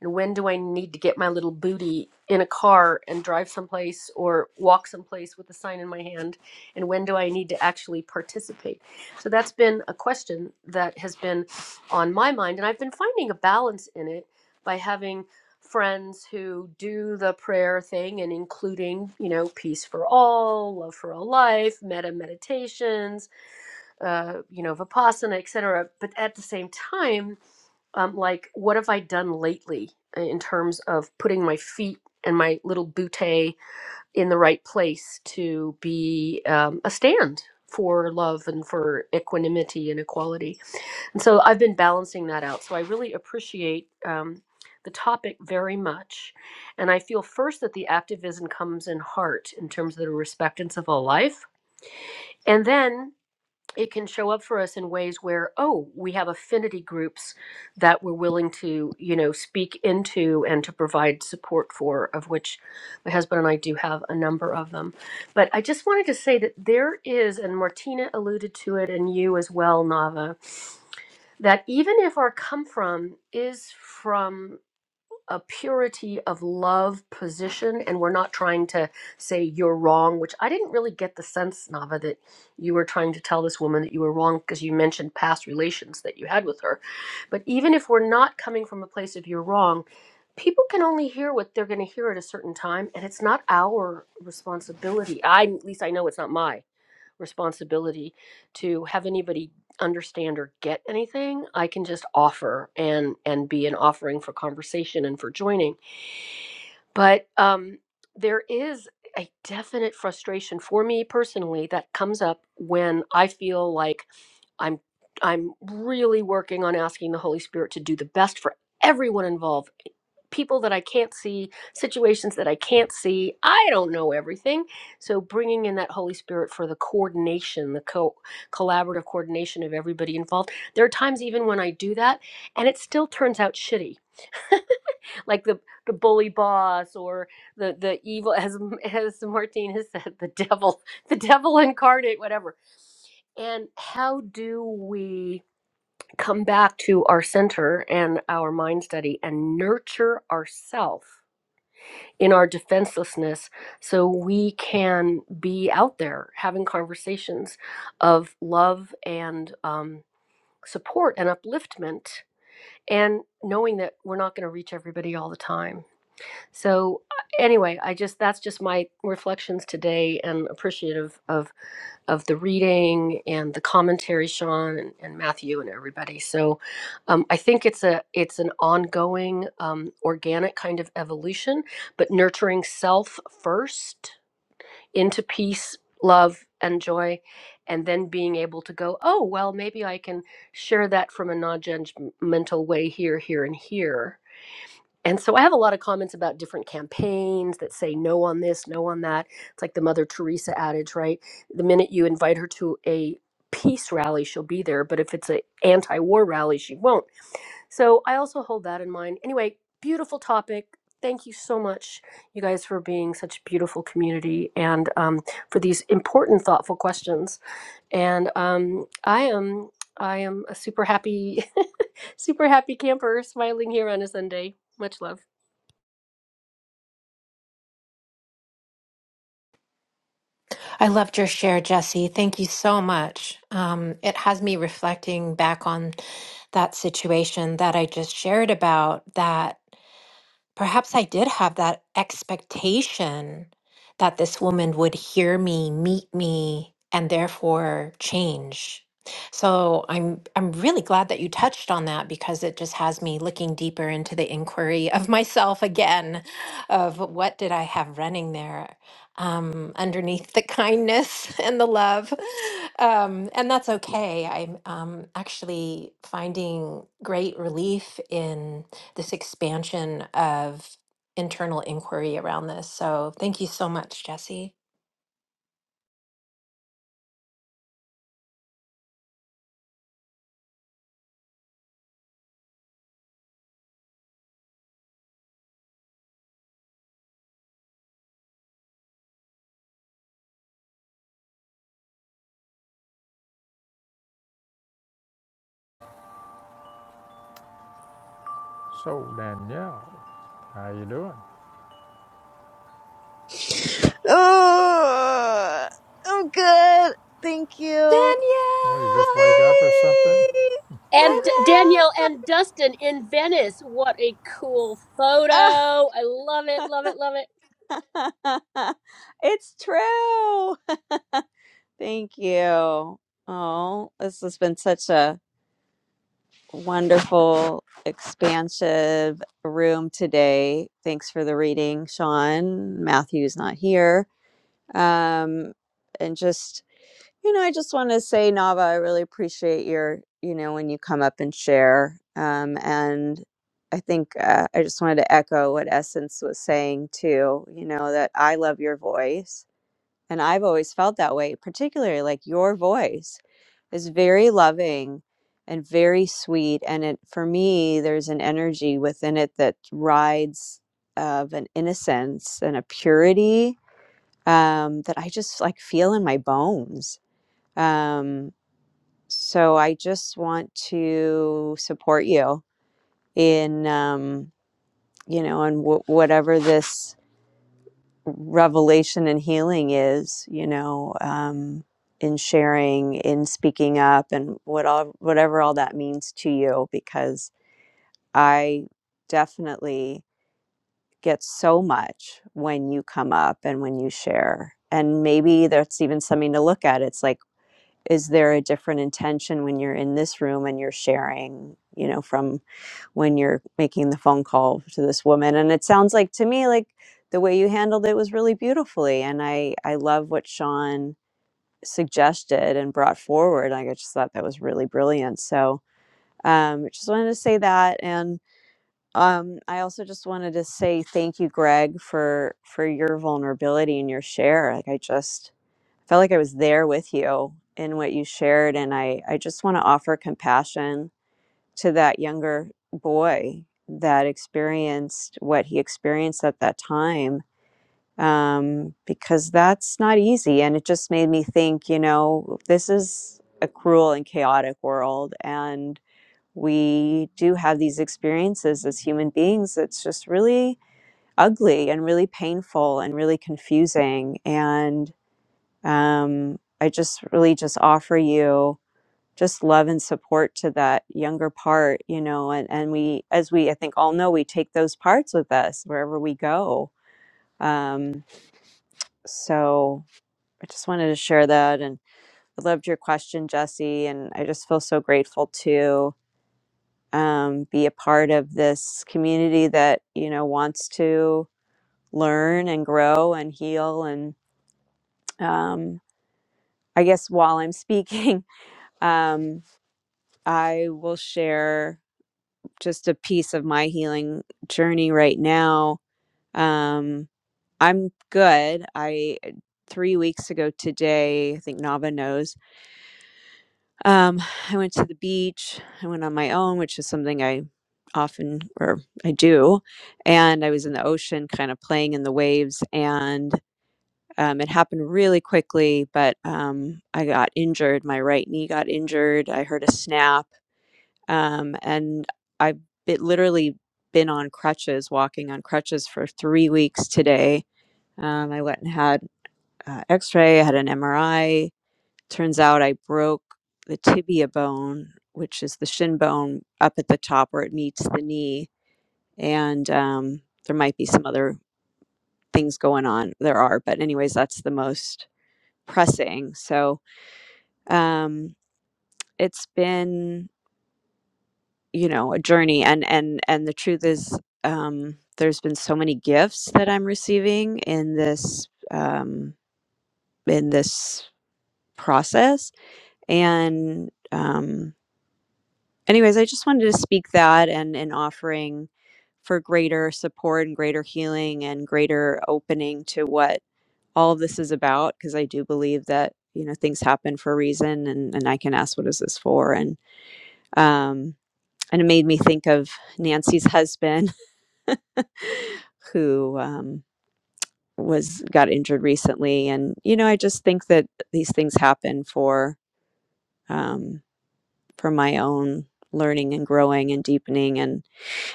E: And when do I need to get my little booty in a car and drive someplace or walk someplace with a sign in my hand? And when do I need to actually participate? So that's been a question that has been on my mind. And I've been finding a balance in it by having friends who do the prayer thing and including, you know, peace for all, love for all life, meta meditations, uh, you know, Vipassana, etc. But at the same time, um, like, what have I done lately in terms of putting my feet and my little bootay in the right place to be um, a stand for love and for equanimity and equality? And so I've been balancing that out. So I really appreciate. Um, the topic very much. And I feel first that the activism comes in heart in terms of the respectance of all life. And then it can show up for us in ways where oh we have affinity groups that we're willing to you know speak into and to provide support for of which my husband and i do have a number of them but i just wanted to say that there is and martina alluded to it and you as well nava that even if our come from is from a purity of love position and we're not trying to say you're wrong which i didn't really get the sense nava that you were trying to tell this woman that you were wrong because you mentioned past relations that you had with her but even if we're not coming from a place of you're wrong people can only hear what they're going to hear at a certain time and it's not our responsibility i at least i know it's not mine responsibility to have anybody understand or get anything i can just offer and and be an offering for conversation and for joining but um there is a definite frustration for me personally that comes up when i feel like i'm i'm really working on asking the holy spirit to do the best for everyone involved people that I can't see, situations that I can't see. I don't know everything. So bringing in that Holy Spirit for the coordination, the co- collaborative coordination of everybody involved. There are times even when I do that and it still turns out shitty. <laughs> like the the bully boss or the the evil as as Martine has said the devil the devil incarnate whatever and how do we come back to our center and our mind study and nurture ourselves? in our defenselessness so we can be out there having conversations of love and um, support and upliftment and knowing that we're not going to reach everybody all the time so uh, anyway i just that's just my reflections today and appreciative of of the reading and the commentary, Sean and, and Matthew and everybody. So um, I think it's a it's an ongoing um, organic kind of evolution, but nurturing self first into peace, love, and joy, and then being able to go, oh well, maybe I can share that from a non-judgmental way here, here, and here and so I have a lot of comments about different campaigns that say no on this, no on that. It's like the Mother Teresa adage, right? The minute you invite her to a peace rally, she'll be there, but if it's an anti-war rally, she won't. So I also hold that in mind. Anyway, beautiful topic. Thank you so much, you guys, for being such a beautiful community and um, for these important, thoughtful questions. And um, I am, I am a super happy, <laughs> super happy camper, smiling here on a Sunday. Much love.
C: I loved your share, Jesse. Thank you so much. Um, it has me reflecting back on that situation that I just shared about that Perhaps I did have that expectation that this woman would hear me, meet me, and therefore change. So I'm I'm really glad that you touched on that because it just has me looking deeper into the inquiry of <laughs> myself again, of what did I have running there um, underneath the kindness <laughs> and the love, um, and that's okay. I'm um, actually finding great relief in this expansion of internal inquiry around this. So thank you so much, Jesse.
A: So Danielle, how you doing?
F: Oh, I'm good. Thank you.
C: Danielle,
A: Well, you just wake up or something?
F: Hi. Hi.
E: And D-
C: Danielle.
E: Danielle and Dustin in Venice. What a cool photo.
F: hi.
E: I love it,
F: Ah.
E: love it, love it.
F: <laughs> it's true. <laughs> Thank you. Oh, this has been such a wonderful, expansive room today. Thanks for the reading, Sean. Matthew's not here. Um, and just You know, I just want to say, Nava, I really appreciate your, you know, when you come up and share. Um, and I think uh, I just wanted to echo what Essence was saying too, you know, that I love your voice. And I've always felt that way, particularly like your voice is very loving and very sweet. And it, for me, there's an energy within it that rides of an innocence and a purity um, that I just like feel in my bones um, so I just want to support you in, um, you know, in w- whatever this revelation and healing is, you know, um, in sharing, in speaking up, and what all, whatever all that means to you, because I definitely get so much when you come up and when you share. And maybe that's even something to look at. It's like, is there a different intention when you're in this room and you're sharing you know from when you're making the phone call to this woman and it sounds like to me like the way you handled it was really beautifully and i i love what sean suggested and brought forward like i just thought that was really brilliant so um just wanted to say that and um i also just wanted to say thank you greg for for your vulnerability and your share like i just felt like I was there with you in what you shared. And I, I just want to offer compassion to that younger boy that experienced what he experienced at that time um, because that's not easy. And it just made me think, you know, this is a cruel and chaotic world. And we do have these experiences as human beings that's just really ugly and really painful and really confusing. and um, I just really just offer you just love and support to that younger part, you know, and, and we, as we, I think all know, we take those parts with us wherever we go. Um, so I just wanted to share that. And I loved your question, Jesse. And I just feel so grateful to um, be a part of this community that, you know, wants to learn and grow and heal. And um, I guess while I'm speaking, <laughs> um, I will share just a piece of my healing journey right now. Um, I'm good. I three weeks ago today, I think Nava knows. Um, I went to the beach. I went on my own, which is something I often or I do, and I was in the ocean, kind of playing in the waves, and um, it happened really quickly. But um, I got injured. My right knee got injured. I heard a snap Um, and I've bit literally been on crutches, walking on crutches for three weeks today. Um, I went and had uh, X-ray, I had an MRI. Turns out I broke the tibia bone, which is the shin bone up at the top where it meets the knee, and um, there might be some other things going on. There are, but anyways, that's the most pressing. So um, it's been you know a journey and and and the truth is um there's been so many gifts that i'm receiving in this um in this process and um anyways i just wanted to speak that and in offering for greater support and greater healing and greater opening to what all of this is about because i do believe that you know things happen for a reason and and i can ask what is this for and um and it made me think of nancy's husband who um, was got injured recently, and you know, I just think that these things happen for um, for my own learning and growing and deepening. And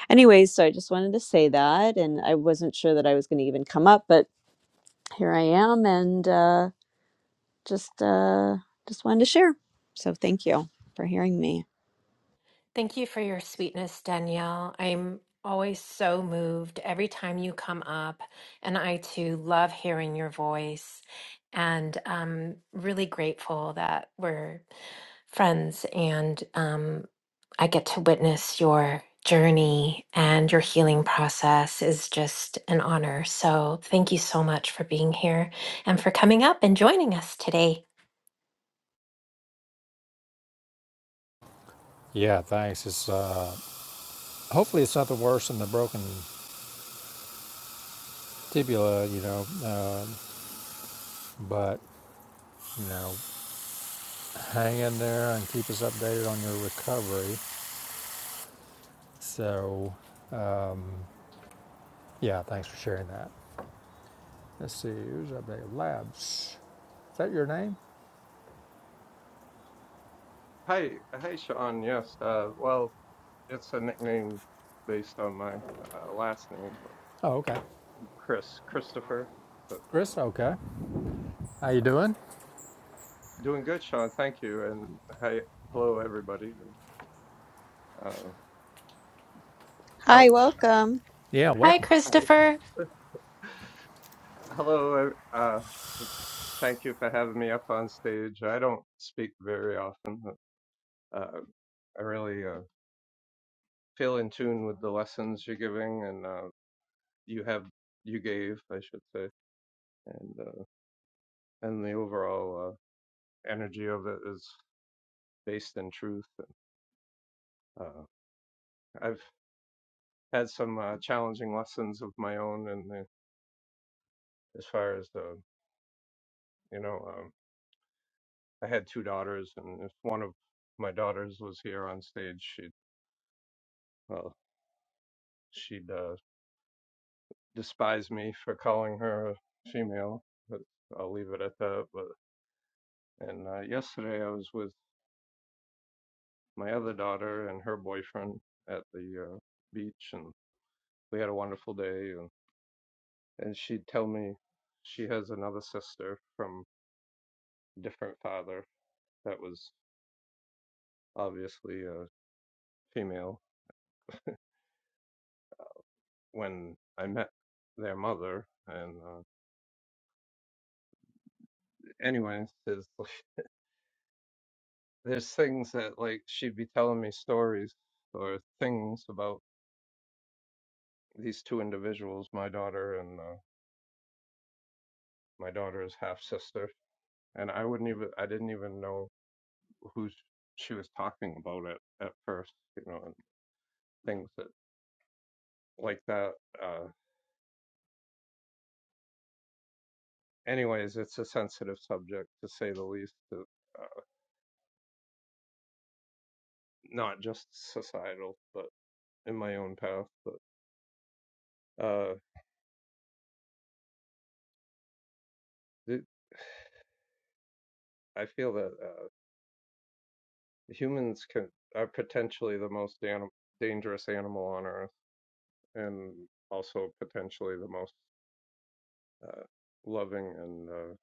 F: anyways, so I just wanted to say that, and I wasn't sure that I was going to even come up, but here I am, and uh, just uh, just wanted to share. So thank you for hearing me.
C: Thank you for your sweetness, Danielle. I'm always so moved every time you come up, and I too love hearing your voice and um really grateful that we're friends, and um, I get to witness your journey and your healing process is just an honor. So, thank you so much for being here and for coming up and joining us today.
A: Yeah, thanks. It's uh, hopefully it's nothing worse than the broken tibia, you know. Uh, but you know, hang in there and keep us updated on your recovery. So, yeah, thanks for sharing that. Let's see who's up Labs. Is that your name?
G: Hey, hey, Sean. Yes. Uh, well, it's a nickname based on my uh, last name,
A: Oh, okay.
G: Chris Christopher. But
A: Chris. Okay. How you doing?
G: doing good, Sean. Thank you. And hey, hello, everybody. Uh, I,
F: Hi, welcome.
A: Yeah,
C: Hi,
A: welcome.
G: <laughs>
C: Christopher.
G: hello. Uh, thank you for having me up on stage. I don't speak very often. But, uh, I really uh, feel in tune with the lessons you're giving, and uh, you have you gave, I should say, and uh, and the overall uh, energy of it is. based in truth. Uh, I've had some uh, challenging lessons of my own, and as far as the, you know, um, I had two daughters, and if one of my daughters was here on stage, she'd, well, she'd uh, despise me for calling her a female, but I'll leave it at that. But and uh, yesterday I was with my other daughter and her boyfriend at the uh, beach, and we had a wonderful day, and and she'd tell me she has another sister from. different father that was obviously a female when I met their mother. And uh, anyway, there's, like, there's things that like she'd be telling me stories or things about these two individuals, my daughter and uh, my daughter's half sister, and I wouldn't even I didn't even know who sh- she was talking about at at first, you know, and things that like that. Uh, anyways, it's a sensitive subject to say the least. Uh, not just societal, but in my own path. But uh, th- I feel that uh, humans can are potentially the most anim- dangerous animal on Earth, and also potentially the most uh, loving and uh,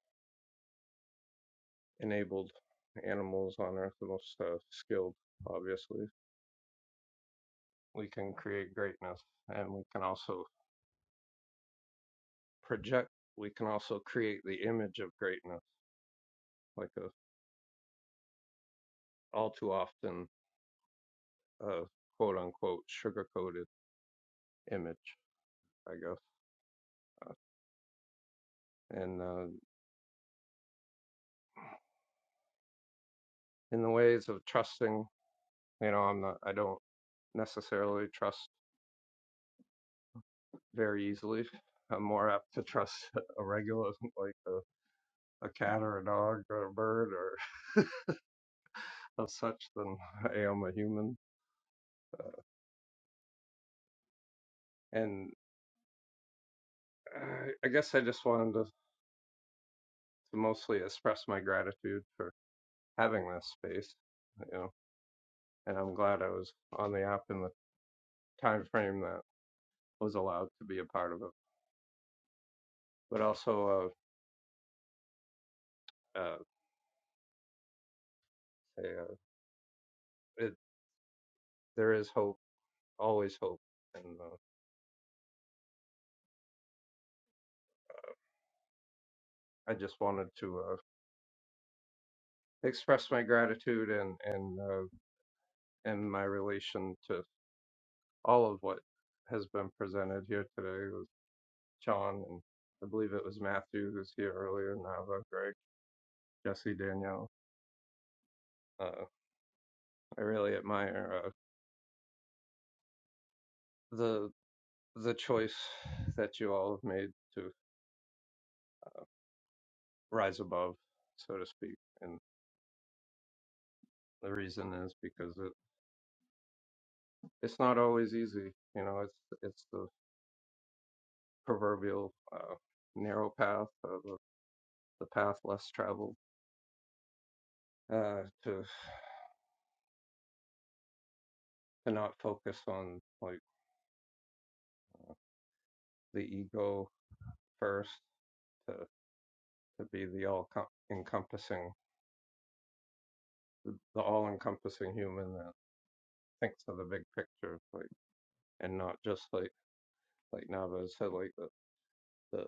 G: enabled animals on Earth, the most uh, skilled. Obviously, we can create greatness, and we can also project. We can also create the image of greatness, like a all too often uh, quote unquote sugar coated. image, I guess, uh, and uh, in the ways of trusting. You know, I'm not. I don't necessarily trust very easily. <laughs> I'm more apt to trust <laughs> a regular, like a, a cat or a dog or a bird or <laughs> of such than <laughs> I am a human. And I, I guess I just wanted to, to mostly express my gratitude for having this space, you know. And I'm glad I was on the app in the time frame that was allowed to be a part of it. But also, uh, uh, uh, there is hope, always hope. And uh, I just wanted to uh, express my gratitude and and uh, and my relation to all of what has been presented here today with John and I believe it was Matthew who was here earlier, Nava, Greg, Jesse, Danielle. Uh, I really admire uh, the the choice that you all have made to rise above, so to speak, and the reason is because it it's not always easy. You know, it's it's the proverbial uh, narrow path, uh, the, the path less traveled, uh, to to not focus on like the ego first, to to be the all com- encompassing, the all encompassing human that thinks of the big picture, like and not just like like Nava said, like the, the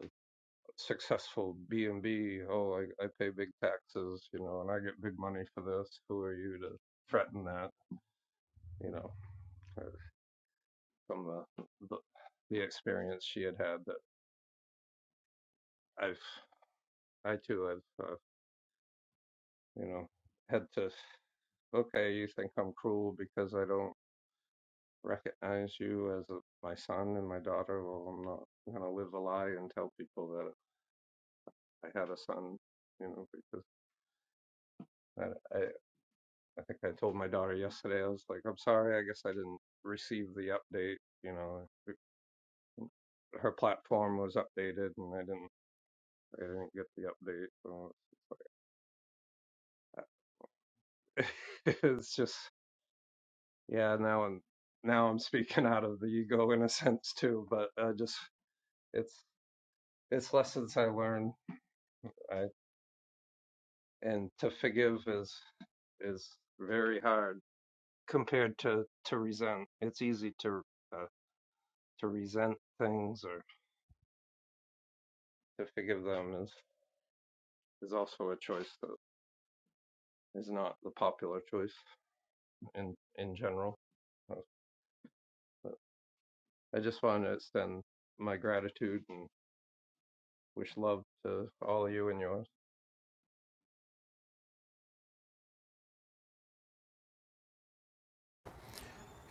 G: successful B and B. Oh, I, I pay big taxes, you know, and I get big money for this. Who are you to threaten that? You know. uh, from the, the the experience she had had that I've I too have uh, you know had to okay you think I'm cruel because I don't recognize you as a, my son and my daughter well I'm not gonna live a lie and tell people that I had a son you know because I I, I think I told my daughter yesterday I was like I'm sorry I guess I didn't receive the update you know her platform was updated and I didn't I didn't get the update so it's like <laughs> it's just Yeah, now I'm now I'm speaking <laughs> out of the ego in a sense too, but uh, just it's it's lessons I learned. I and to forgive is is very hard compared to to resent. It's easy to uh, to resent things or to forgive them is is also a choice that is not the popular choice in in general. So, but I just want to extend my gratitude and wish love to all of you and yours.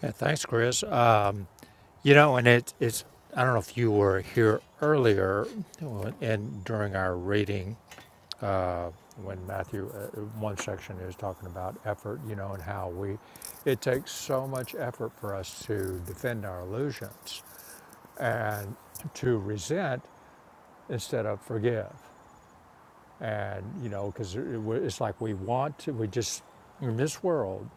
A: Yeah, thanks, Chris. Um, you know, and it, it's I don't know if you were here earlier and during our reading. uh, when Matthew, uh, one section is talking about effort, you know, and how we, it takes so much effort for us to defend our illusions and to resent instead of forgive. And, you know, because it, it's like we want to, we just, in this world,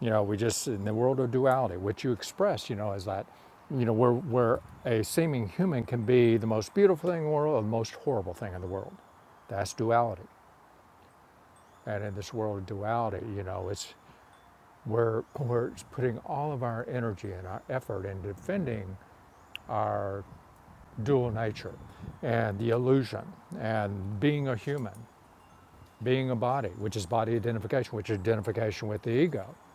A: you know, we just, in the world of duality, which you express, you know, is that, you know, where, where a seeming human can be the most beautiful thing in the world or the most horrible thing in the world. That's duality. And in this world of duality, you know, it's we're, we're putting all of our energy and our effort in defending our dual nature and the illusion and being a human, being a body, which is body identification, which is identification with the ego. <laughs>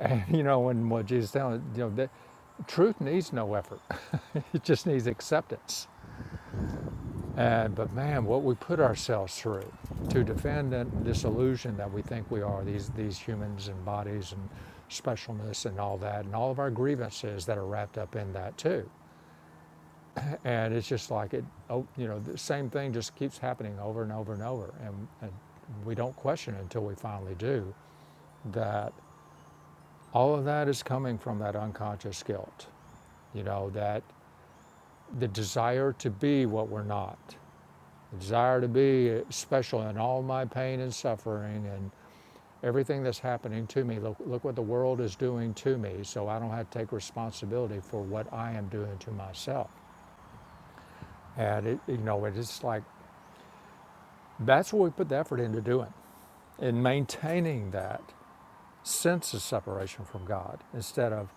A: And you know, and what Jesus is telling you know, that truth needs no effort; <laughs> it just needs acceptance. And, but man, what we put ourselves through to defend that- this illusion that we think we are, these, these humans and bodies and specialness and all that, and all of our grievances that are wrapped up in that too. And it's just like it, oh, you know, the same thing just keeps happening over and over and over. And, and we don't question until we finally do that all of that is coming from that unconscious guilt, you know, that the desire to be what we're not The desire to be special in all my pain and suffering and everything that's happening to me. Look, look what the world is doing to me, so I don't have to take responsibility for what I am doing to myself. And it, you know, it is like that's what we put the effort into doing, in maintaining that sense of separation from God instead of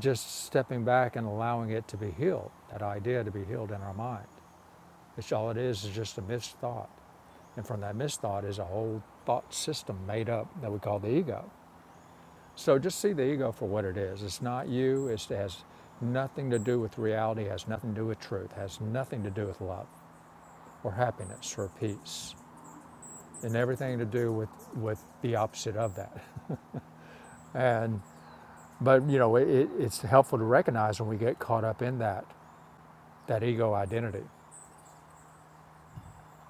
A: just stepping back and allowing it to be healed, that idea to be healed in our mind. It's all it is is just a misthought, And from that misthought is a whole thought system made up that we call the ego. So just see the ego for what it is. It's not you, it's, it has nothing to do with reality, It has nothing to do with truth, It has nothing to do with love or happiness or peace, and everything to do with, with the opposite of that. <laughs> And but you know, it, it's helpful to recognize when we get caught up in that that ego identity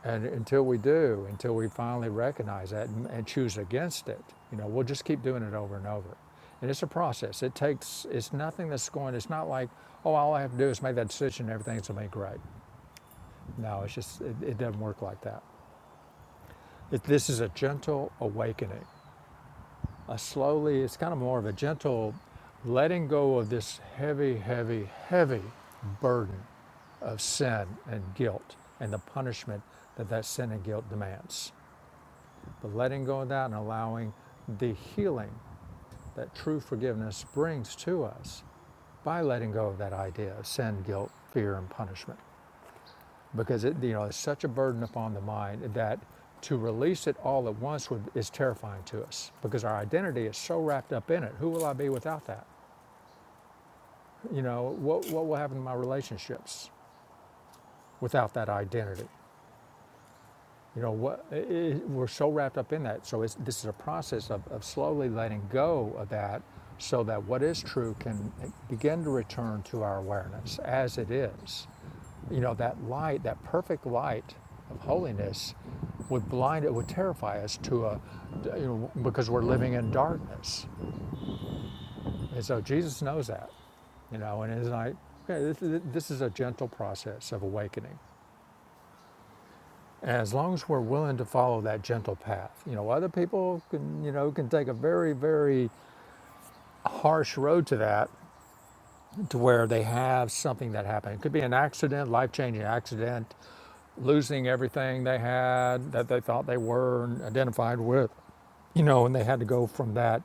A: And until we do, until we finally recognize that and, and choose against it, you know, we'll just keep doing it over and over. And it's a process. It takes, it's nothing that's going, it's not like, oh, all I have to do is make that decision and everything's going to be great. No, it's just, it, it doesn't work like that. It, this is a gentle awakening. A slowly, it's kind of more of a gentle letting go of this heavy, heavy, heavy burden of sin and guilt and the punishment that that sin and guilt demands. But letting go of that and allowing the healing that true forgiveness brings to us by letting go of that idea of sin, guilt, fear, and punishment. Because it, you know, it's such a burden upon the mind that to release it all at once would, is terrifying to us because our identity is so wrapped up in it. Who will I be without that? You know, what, what will happen to my relationships without that identity? You know, what, i i we're so wrapped up in that. So it's, this is a process of, of slowly letting go of that so that what is true can eh, begin to return to our awareness as it is. You know, that light, that perfect light of holiness would blind it, would terrify us to a, you know, because we're living in darkness. And so Jesus knows that, you know, and it's like, okay, this, this is a gentle process of awakening. as long as we're willing to follow that gentle path you know other people can you know can take a very very harsh road to that to where they have something that happened it could be an accident life-changing accident losing everything they had that they thought they were and identified with, you know, and they had to go from that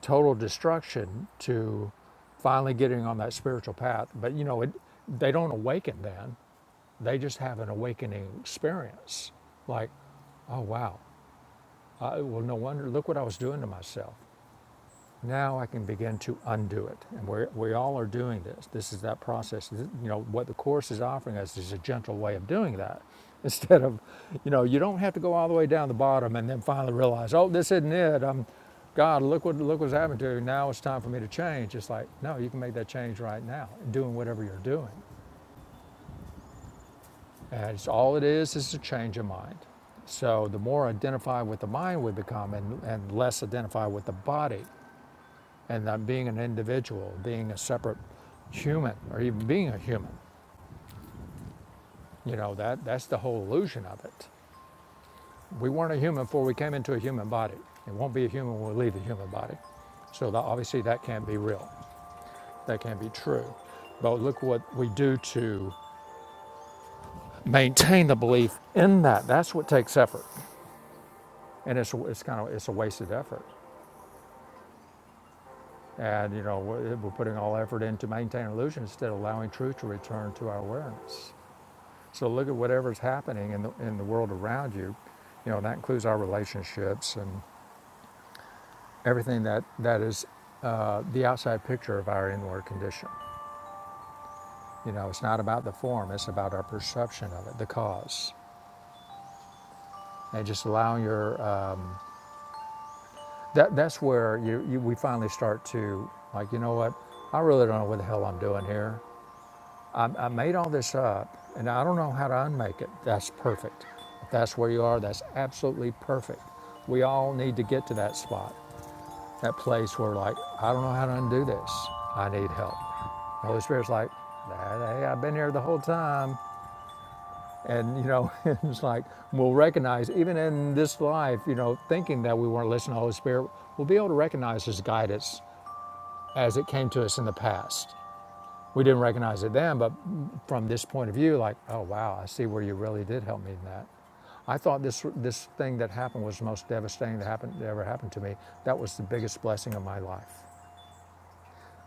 A: total destruction to finally getting on that spiritual path. But, you know, it, they don't awaken then, they just have an awakening experience. Like, oh, wow, I, well, no wonder, look what I was doing to myself. Now I can begin to undo it. And we're, we all are doing this. This is that process. You know, what the Course is offering us is a gentle way of doing that. <laughs> Instead of, you know, you don't have to go all the way down the bottom and then finally realize, oh, this isn't it. I'm, God, look what look what's happened to you. Now it's time for me to change. It's like, no, you can make that change right now, doing whatever you're doing. And it's all it is is a change of mind. So the more identified with the mind we become and, and less identified with the body, and on being an individual, being a separate human, or even being a human. You know, that, that's the whole illusion of it. We weren't a human before we came into a human body. It won't be a human when we leave the human body. So that, obviously, that can't be real. That can't be true. But look what we do to maintain the belief in that. That's what takes effort, and it's it's kind of it's a wasted effort. And you know we're we're putting all effort into maintaining illusion instead of allowing truth to return to our awareness. So look at whatever's happening in the, in the world around you. You know, that includes our relationships and everything that, that is uh, the outside picture of our inward condition. You know, it's not about the form, it's about our perception of it, the cause. And just allowing your, um, that, that's where you, you, we finally start to, like, you know what, I really don't know what the hell I'm doing here. I, I made all this up and I don't know how to unmake it. That's perfect. If that's where you are, that's absolutely perfect. We all need to get to that spot, that place where, like, I don't know how to undo this. I need help. The Holy Spirit's like, hey, I've been here the whole time. And, you know, <laughs> it's like, we'll recognize, even in this life, you know, thinking that we want to listen to the Holy Spirit, we'll be able to recognize His guidance as it came to us in the past. We didn't recognize it then, but from this point of view, like, oh wow, I see where you really did help me in that. I thought this this thing that happened was the most devastating that happened that ever happened to me. That was the biggest blessing of my life.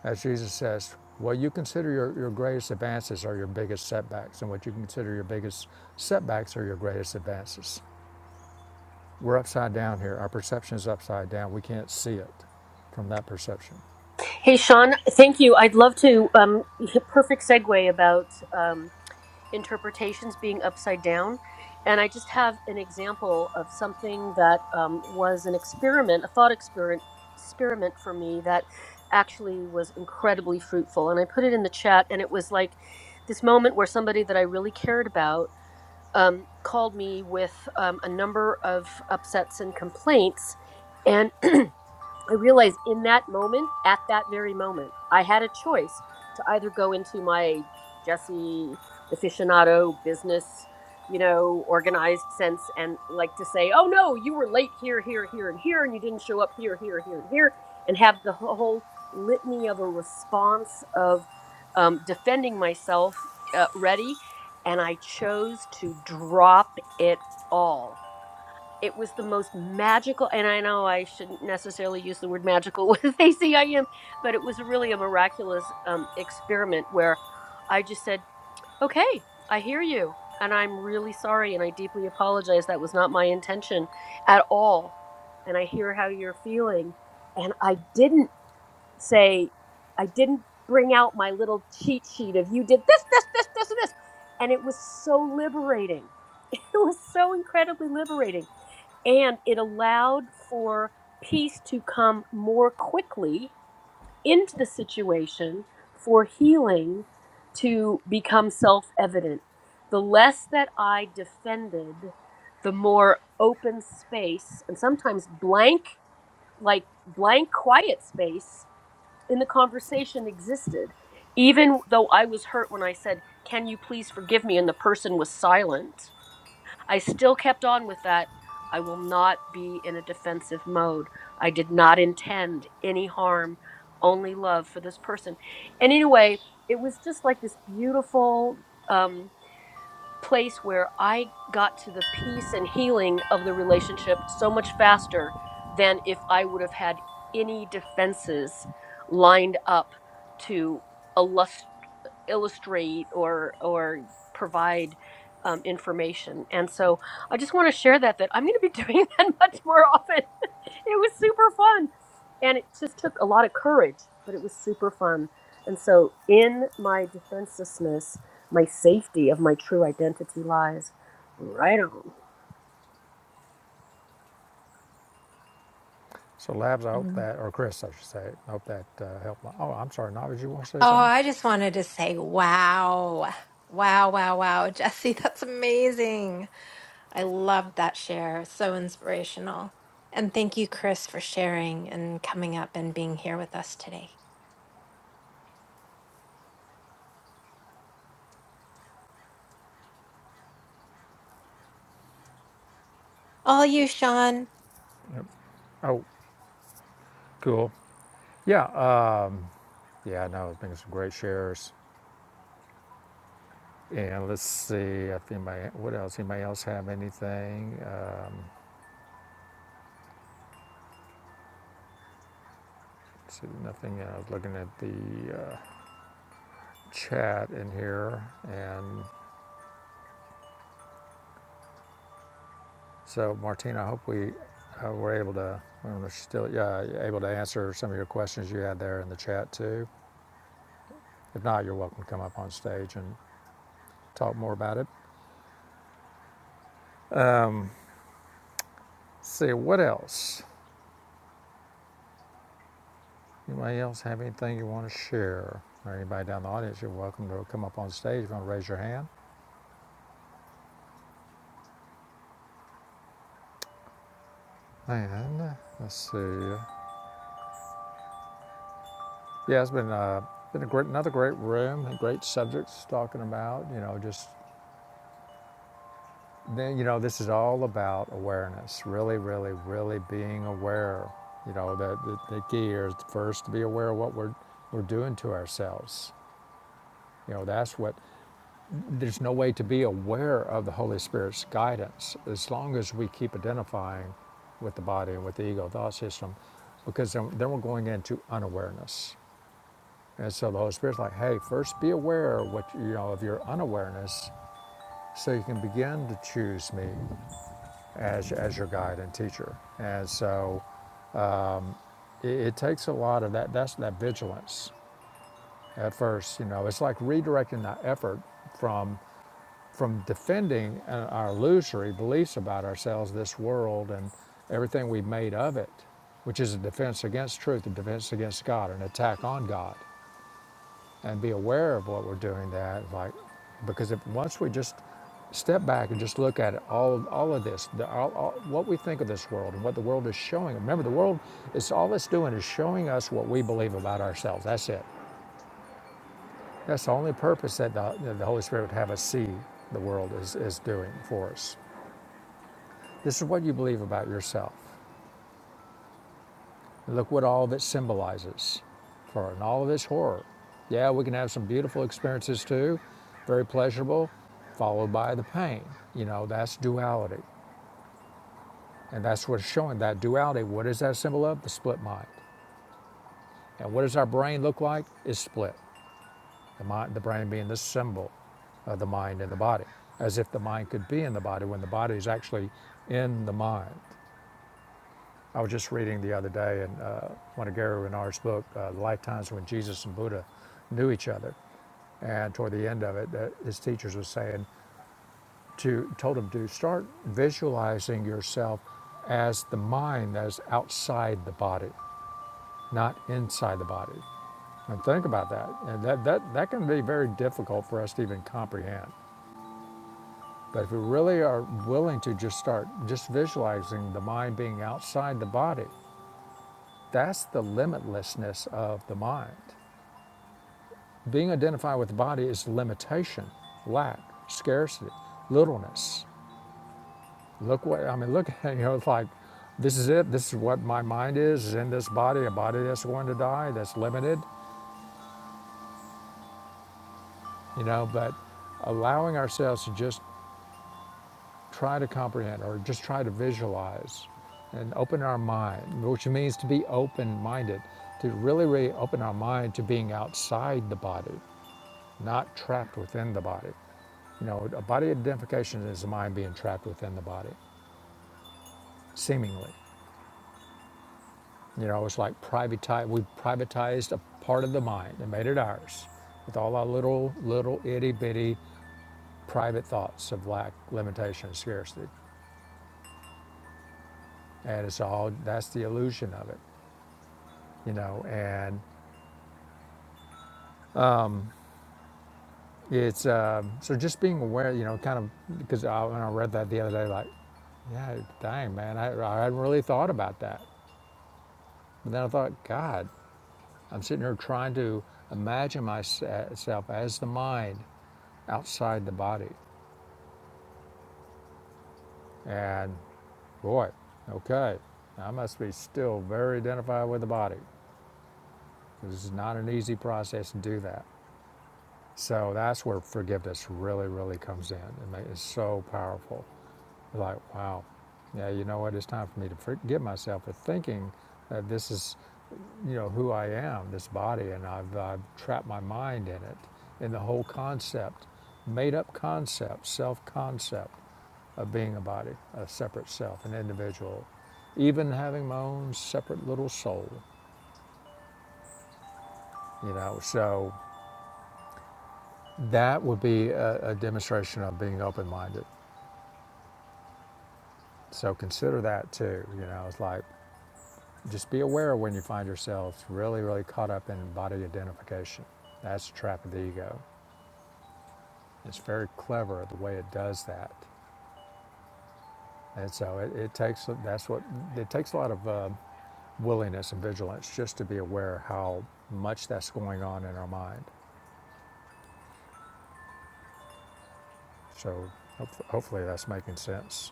A: As Jesus says, what you consider your, your greatest advances are your biggest setbacks, and what you consider your biggest setbacks are your greatest advances. We're upside down here. Our perception is upside down. We can't see it from that perception.
E: Hey, Sean, thank you. I'd love to. Um, perfect segue about um, interpretations being upside down. And I just have an example of something that um, was an experiment, a thought experiment, experiment for me that actually was incredibly fruitful. And I put it in the chat, and it was like this moment where somebody that I really cared about. um, called me with um, a number of upsets and complaints. And <clears throat> I realized in that moment, at that very moment, I had a choice to either go into my Jesse aficionado business, you know, organized sense and like to say, oh no, you were late here, here, here, and here, and you didn't show up here, here, here, and here, and have the whole litany of a response of um, defending myself uh, ready. And I chose to drop it all it was the most magical and i know i shouldn't necessarily use the word magical <laughs> with acim but it was really a miraculous um, experiment where i just said okay i hear you and i'm really sorry and i deeply apologize that was not my intention at all and i hear how you're feeling and i didn't say, I didn't bring out my little cheat sheet of you did this, this, this, this, and this. And it was so liberating. <laughs> It was so incredibly liberating. And it allowed for peace to come more quickly into the situation for healing to become self evident. The less that I defended, the more open space and sometimes blank, like blank, quiet space in the conversation existed even though i was hurt when i said can you please forgive me and the person was silent i still kept on with that i will not be in a defensive mode i did not intend any harm only love for this person and anyway it was just like this beautiful um place where I got to the peace and healing of the relationship so much faster than if I would have had any defenses lined up to illust illustrate or or provide um, information. And so I just want to share that that I'm going to be doing <laughs> that much more often. <laughs> it was super fun, and it just took a lot of courage, but it was super fun. And so in my defenselessness, my safety of my true identity lies. Right on.
A: So, Labs, I hope
C: Um,
A: that, or Chris, I should say, I hope that uh, helped. My, oh, I'm sorry, Navi, did you want to say
C: Oh,
A: something?
C: I just wanted to say, wow. Wow, wow, wow. <laughs> Jesse, that's amazing. I loved that share. So inspirational. And thank you, Chris, for sharing and coming up and being here with us today. All you, Sean.
A: Oh, cool. Yeah, uh, yeah, no, it's been some great shares. And let's see I think my. what else? Anybody else have anything? Uh, see, nothing. I was looking at the uh, chat in here, and so Martina, I hope we uh, were able to. I don't know if she's still yeah, able to answer some of your questions you had there in the chat too. If not, you're welcome to come up on stage and talk more about it. see what else. Anybody else have anything you want to share? Or anybody down the audience, you're welcome to come up on stage if you want to raise your hand. And uh, let's see. Yeah, it's been uh, been a great, another great room great subjects talking about. You know, just then you know this is all about awareness. Really, really, really being aware. You know, the the, the key is is first to be aware of what we're we're doing to ourselves. You know, that's what There's no way to be aware of the Holy Spirit's guidance as long as we keep identifying with the body and with the ego thought system, because then, then we're going into unawareness. And so the Holy Spirit's like, hey, first be aware of what you know of your unawareness, so you can begin to choose me as as your guide and teacher. And so it, it takes a lot of that. That's that vigilance at first. You know, it's like redirecting that effort from from defending uh, our illusory beliefs about ourselves, this world, and everything we've made of it, which is a defense against truth, a defense against God, an attack on God, and be aware of what we're doing. That like, because if once we just step back and just look at it, all all of this, the, all, all, what we think of this world and what the world is showing. Remember, the world is all it's doing is showing us what we believe about ourselves. That's it. That's the only purpose that the, that the Holy Spirit would have us see the world is, is doing for us. This is what you believe about yourself. and Look what all of it symbolizes for and all of its horror. Yeah, we can have some beautiful experiences too, very pleasurable, followed by the pain. You know, that's duality. And that's what's showing that duality. What is that symbol of? The split mind. And what does our brain look like? It's split. The, mind, the brain being the symbol of the mind and the body, as if the mind could be in the body when the body is actually in the mind. I was just reading the other day in uh, one of Gary Renard's book, uh, The Lifetimes When Jesus and Buddha Knew Each Other. And toward the end of it, uh, his teachers were saying to told him to start visualizing yourself as the mind that is outside the body, not inside the body. And think about that. And that, that, that can be very difficult for us to even comprehend. But if we really are willing to just start just visualizing the mind being outside the body, That's the limitlessness of the mind. Being identified with the body is limitation, lack, scarcity, littleness. Look what I mean. Look, <laughs> you know, it's like this is it. This is what my mind is. Is in this body, a body that's going to die, that's limited. You know, but allowing ourselves to just try to comprehend or just try to visualize and open our mind, which means to be open minded, to really, really open our mind to being outside the body, not trapped within the body. You know, a body identification is the mind being trapped within the body, seemingly. You know, it's like privatize. We privatized a part of the mind and made it ours, with all our little, little itty bitty private thoughts of lack, limitation, scarcity, and it's all that's the illusion of it. You know, and it's um, so just being aware. You know, kind of because I, when I read that the other day, like, yeah, dang man, I I hadn't really thought about that. But then I thought, God. I'm sitting here trying to imagine myself as the mind outside the body. And boy, okay, I must be still very identified with the body. This is not an easy process to do that. So that's where forgiveness really, really comes in. It's so powerful. Like, wow, yeah, you know what? It's time for me to forgive myself for thinking that this is you know who I am, this body, and I've, I've trapped my mind in it, in the whole concept, made up concept, self concept of being a body, a separate self, an individual, even having my own separate little soul, you know. So that would be a, a demonstration of being open minded. So consider that too, you know. It's like just be aware when you find yourself really, really caught up in body identification. That's the trap of the ego. It's very clever the way it does that, and so it, it takes that's what it takes a lot of uh, willingness and vigilance just to be aware how much that's going on in our mind. So hopef- hopefully that's making sense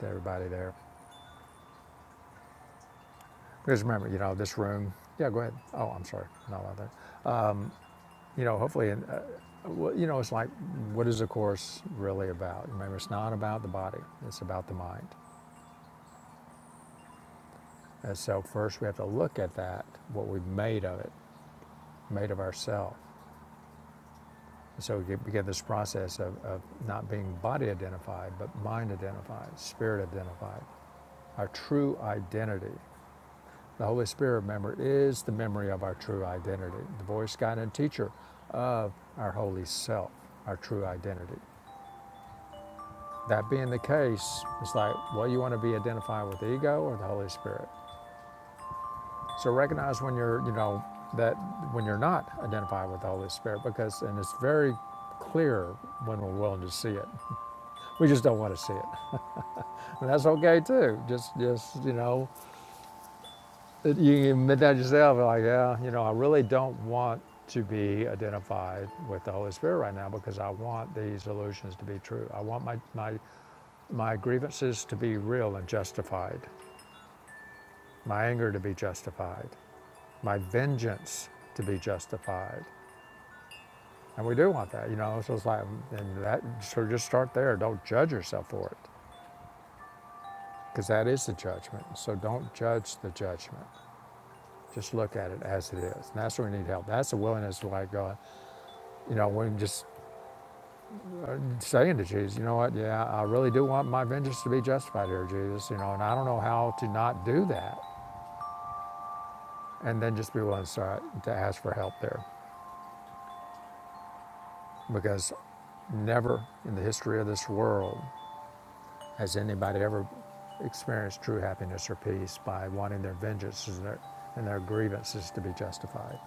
A: to everybody there. Because remember, you know, this room. Yeah, go ahead. Oh, I'm sorry, not on that. You know, hopefully, and uh, well, you know, it's like, what is the course really about? Remember, it's not about the body; it's about the mind. And so, first, we have to look at that, what we've made of it, made of ourselves. So we began this process of, of not being body identified, but mind identified, spirit identified, our true identity. The Holy Spirit, remember, is the memory of our true identity, the voice, guide, and teacher of our holy self, our true identity. That being the case, it's like, well, you want to be identified with the ego or the Holy Spirit. So recognize when you're, you know, that when you're not identified with the Holy Spirit, because, and it's very clear when we're willing to see it. We just don't want to see it. And that's okay too. Just, just you know, you can admit that yourself. Like, yeah, you know, I really don't want to be identified with the Holy Spirit right now because I want these illusions to be true. I want my my my grievances to be real and justified, my anger to be justified, my vengeance to be justified. And we do want that, you know. So it's like, and that, so just start there. Don't judge yourself for it, because that is the judgment. So don't judge the judgment. Just look at it as it is. And that's where we need help. That's the willingness to let God. You know, we can just saying to Jesus, you know what, yeah, I really do want my vengeance to be justified here, Jesus, you know, and I don't know how to not do that. And then just be willing to, start, to ask for help there. Because never in the history of this world has anybody ever experienced true happiness or peace by wanting their vengeances and their, and their grievances to be justified.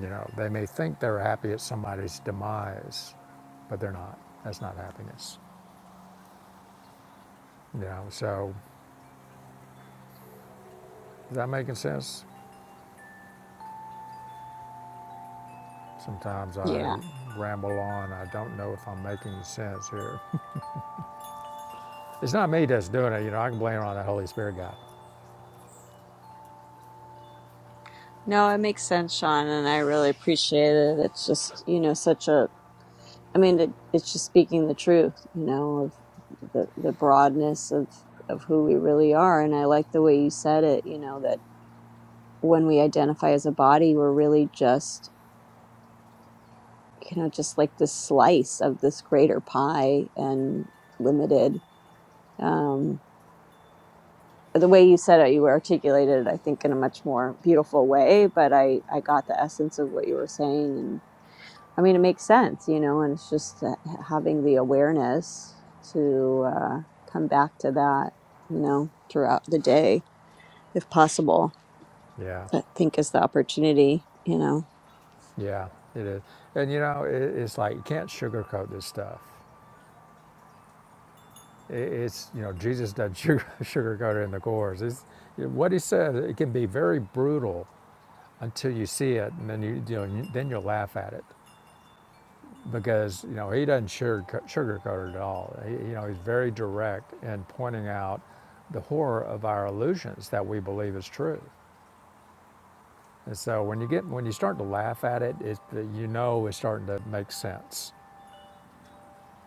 A: You know, they may think they're happy at somebody's demise, but they're not. That's not happiness. You know, so is that making sense? Sometimes I
F: Yeah.
A: ramble on. I don't know if I'm making sense here. <laughs> it's not me that's doing it. You know, I can blame it on that Holy Spirit guy.
F: No, it makes sense, Sean, and I really appreciate it. It's just, you know, such a I mean, it, it's just speaking the truth, you know, of the, the broadness of, of who we really are. And I like the way you said it, you know, that when we identify as a body, we're really just, you know, just like this slice of this greater pie and limited. Um, the way you said it, you articulated it, I think, in a much more beautiful way, but I, I got the essence of what you were saying. And I mean, it makes sense, you know, and it's just having the awareness to uh, come back to that, you know, throughout the day, if possible,
A: Yeah,
F: I think is the opportunity, you know.
A: yeah, it is. And you know, it, it's like you can't sugarcoat this stuff. It, it's you know, Jesus doesn't sugar, <laughs> sugarcoat it in the course. It's, what he says it can be very brutal until you see it, and then you, you know, then you'll laugh at it because you know he doesn't sugarco- sugarcoat it at all. He, you know, he's very direct in pointing out the horror of our illusions that we believe is true. And so when you get when you start to laugh at it, it you know it's starting to make sense.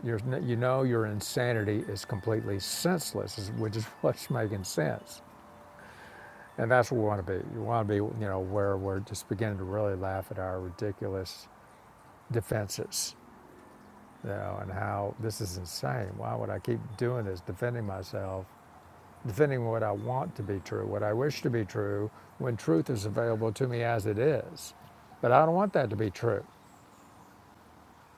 A: You're, you know your insanity is completely senseless, which is <laughs> what's making sense. And that's what we want to be. You want to be, you know, where we're just beginning to really laugh at our ridiculous defenses you know, and how this is insane. Why would I keep doing this, defending myself, defending what I want to be true, what I wish to be true, when truth is available to me as it is? But I don't want that to be true.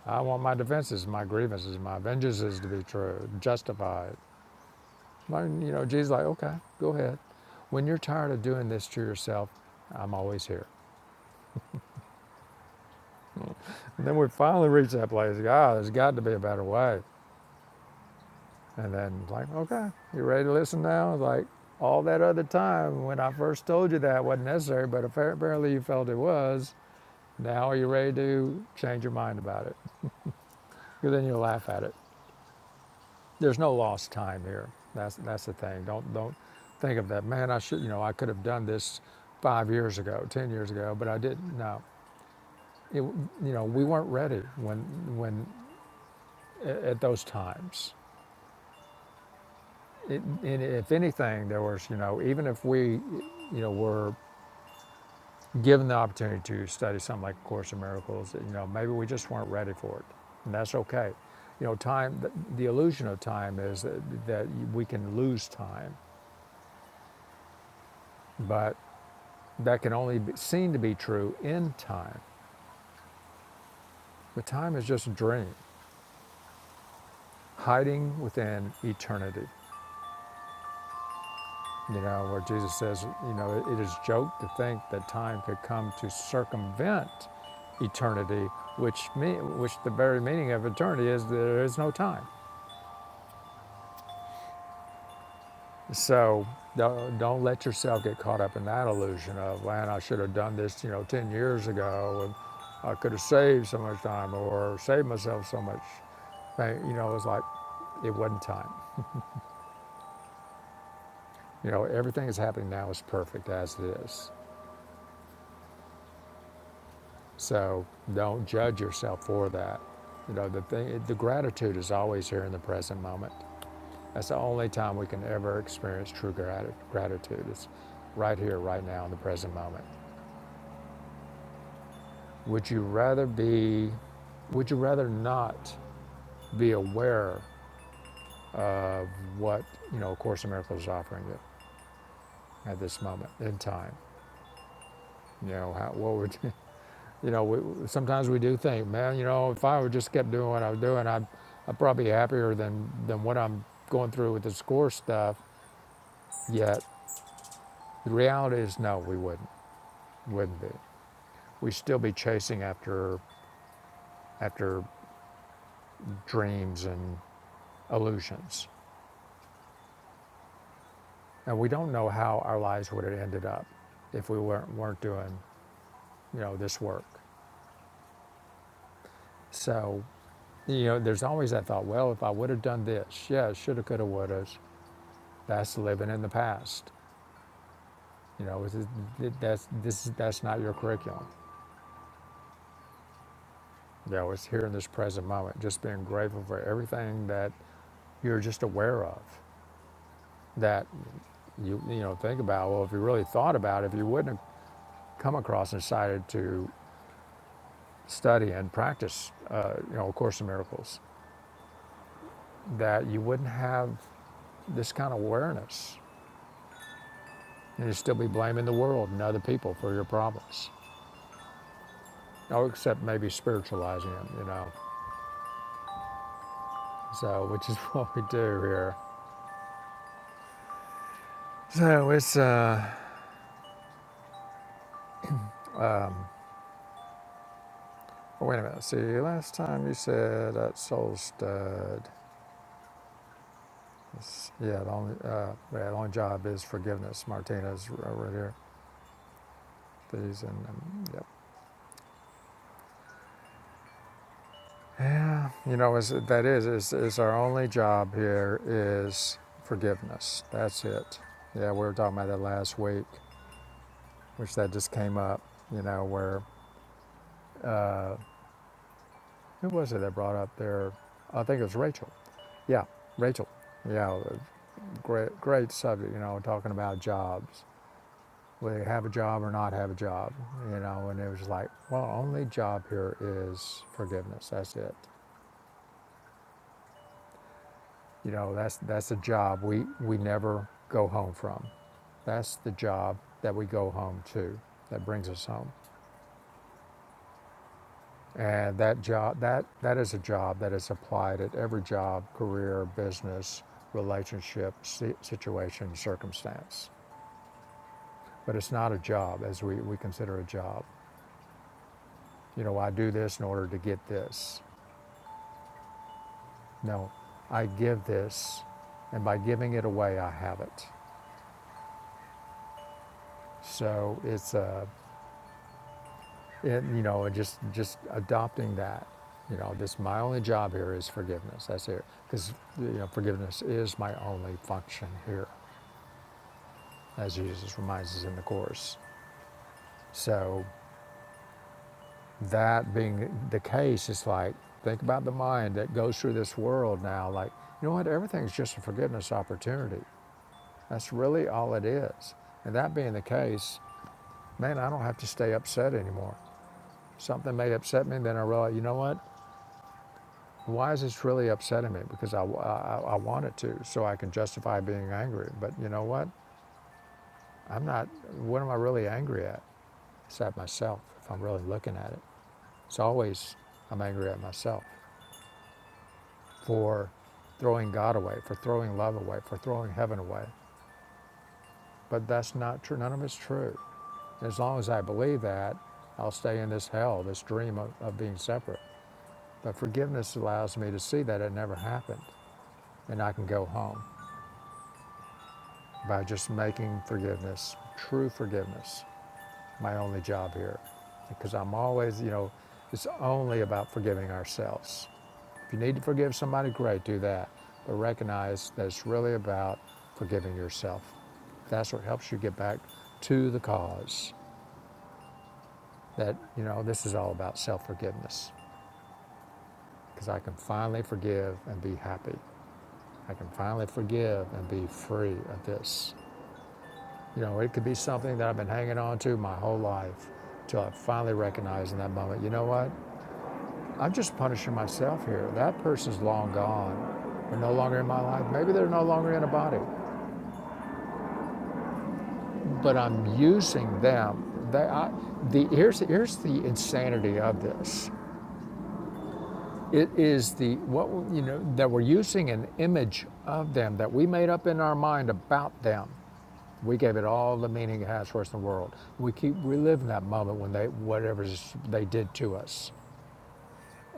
A: I want my defenses, my grievances, my vengeances to be true, justified. you know, Jesus, is like, okay, go ahead. When you're tired of doing this to yourself, I'm always here. And then we finally reach that place. God, there's got to be a better way. And then, like, okay, you ready to listen now? Like, all that other time when I first told you that wasn't necessary, but apparently you felt it was. Now are you ready to change your mind about it? Because then you'll laugh at it. There's no lost time here. That's that's the thing. Don't don't think of that. Man, I should. You know, I could have done this five years ago, ten years ago, but I didn't. No, it, you know, we weren't ready when when at those times. It, and if anything, there was you know, even if we, you know, were given the opportunity to study something like A Course in Miracles, you know, maybe we just weren't ready for it, and that's okay. You know, time, the, the illusion of time is that, that we can lose time, but that can only be, seem to be true in time. But time is just a dream, hiding within eternity. You know, where Jesus says, you know, it it is a joke to think that time could come to circumvent eternity, which me, which the very meaning of eternity is there is no time. So don't, let yourself get caught up in that illusion of, man, I should have done this, you know, 10 years ago, and I could have saved so much time or saved myself so much. You know, it's like, it wasn't time. You know, everything that's happening now is perfect as it is. So don't judge yourself for that. You know, the thing, the gratitude is always here in the present moment. That's the only time we can ever experience true grat- gratitude. It's right here, right now, in the present moment. Would you rather be, would you rather not be aware of what, you know, A Course in Miracles is offering you at this moment in time? You know, how, what would, you <laughs> you know, we, sometimes we do think, man, you know, if I would just kept doing what I was doing, I'd, I'd probably be happier than, than what I'm going through with this course stuff. Yet the reality is no, we wouldn't, wouldn't be. We'd still be chasing after, after dreams and illusions And we don't know how our lives would have ended up if we weren't, weren't doing, you know, this work. So, you know, there's always that thought, well, if I would have done this, yeah, shoulda, coulda, woulda, that's living in the past. You know, that's, this, that's not your curriculum. You know, it's here in this present moment, just being grateful for everything that you're just aware of that you, you know, think about, well, if you really thought about it, if you wouldn't have come across and decided to study and practice, uh, you know, A Course in Miracles that you wouldn't have this kind of awareness and you'd still be blaming the world and other people for your problems. Oh, except maybe spiritualizing them, you know. So, which is <laughs> what we do here. So it's, uh, wait a minute. See, last time you said that soul stud. It's- Yeah, the only, uh, yeah, the only job is forgiveness. Martinez right here. These and, um, yep. Yeah, you know, is that is is is our only job here is forgiveness. That's it. Yeah, we were talking about that last week, which that just came up. You know, where uh, who was it that brought up there? I think it was Rachel. Yeah, Rachel. Yeah, great great subject. You know, talking about jobs, whether you have a job or not have a job. You know, and it was like, well, only job here is forgiveness. That's it. You know, that's that's a job we we never go home from. That's the job that we go home to, that brings us home. And that job that that is a job that is applied at every job, career, business, relationship, si- situation, circumstance. But it's not a job as we, we consider a job. You know, I do this in order to get this. No, I give this, and by giving it away, I have it. So it's a And, you know, and just just adopting that. You know, this my only job here is forgiveness. That's it, because you know, forgiveness is my only function here, as Jesus reminds us in the course. So, that being the case, it's like think about the mind that goes through this world now. Like, you know what? Everything's just a forgiveness opportunity. That's really all it is. And that being the case, man, I don't have to stay upset anymore. Something may upset me, then I realize, you know what? Why is this really upsetting me? Because I, I, I want it to, so I can justify being angry. But you know what? I'm not, what am I really angry at? It's at myself, if I'm really looking at it. It's always, I'm angry at myself for throwing God away, for throwing love away, for throwing heaven away. But that's not true. None of it's true. As long as I believe that, I'll stay in this hell, this dream of, of being separate. But forgiveness allows me to see that it never happened and I can go home. by just making forgiveness, true forgiveness, my only job here. Because I'm always, you know, it's only about forgiving ourselves. If you need to forgive somebody, great, do that. But recognize that it's really about forgiving yourself. That's what helps you get back to the cause that, you know, this is all about self forgiveness. Because I can finally forgive and be happy. I can finally forgive and be free of this. You know, it could be something that I've been hanging on to my whole life till I finally recognize in that moment, you know what? I'm just punishing myself here. That person's long gone. They're no longer in my life. Maybe they're no longer in a body, but I'm using them. They, I, the, here's, here's the insanity of this. It is the what you know that we're using an image of them that we made up in our mind about them We gave it all the meaning it has for us in the world. We keep reliving that moment when they, whatever they did to us.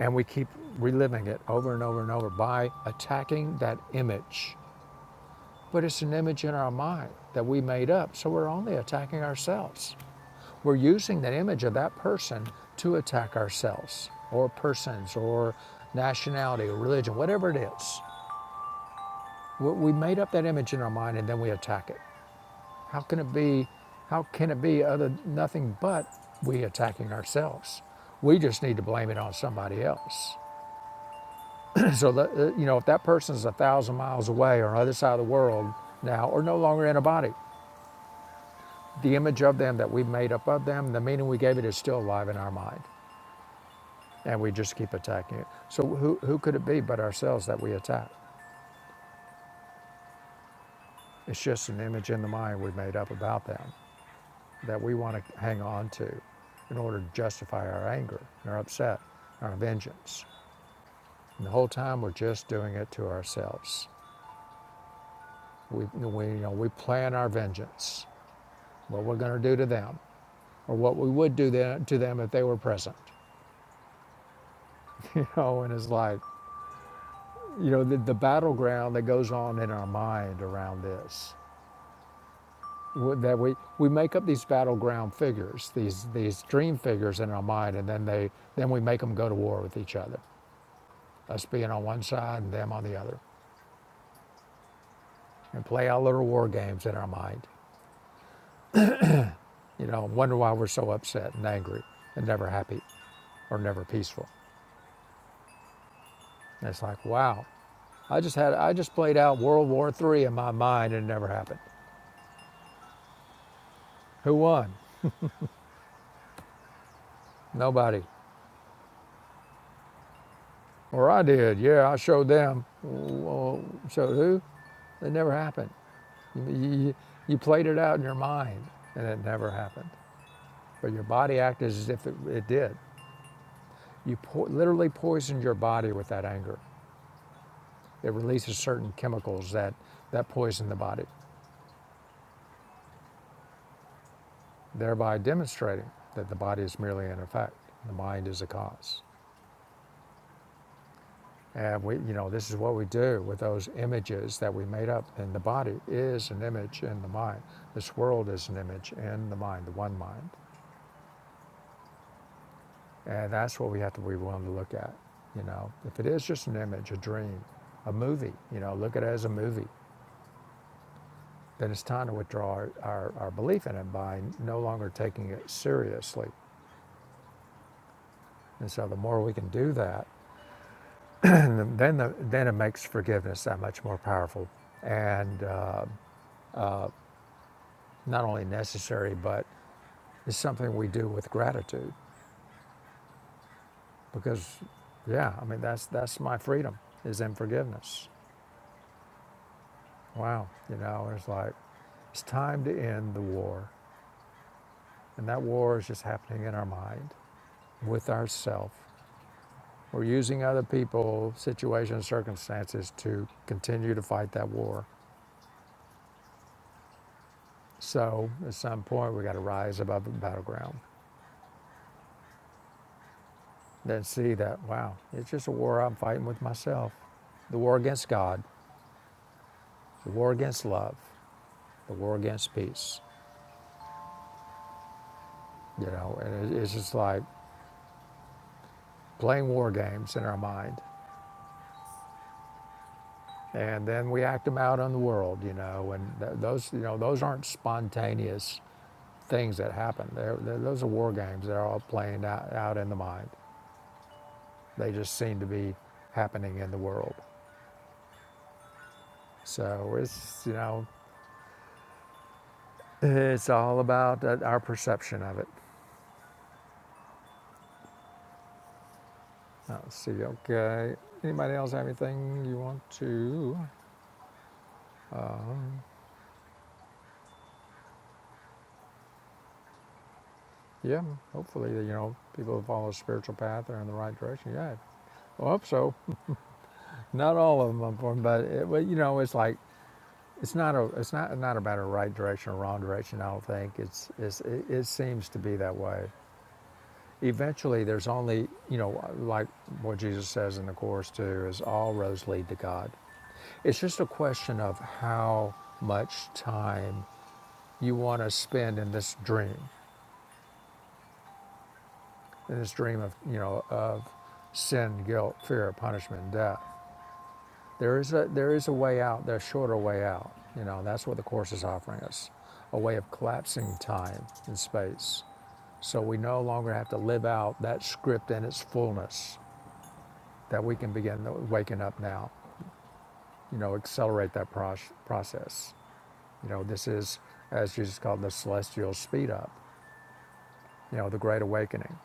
A: And we keep reliving it over and over and over by attacking that image. But it's an image in our mind that we made up, so we're only attacking ourselves. We're using that image of that person to attack ourselves, or persons, or nationality, or religion, whatever it is. We made up that image in our mind and then we attack it. How can it be? How can it be other nothing but we attacking ourselves? We just need to blame it on somebody else. <clears throat> so that, uh, you know, if that person's a thousand miles away or on the other side of the world now, or no longer in a body, the image of them that we made up of them, the meaning we gave it, is still alive in our mind, and we just keep attacking it. So who who could it be but ourselves that we attack? It's just an image in the mind we made up about them. that we want to hang on to in order to justify our anger, and our upset, our vengeance. And the whole time we're just doing it to ourselves. We, we, you know, we plan our vengeance, what we're going to do to them, or what we would do them, to them if they were present. <laughs> You know, and it's like, you know, the, the battleground that goes on in our mind around this. That we, we make up these battleground figures, these, these dream figures in our mind, and then, they, then we make them go to war with each other. us being on one side and them on the other, and play our little war games in our mind. You know, wonder why we're so upset and angry and never happy or never peaceful. And it's like, wow, I just had I just played out World War III in my mind and it never happened. Who won? Nobody. Or I did. Yeah, I showed them. Well, showed who? It never happened. You, you, you played it out in your mind and it never happened. But your body acted as if it, it did. You po- literally poisoned your body with that anger. It releases certain chemicals that, that poison the body, thereby demonstrating that the body is merely an effect, the mind is a cause. And we, you know, this is what we do with those images that we made up. And the body is an image in the mind. This world is an image in the mind, the one mind. And that's what we have to be willing to look at. You know, if it is just an image, a dream, a movie, you know, look at it as a movie, then it's time to withdraw our, our, our belief in it by no longer taking it seriously And so the more we can do that, and then the, then it makes forgiveness that much more powerful and uh, not only necessary, but it's something we do with gratitude because, yeah, I mean that's that's my freedom is in forgiveness. Wow, you know, it's like it's time to end the war, and that war is just happening in our mind with ourself. We're using other people, situations, circumstances to continue to fight that war So at some point, we got to rise above the battleground. Then see that, wow, it's just a war I'm fighting with myself. The war against God, the war against love, the war against peace. You know, and it's just like playing war games in our mind. And then we act them out on the world, you know, and th- those, you know, those aren't spontaneous things that happen. They're, they're, those are war games. They're all playing out, out in the mind. They just seem to be happening in the world. So it's, you know, It's all about uh, our perception of it. Let's see. Okay. Anybody else have anything you want to? Yeah. Hopefully, you know, people who follow a spiritual path are in the right direction. Yeah. I hope so. Not all of them, unfortunately, but it, but, uh, well, you know, it's like it's not a it's not not about a right direction or wrong direction. I don't think it's, it's it, it seems to be that way. Eventually, there's only you know, like what Jesus says in the course too, is all roads lead to God. It's just a question of how much time you want to spend in this dream, in this dream of you know of sin, guilt, fear, punishment, and death. There is a there is a way out. There's a shorter way out. You know that's what the course is offering us, a way of collapsing time and space, so we no longer have to live out that script in its fullness. That we can begin waking up now. You know, accelerate that proce- process. You know, this is, as Jesus called, the celestial speed up, you know, the great awakening.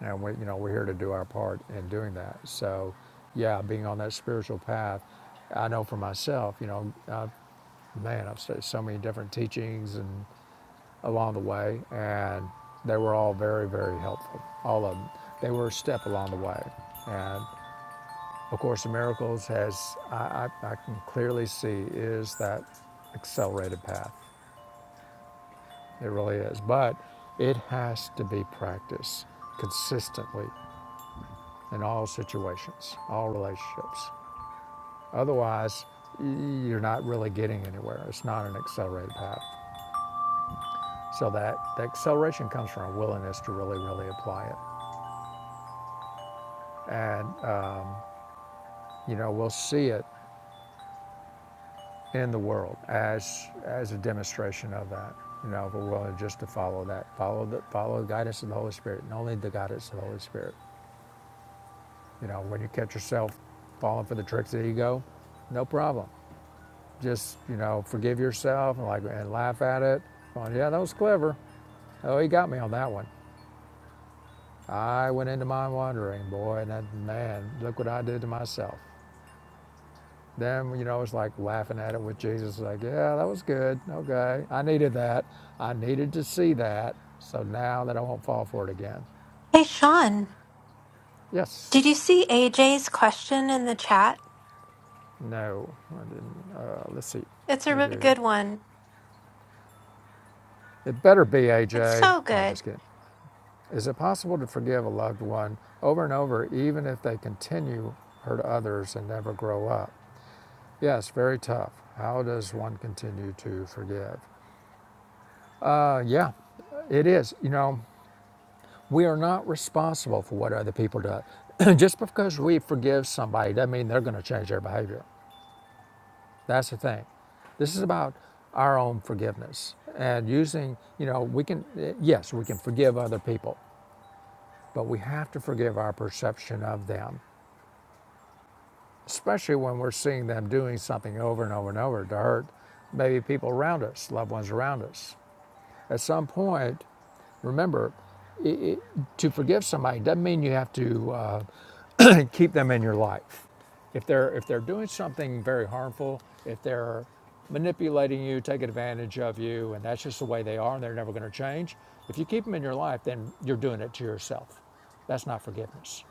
A: And we, you know, we're here to do our part in doing that. So, yeah, being on that spiritual path, I know for myself, you know, I've, man, I've studied so many different teachings and along the way, and they were all very, very helpful. All of them. They were a step along the way. And of course, the miracles has I, I, I can clearly see is that accelerated path. It really is. But it has to be practiced consistently in all situations, all relationships. Otherwise, you're not really getting anywhere. It's not an accelerated path. So that the acceleration comes from a willingness to really, really apply it. And, uh, you know, we'll see it in the world as, as a demonstration of that. You know, if we're willing just to follow that, follow the, follow the guidance of the Holy Spirit, and only the guidance of the Holy Spirit. You know, when you catch yourself falling for the tricks of ego, no problem. Just, you know, forgive yourself and like and laugh at it. Going, yeah, that was clever. Oh, he got me on that one. I went into mind wandering, boy, and that, man, look what I did to myself. Then, you know, it's like laughing at it with Jesus, like, yeah, that was good. Okay. I needed that. I needed to see that. So now that I won't fall for it again.
C: Hey, Sean,
A: Yes.
C: did you see AJ's question in the chat?
A: No. I didn't. Uh, let's see.
C: It's a
A: I
C: really
A: do.
C: good one.
A: It better be,
C: It's
A: AJ.
C: so
A: No,
C: good.
A: just kidding. Is it possible to forgive a loved one over and over, even if they continue to hurt others and never grow up? Yes, very tough. How does one continue to forgive? Uh, yeah, it is. You know, we are not responsible for what other people do. <clears throat> Just because we forgive somebody doesn't mean they're going to change their behavior. That's the thing. This is about our own forgiveness and using, you know, we can, eh, yes, we can forgive other people, But we have to forgive our perception of them, especially when we're seeing them doing something over and over and over to hurt maybe people around us, loved ones around us. At some point, remember, i i to forgive somebody doesn't mean you have to uh, <clears throat> keep them in your life. If they're if they're doing something very harmful, if they're manipulating you, taking advantage of you, and that's just the way they are, and they're never going to change. If you keep them in your life, then you're doing it to yourself. That's not forgiveness.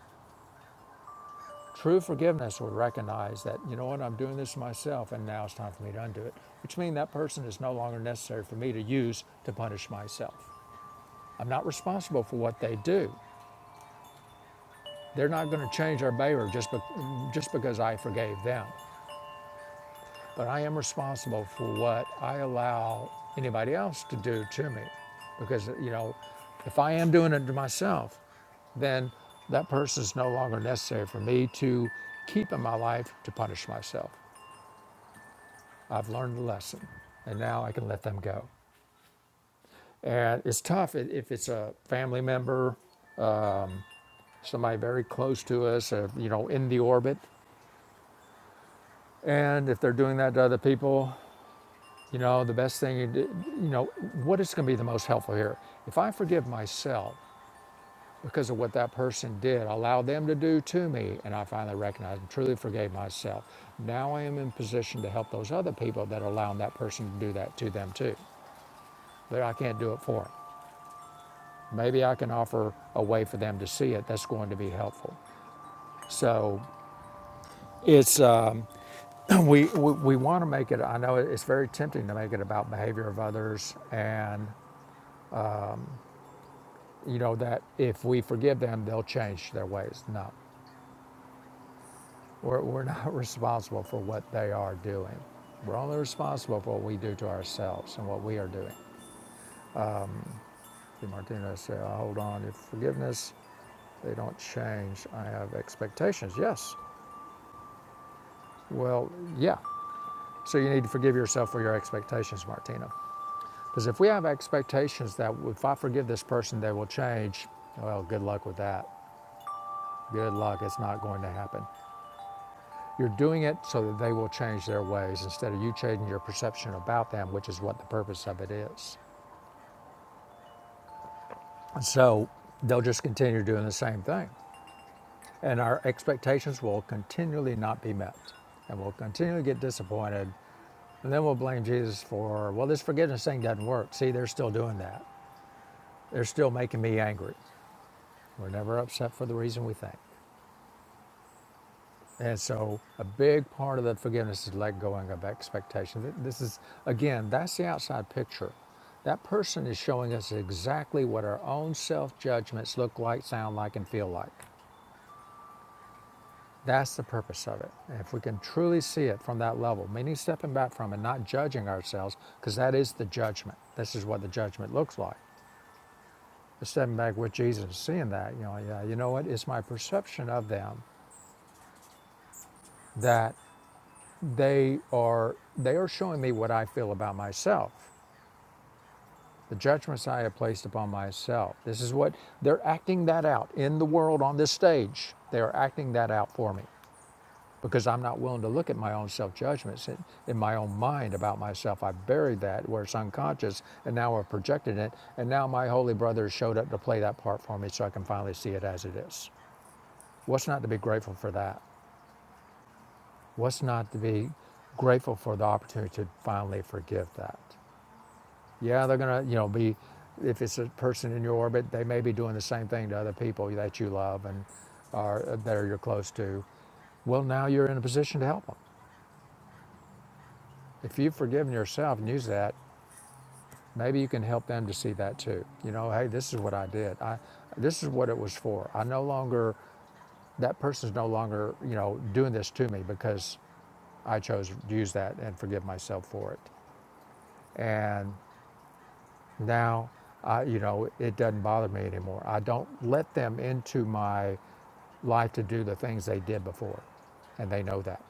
A: True forgiveness would recognize that, you know what, I'm doing this to myself and now it's time for me to undo it, which means that person is no longer necessary for me to use to punish myself. I'm not responsible for what they do. They're not going to change their behavior just, be- just because I forgave them. But I am responsible for what I allow anybody else to do to me. Because, you know, if I am doing it to myself, then that person is no longer necessary for me to keep in my life to punish myself. I've learned the lesson, and now I can let them go. And it's tough if it's a family member, somebody very close to us, or, you know, in the orbit. And if they're doing that to other people, you know, the best thing, you, do, you know, what is going to be the most helpful here? If I forgive myself because of what that person did, allow them to do to me, and I finally recognize and truly forgave myself, now I am in position to help those other people that are allowing that person to do that to them too. But I can't do it for them. Maybe I can offer a way for them to see it that's going to be helpful. So it's um, <clears throat> we we, we want to make it. I know it's very tempting to make it about behavior of others, and you know that if we forgive them, they'll change their ways. No, we're we're not <laughs> responsible for what they are doing. We're only responsible for what we do to ourselves and what we are doing. Did Martinez say, oh, "Hold on, if forgiveness, they don't change. I have expectations." Yes. Well, yeah. So you need to forgive yourself for your expectations, Martina. Because if we have expectations that if I forgive this person, they will change, well, good luck with that. Good luck, it's not going to happen. You're doing it so that they will change their ways instead of you changing your perception about them, which is what the purpose of it is. And so they'll just continue doing the same thing. And our expectations will continually not be met. And we'll continually get disappointed. And then we'll blame Jesus for, well, this forgiveness thing doesn't work. See, they're still doing that. They're still making me angry. We're never upset for the reason we think. And so, a big part of the forgiveness is let going of expectation. This is, again, that's the outside picture. That person is showing us exactly what our own self judgments look like, sound like, and feel like. That's the purpose of it. And if we can truly see it from that level, meaning stepping back from and not judging ourselves, because that is the judgment. This is what the judgment looks like. But stepping back with Jesus, and seeing that, you know, yeah, you know what? It's my perception of them that they are they are showing me what I feel about myself, the judgments I have placed upon myself. This is what they're acting that out in the world on this stage. They are acting that out for me because I'm not willing to look at my own self judgments in, in my own mind about myself. I buried that where it's unconscious and now I've projected it. And now my holy brother showed up to play that part for me so I can finally see it as it is. What's not to be grateful for that? What's not to be grateful for the opportunity to finally forgive that? Yeah, they're gonna, you know, be if it's a person in your orbit, they may be doing the same thing to other people that you love and are uh, that you're close to. Well, now you're in a position to help them. If you've forgiven yourself and use that, maybe you can help them to see that too. You know, hey, this is what I did. I this is what it was for. I no longer that person's no longer, you know, doing this to me because I chose to use that and forgive myself for it. And now, I, you know, it doesn't bother me anymore. I don't let them into my life to do the things they did before, and they know that.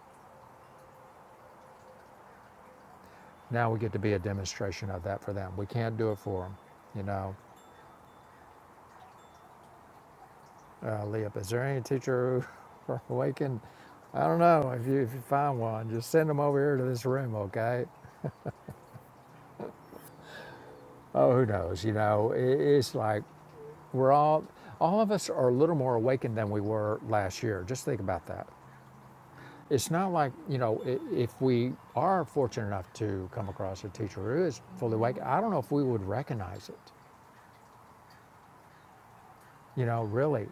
A: Now we get to be a demonstration of that for them. We can't do it for them, you know. Uh, Leah, is there any teacher who <laughs> awakened? I don't know. If you, if you find one, just send them over here to this room, okay? Oh, who knows? You know, i it's like we're all, all of us are a little more awakened than we were last year. Just think about that. It's not like, you know, if we are fortunate enough to come across a teacher who is fully awake, I don't know if we would recognize it. You know, really,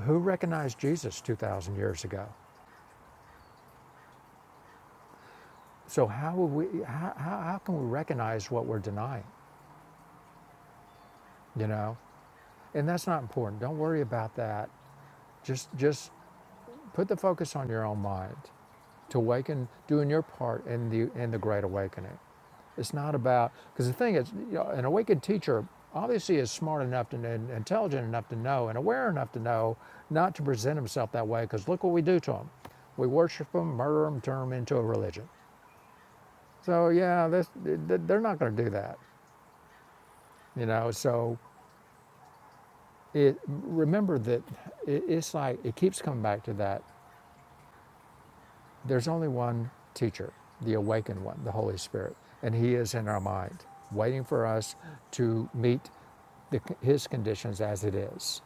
A: who recognized Jesus 2,000 years ago? So how would we, how, how can we recognize what we're denying, you know? And that's not important. Don't worry about that. Just, just Put the focus on your own mind to awaken, doing your part in the in the great awakening. It's not about because the thing is, you know, an awakened teacher obviously is smart enough to, and intelligent enough to know and aware enough to know not to present himself that way. Because look what we do to him, we worship them, murder them, turn them into a religion. So yeah, this, they're not going to do that, you know. So it, remember that it, it's like it keeps coming back to that There's only one teacher, the awakened one, the Holy Spirit, and He is in our mind, waiting for us to meet the, His conditions as it is,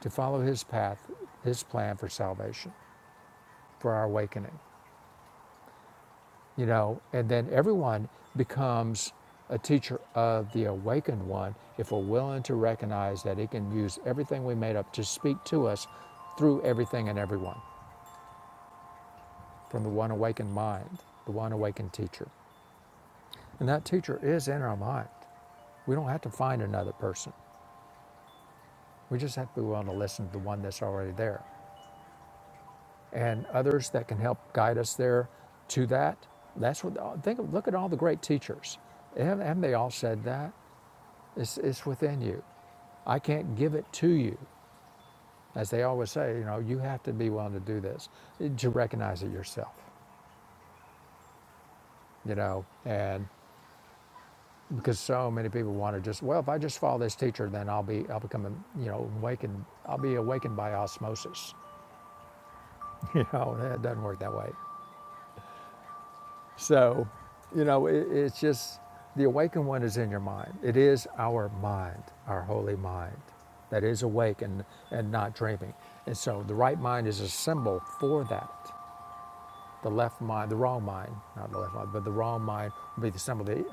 A: to follow His path, His plan for salvation, for our awakening, you know, and then everyone becomes a teacher of the awakened one if we're willing to recognize that He can use everything we made up to speak to us through everything and everyone from the one awakened mind, the one awakened teacher. And that teacher is in our mind. We don't have to find another person. We just have to be willing to listen to the one that's already there. And others that can help guide us there to that. That's what, think of, look at all the great teachers. Haven't they all said that? It's, it's within you. I can't give it to you. As they always say, you know, you have to be willing to do this, to recognize it yourself, you know. And because so many people want to just well if i just follow this teacher then i'll be i'll become a, you know awakened i'll be awakened by osmosis <laughs> you know it doesn't work that way so you know it, it's just the awakened one is in your mind it is our mind our holy mind that is awake and, and not dreaming and so the right mind is a symbol for that The left mind, the wrong mind, not the left mind, but the wrong mind will be the symbol of the,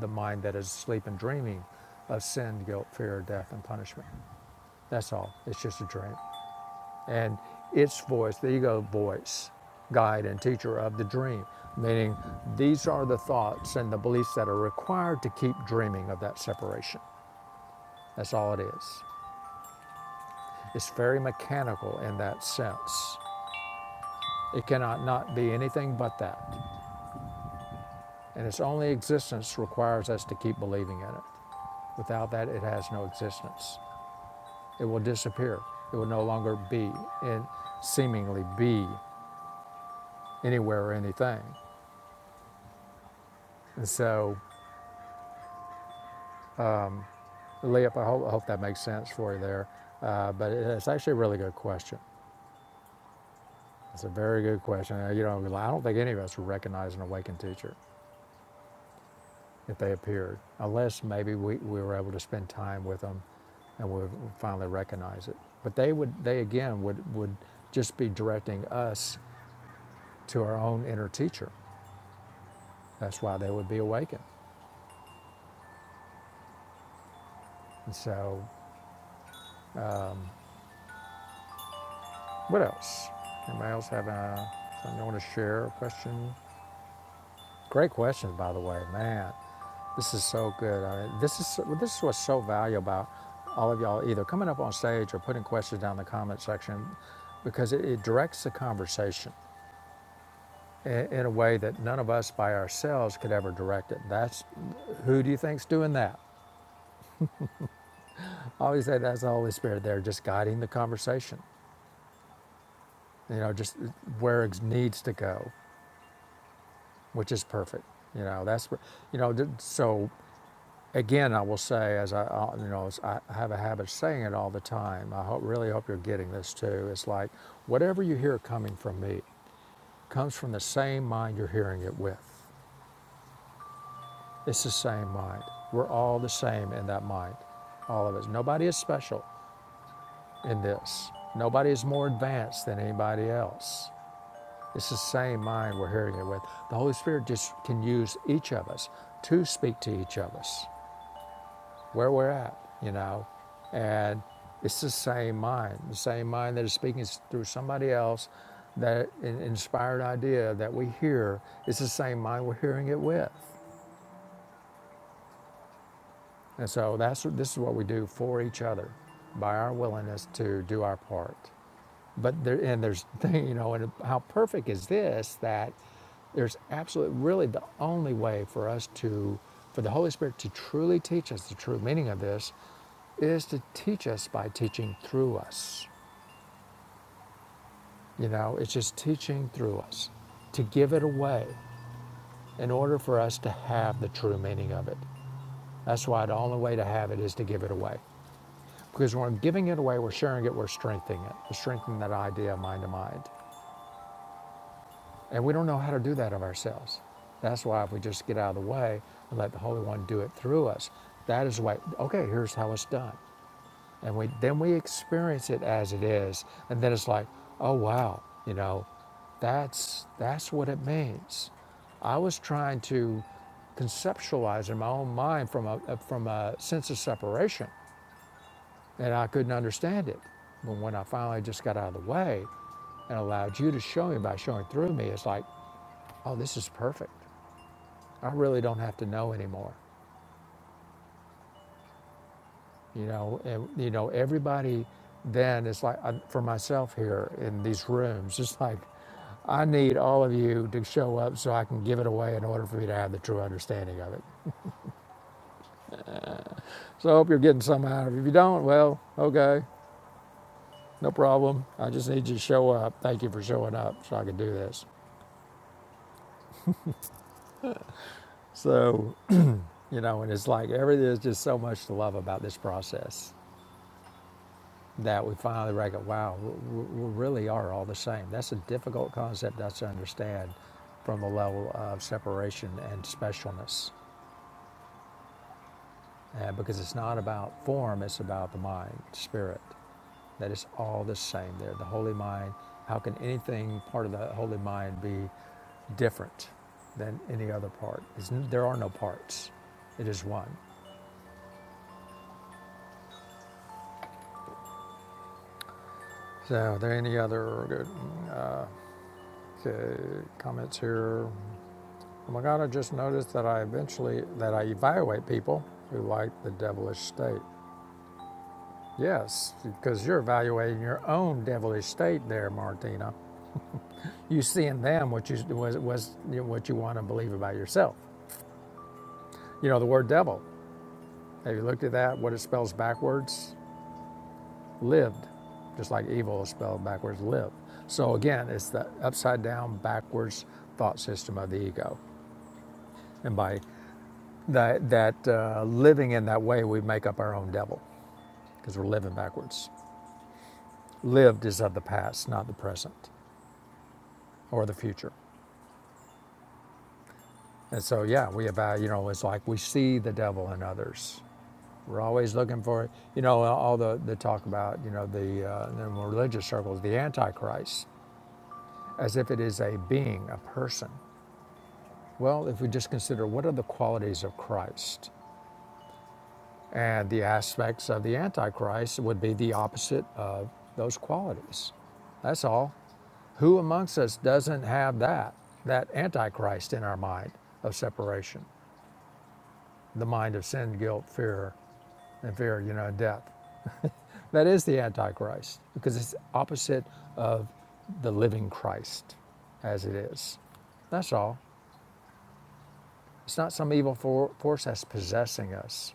A: the mind that is asleep and dreaming of sin, guilt, fear, death, and punishment. That's all. It's just a dream. And its voice, the ego voice, guide and teacher of the dream, meaning these are the thoughts and the beliefs that are required to keep dreaming of that separation. That's all it is. It's very mechanical in that sense. It cannot not be anything but that. And its only existence requires us to keep believing in it. Without that, it has no existence. It will disappear. It will no longer be and seemingly be anywhere or anything. And so, Leop, I hope, I hope that makes sense for you there. Uh, but it's actually a really good question. It's a very good question. Uh, You know, I don't think any of us would recognize an awakened teacher. if they appeared, unless maybe we, we were able to spend time with them and we would finally recognize it. But they would, they again would, would just be directing us to our own inner teacher. That's why they would be awakened. And so, what else? Anybody else have a, something you want to share, a question? Great question, by the way, man. This is so good. I mean, this is well, this is what's so valuable about all of y'all either coming up on stage or putting questions down in the comment section, because it, it directs the conversation in, in a way that none of us by ourselves could ever direct it. That's who do you think's doing that? I always say that's the Holy Spirit there, just guiding the conversation. You know, just where it needs to go, which is perfect. You know, that's you know. So Again, I will say, as I, uh, you know, as I I have a habit of saying it all the time. I hope, really hope you're getting this too. It's like whatever you hear coming from me comes from the same mind you're hearing it with. It's the same mind. We're all the same in that mind, all of us. Nobody is special in this. Nobody is more advanced than anybody else. It's the same mind we're hearing it with. The Holy Spirit just can use each of us to speak to each of us. where we're at, you know. And it's the same mind, the same mind that is speaking through somebody else, that inspired idea that we hear It's the same mind we're hearing it with. And so that's this is what we do for each other by our willingness to do our part. but there and there's <laughs> you know and how perfect is this that there's absolutely really the only way for us to for the holy spirit to truly teach us the true meaning of this is to teach us by teaching through us you know it's just teaching through us to give it away in order for us to have the true meaning of it that's why the only way to have it is to give it away because when we're giving it away we're sharing it we're strengthening it we're strengthening that idea of mind to mind And we don't know how to do that of ourselves. That's why if we just get out of the way and let the Holy One do it through us, that is why, okay, here's how it's done. And we, then we experience it as it is. And then it's like, oh, wow, you know, that's, that's what it means. I was trying to conceptualize in my own mind from a, from a sense of separation, and I couldn't understand it. But when I finally just got out of the way and allowed you to show me by showing through me, it's like, oh, this is perfect. I really don't have to know anymore. You know, and you know, everybody then is like I, for myself here in these rooms, it's like I need all of you to show up so I can give it away in order for me to have the true understanding of it. So I hope you're getting some out of it. If you don't, well, okay, no problem. I just need you to show up. Thank you for showing up so I can do this. So, you know, and it's like everything is just so much to love about this process. that we finally reckon, wow, we, really are all the same. That's a difficult concept to understand from a level of separation and specialness, uh, because it's not about form; it's about the mind, spirit. That it's all the same. There, the holy mind. How can anything part of the holy mind be different than any other part? It's, there are no parts. It is one. So, are there any other good, okay comments here? Magana just noticed that I eventually that I evaluate people who like the devilish state. Yes, because you're evaluating your own devilish state there, Martina. You see in them what you was, was you know, what you want to believe about yourself. You know the word devil. Have you looked at that? What it spells backwards? Lived, just like evil is spelled backwards. Live. So again, it's the upside down, backwards thought system of the ego, and by that that uh, living in that way, we make up our own devil. because we're living backwards. Lived is of the past, not the present or the future. And so, yeah, we about, you know, it's like we see the devil in others. We're always looking for, you know, all the, the talk about, you know, the uh, in religious circles, the Antichrist, as if it is a being, a person. Well, if we just consider what are the qualities of Christ, and the aspects of the Antichrist would be the opposite of those qualities. That's all. Who amongst us doesn't have that, that antichrist in our mind of separation, the mind of sin, guilt, fear, and fear, you know, death? That is the antichrist because it's opposite of the living Christ as it is. That's all. It's not some evil for, force that's possessing us.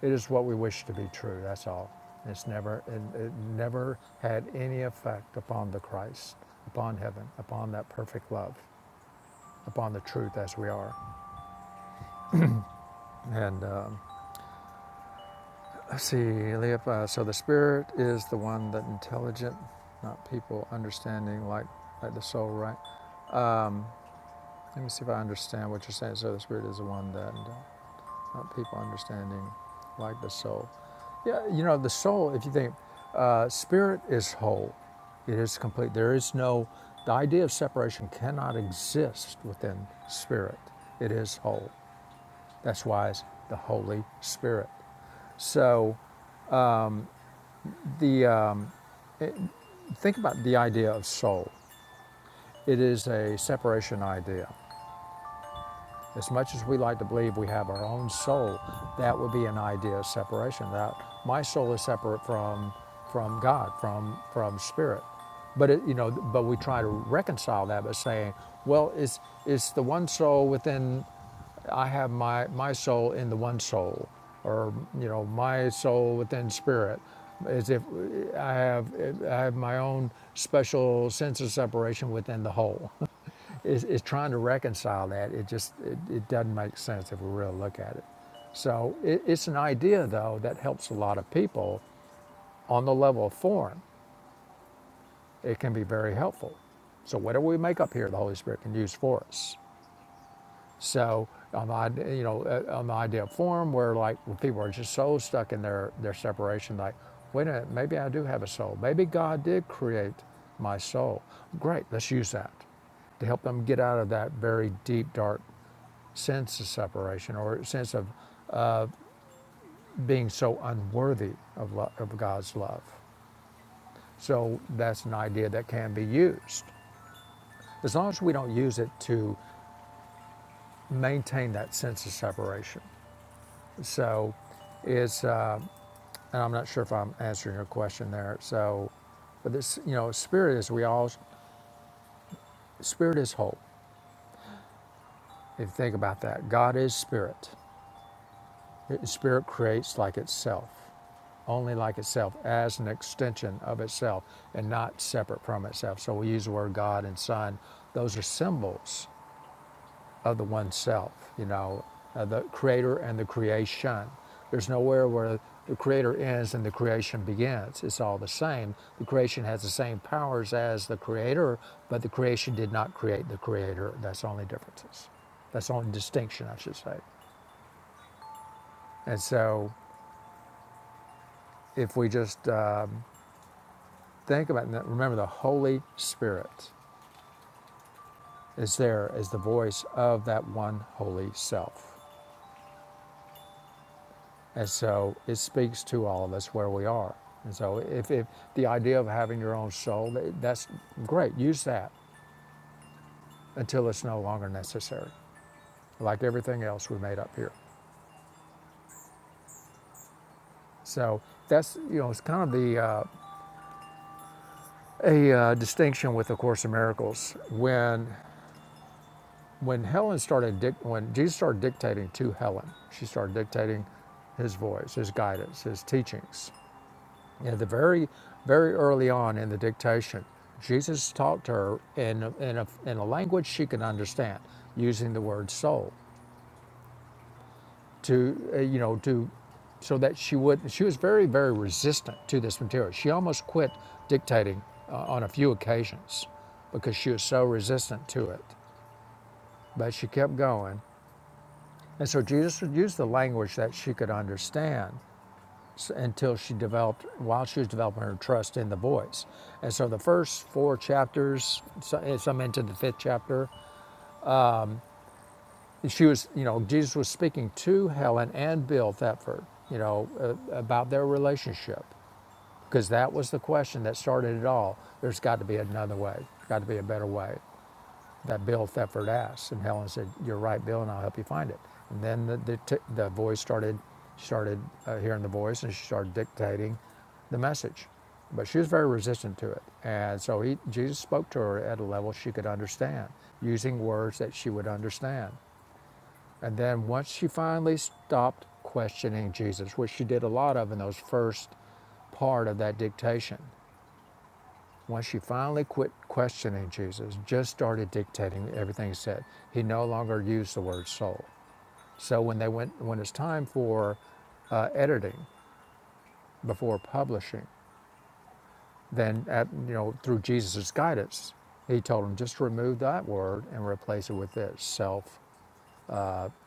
A: It is what we wish to be true. That's all. It's never, it, it never had any effect upon the Christ, upon heaven, upon that perfect love, upon the truth as we are. And um, let's see, Leopold. so the spirit is the one that intelligent, not people understanding like, like the soul, right? Let me see if I understand what you're saying. So the spirit is the one that, uh, not people understanding like the soul. Yeah, you know, the soul, if you think, uh, spirit is whole, it is complete. There is no, the idea of separation cannot exist within spirit. It is whole. That's why it's the Holy Spirit. So the um, Think about the idea of soul. It is a separation idea. As much as we like to believe we have our own soul, that would be an idea of separation. That my soul is separate from from God, from from spirit. But it, you know, but we try to reconcile that by saying, well, it's it's the one soul within. I have my my soul in the one soul, or you know, my soul within spirit. As if I have I have my own special sense of separation within the whole. <laughs> is, is trying to reconcile that. It just it, it doesn't make sense if we really look at it. So it, it's an idea though that helps a lot of people on the level of form. It can be very helpful. So whatever we make up here, the Holy Spirit can use for us. So on the you know uh, on the idea of form, where like when people are just so stuck in their their separation, like wait a minute, maybe I do have a soul. Maybe God did create my soul. Great, let's use that to help them get out of that very deep, dark sense of separation or sense of being so unworthy of, lo- of God's love. So that's an idea that can be used as long as we don't use it to maintain that sense of separation. So it's, uh, and I'm not sure if I'm answering your question there. So, but this, you know, spirit is, we all, spirit is hope. If you think about that, God is spirit. Spirit creates like itself, only like itself, as an extension of itself and not separate from itself. So we use the word God and Son. Those are symbols of the one self, you know, uh, the creator and the creation. There's nowhere where the creator ends and the creation begins. It's all the same. The creation has the same powers as the creator, but the creation did not create the creator. That's only differences. That's only distinction, I should say. And so, if we just uh, Think about that. Remember, the Holy Spirit is there as the voice of that one holy self. And so it speaks to all of us where we are. And so if, if the idea of having your own soul, that's great. Use that until it's no longer necessary, like everything else we made up here. So that's, you know, it's kind of the uh, a uh, distinction with A Course in Miracles. When When Helen started, when Jesus started dictating to Helen, she started dictating his voice, his guidance, his teachings. And the very, very early on in the dictation, Jesus talked to her in, a- in, a, in a language she could understand, using the word soul to, uh, you know, to, so that she would, she was very, very resistant to this material. She almost quit dictating uh, on a few occasions because she was so resistant to it. But she kept going And so Jesus would use the language that she could understand until she developed, while she was developing her trust in the voice. And so the first four chapters, so- some into the fifth chapter, she was, you know, Jesus was speaking to Helen and Bill Thetford, you know, uh, about their relationship, because that was the question that started it all. There's got to be another way, got to be a better way. that Bill Thetford asked. And Helen said, "You're right, Bill, and I'll help you find it." And then the the, t- the voice started started uh, hearing the voice, and she started dictating the message. But she was very resistant to it, and so he, Jesus spoke to her at a level she could understand, using words that she would understand. And then once she finally stopped questioning Jesus, which she did a lot of in those first part of that dictation, when she finally quit questioning Jesus, just started dictating everything he said, he no longer used the word soul. So when they went, when it's time for uh, editing before publishing, then at, you know through Jesus' guidance, he told them just remove that word and replace it with this self.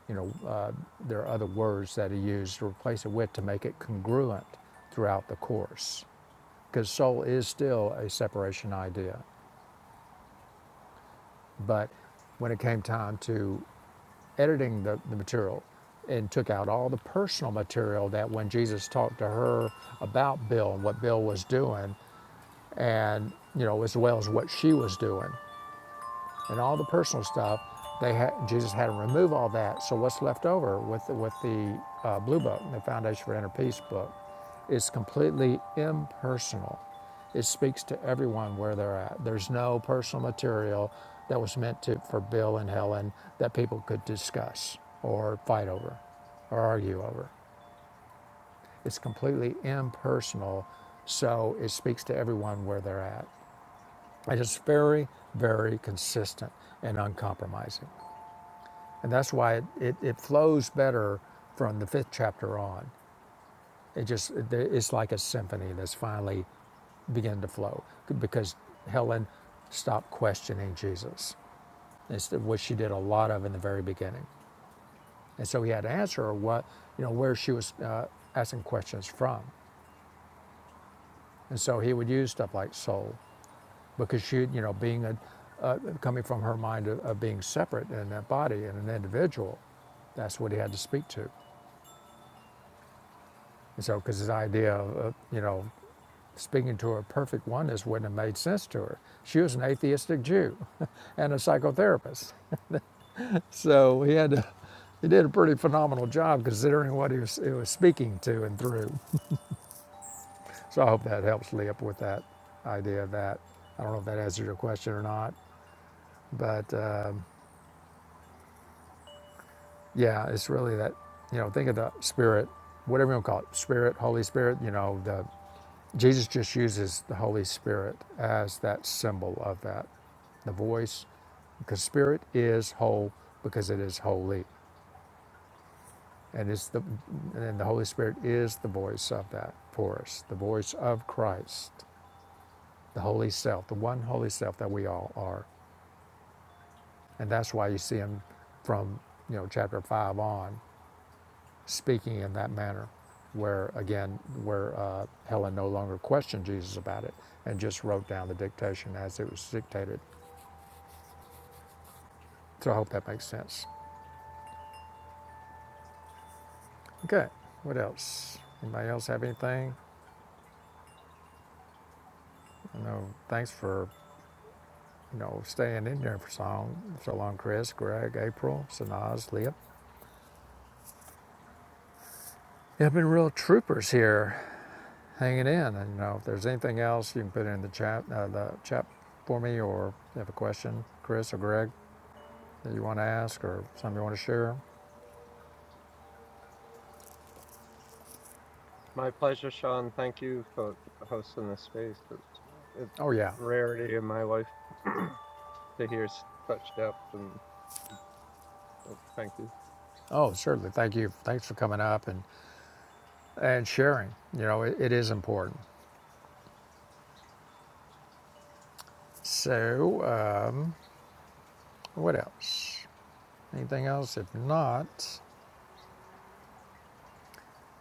A: You know, uh, there are other words that he used to replace it with to make it congruent throughout the course, because soul is still a separation idea, but when it came time to editing the, the material and took out all the personal material that when Jesus talked to her about Bill and what Bill was doing, and you know, as well as what she was doing and all the personal stuff, they had, Jesus had to remove all that. So what's left over with the, with the uh, Blue Book, the Foundation for Inner Peace book, is completely impersonal. It speaks to everyone where they're at. There's no personal material that was meant to for Bill and Helen that people could discuss or fight over or argue over. It's completely impersonal, so it speaks to everyone where they're at. It is very, very consistent and uncompromising. And that's why it, it, it flows better from the fifth chapter on. It just, it, it's like a symphony that's finally beginning to flow because Helen stopped questioning Jesus. It's the- what she did a lot of in the very beginning. And so he had to answer her what, you know, where she was uh, asking questions from. And so he would use stuff like soul because she, you know, being a, uh, coming from her mind of, of being separate in that body and an individual, that's what he had to speak to. And so, because this idea of, uh, you know, speaking to a perfect oneness wouldn't have made sense to her. She was an atheistic Jew <laughs> and a psychotherapist. So he had to, he did a pretty phenomenal job considering what he was, he was speaking to and through. So I hope that helps Lee up with that idea of that. I don't know if that answers your question or not, but um, yeah, it's really that, you know, think of the spirit, whatever you want to call it, spirit, Holy Spirit, you know, the. Jesus just uses the Holy Spirit as that symbol of that, the voice, because Spirit is whole because it is holy, and it's the and the Holy Spirit is the voice of that for us, the voice of Christ, the Holy Self, the one Holy Self that we all are, and that's why you see him from you know chapter five on speaking in that manner, where again where uh, Helen no longer questioned Jesus about it and just wrote down the dictation as it was dictated So I hope that makes sense. Okay, what else? Anybody else have anything? You know, thanks for you know staying in there for so long, so long, Chris, Greg, April, Sanaz, Leah. You've been real troopers here, hanging in. And you know, if there's anything else, you can put it in the chat, uh, the chat for me, or if you have a question, Chris or Greg that you want to ask, or something you want to share.
G: My pleasure, Sean. Thank you for hosting this space. It's, it's
A: Oh yeah.
G: a rarity in my life <clears throat> to hear s- such depth, and uh, thank you.
A: Oh, certainly. Thank you. Thanks for coming up and and sharing. You know, it, it is important. So. Uh, What else? Anything else? If not,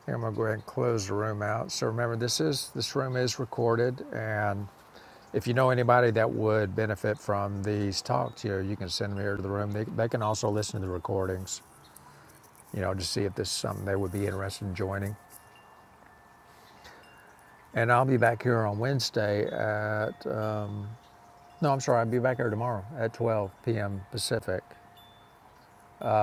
A: here I'm gonna go ahead and close the room out. So remember, this is this room is recorded, and if you know anybody that would benefit from these talks here, you can send them here to the room. They, they can also listen to the recordings, you know, to see if this is something they would be interested in joining. And I'll be back here on Wednesday at uh, no, I'm sorry, I'll be back here tomorrow at 12 p.m. Pacific.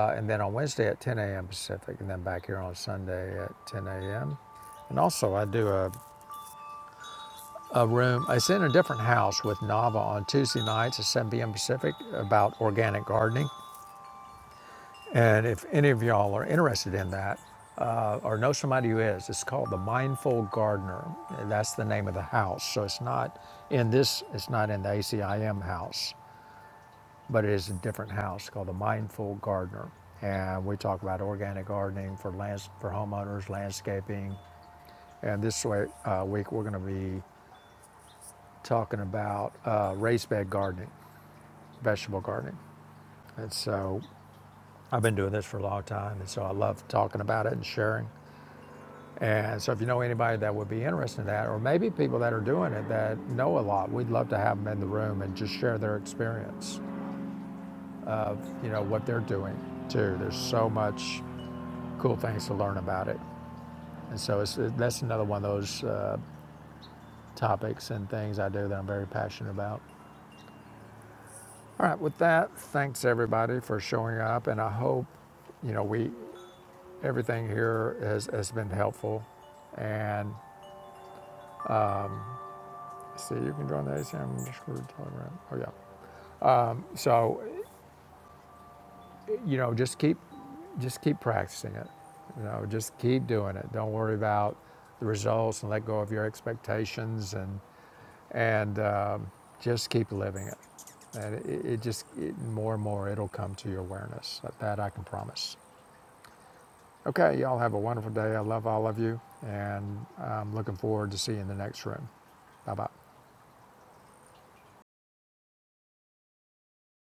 A: Uh, and then on Wednesday at 10 a.m. Pacific, and then back here on Sunday at 10 a.m. And also, I do a, a room, it's in a different house with Nava on Tuesday nights at 7 p.m. Pacific about organic gardening. And if any of y'all are interested in that, uh, or know somebody who is, it's called the Mindful Gardener. That's the name of the house. So it's not in this, it's not in the ACIM house. but it is a different house called the Mindful Gardener. And we talk about organic gardening for lands for homeowners, landscaping, and this way, uh, week we're going to be talking about uh, raised bed gardening, vegetable gardening. And so I've been doing this for a long time, and so I love talking about it and sharing. And so if you know anybody that would be interested in that, or maybe people that are doing it that know a lot, we'd love to have them in the room and just share their experience you know what they're doing too there's so much cool things to learn about it. And so it's, that's another one of those uh, topics and things I do that I'm very passionate about. All right, with that, thanks everybody for showing up, and I hope you know we everything here has, has been helpful. And see, you can join the ACM Discord Telegram. Oh yeah. So you know, just keep just keep practicing it. You know, just keep doing it. Don't worry about the results and let go of your expectations and and um, just keep living it. And it, it just it, more and more it'll come to your awareness. That, I can promise. Okay, y'all have a wonderful day. I love all of you, and I'm looking forward to seeing the next room. Bye bye.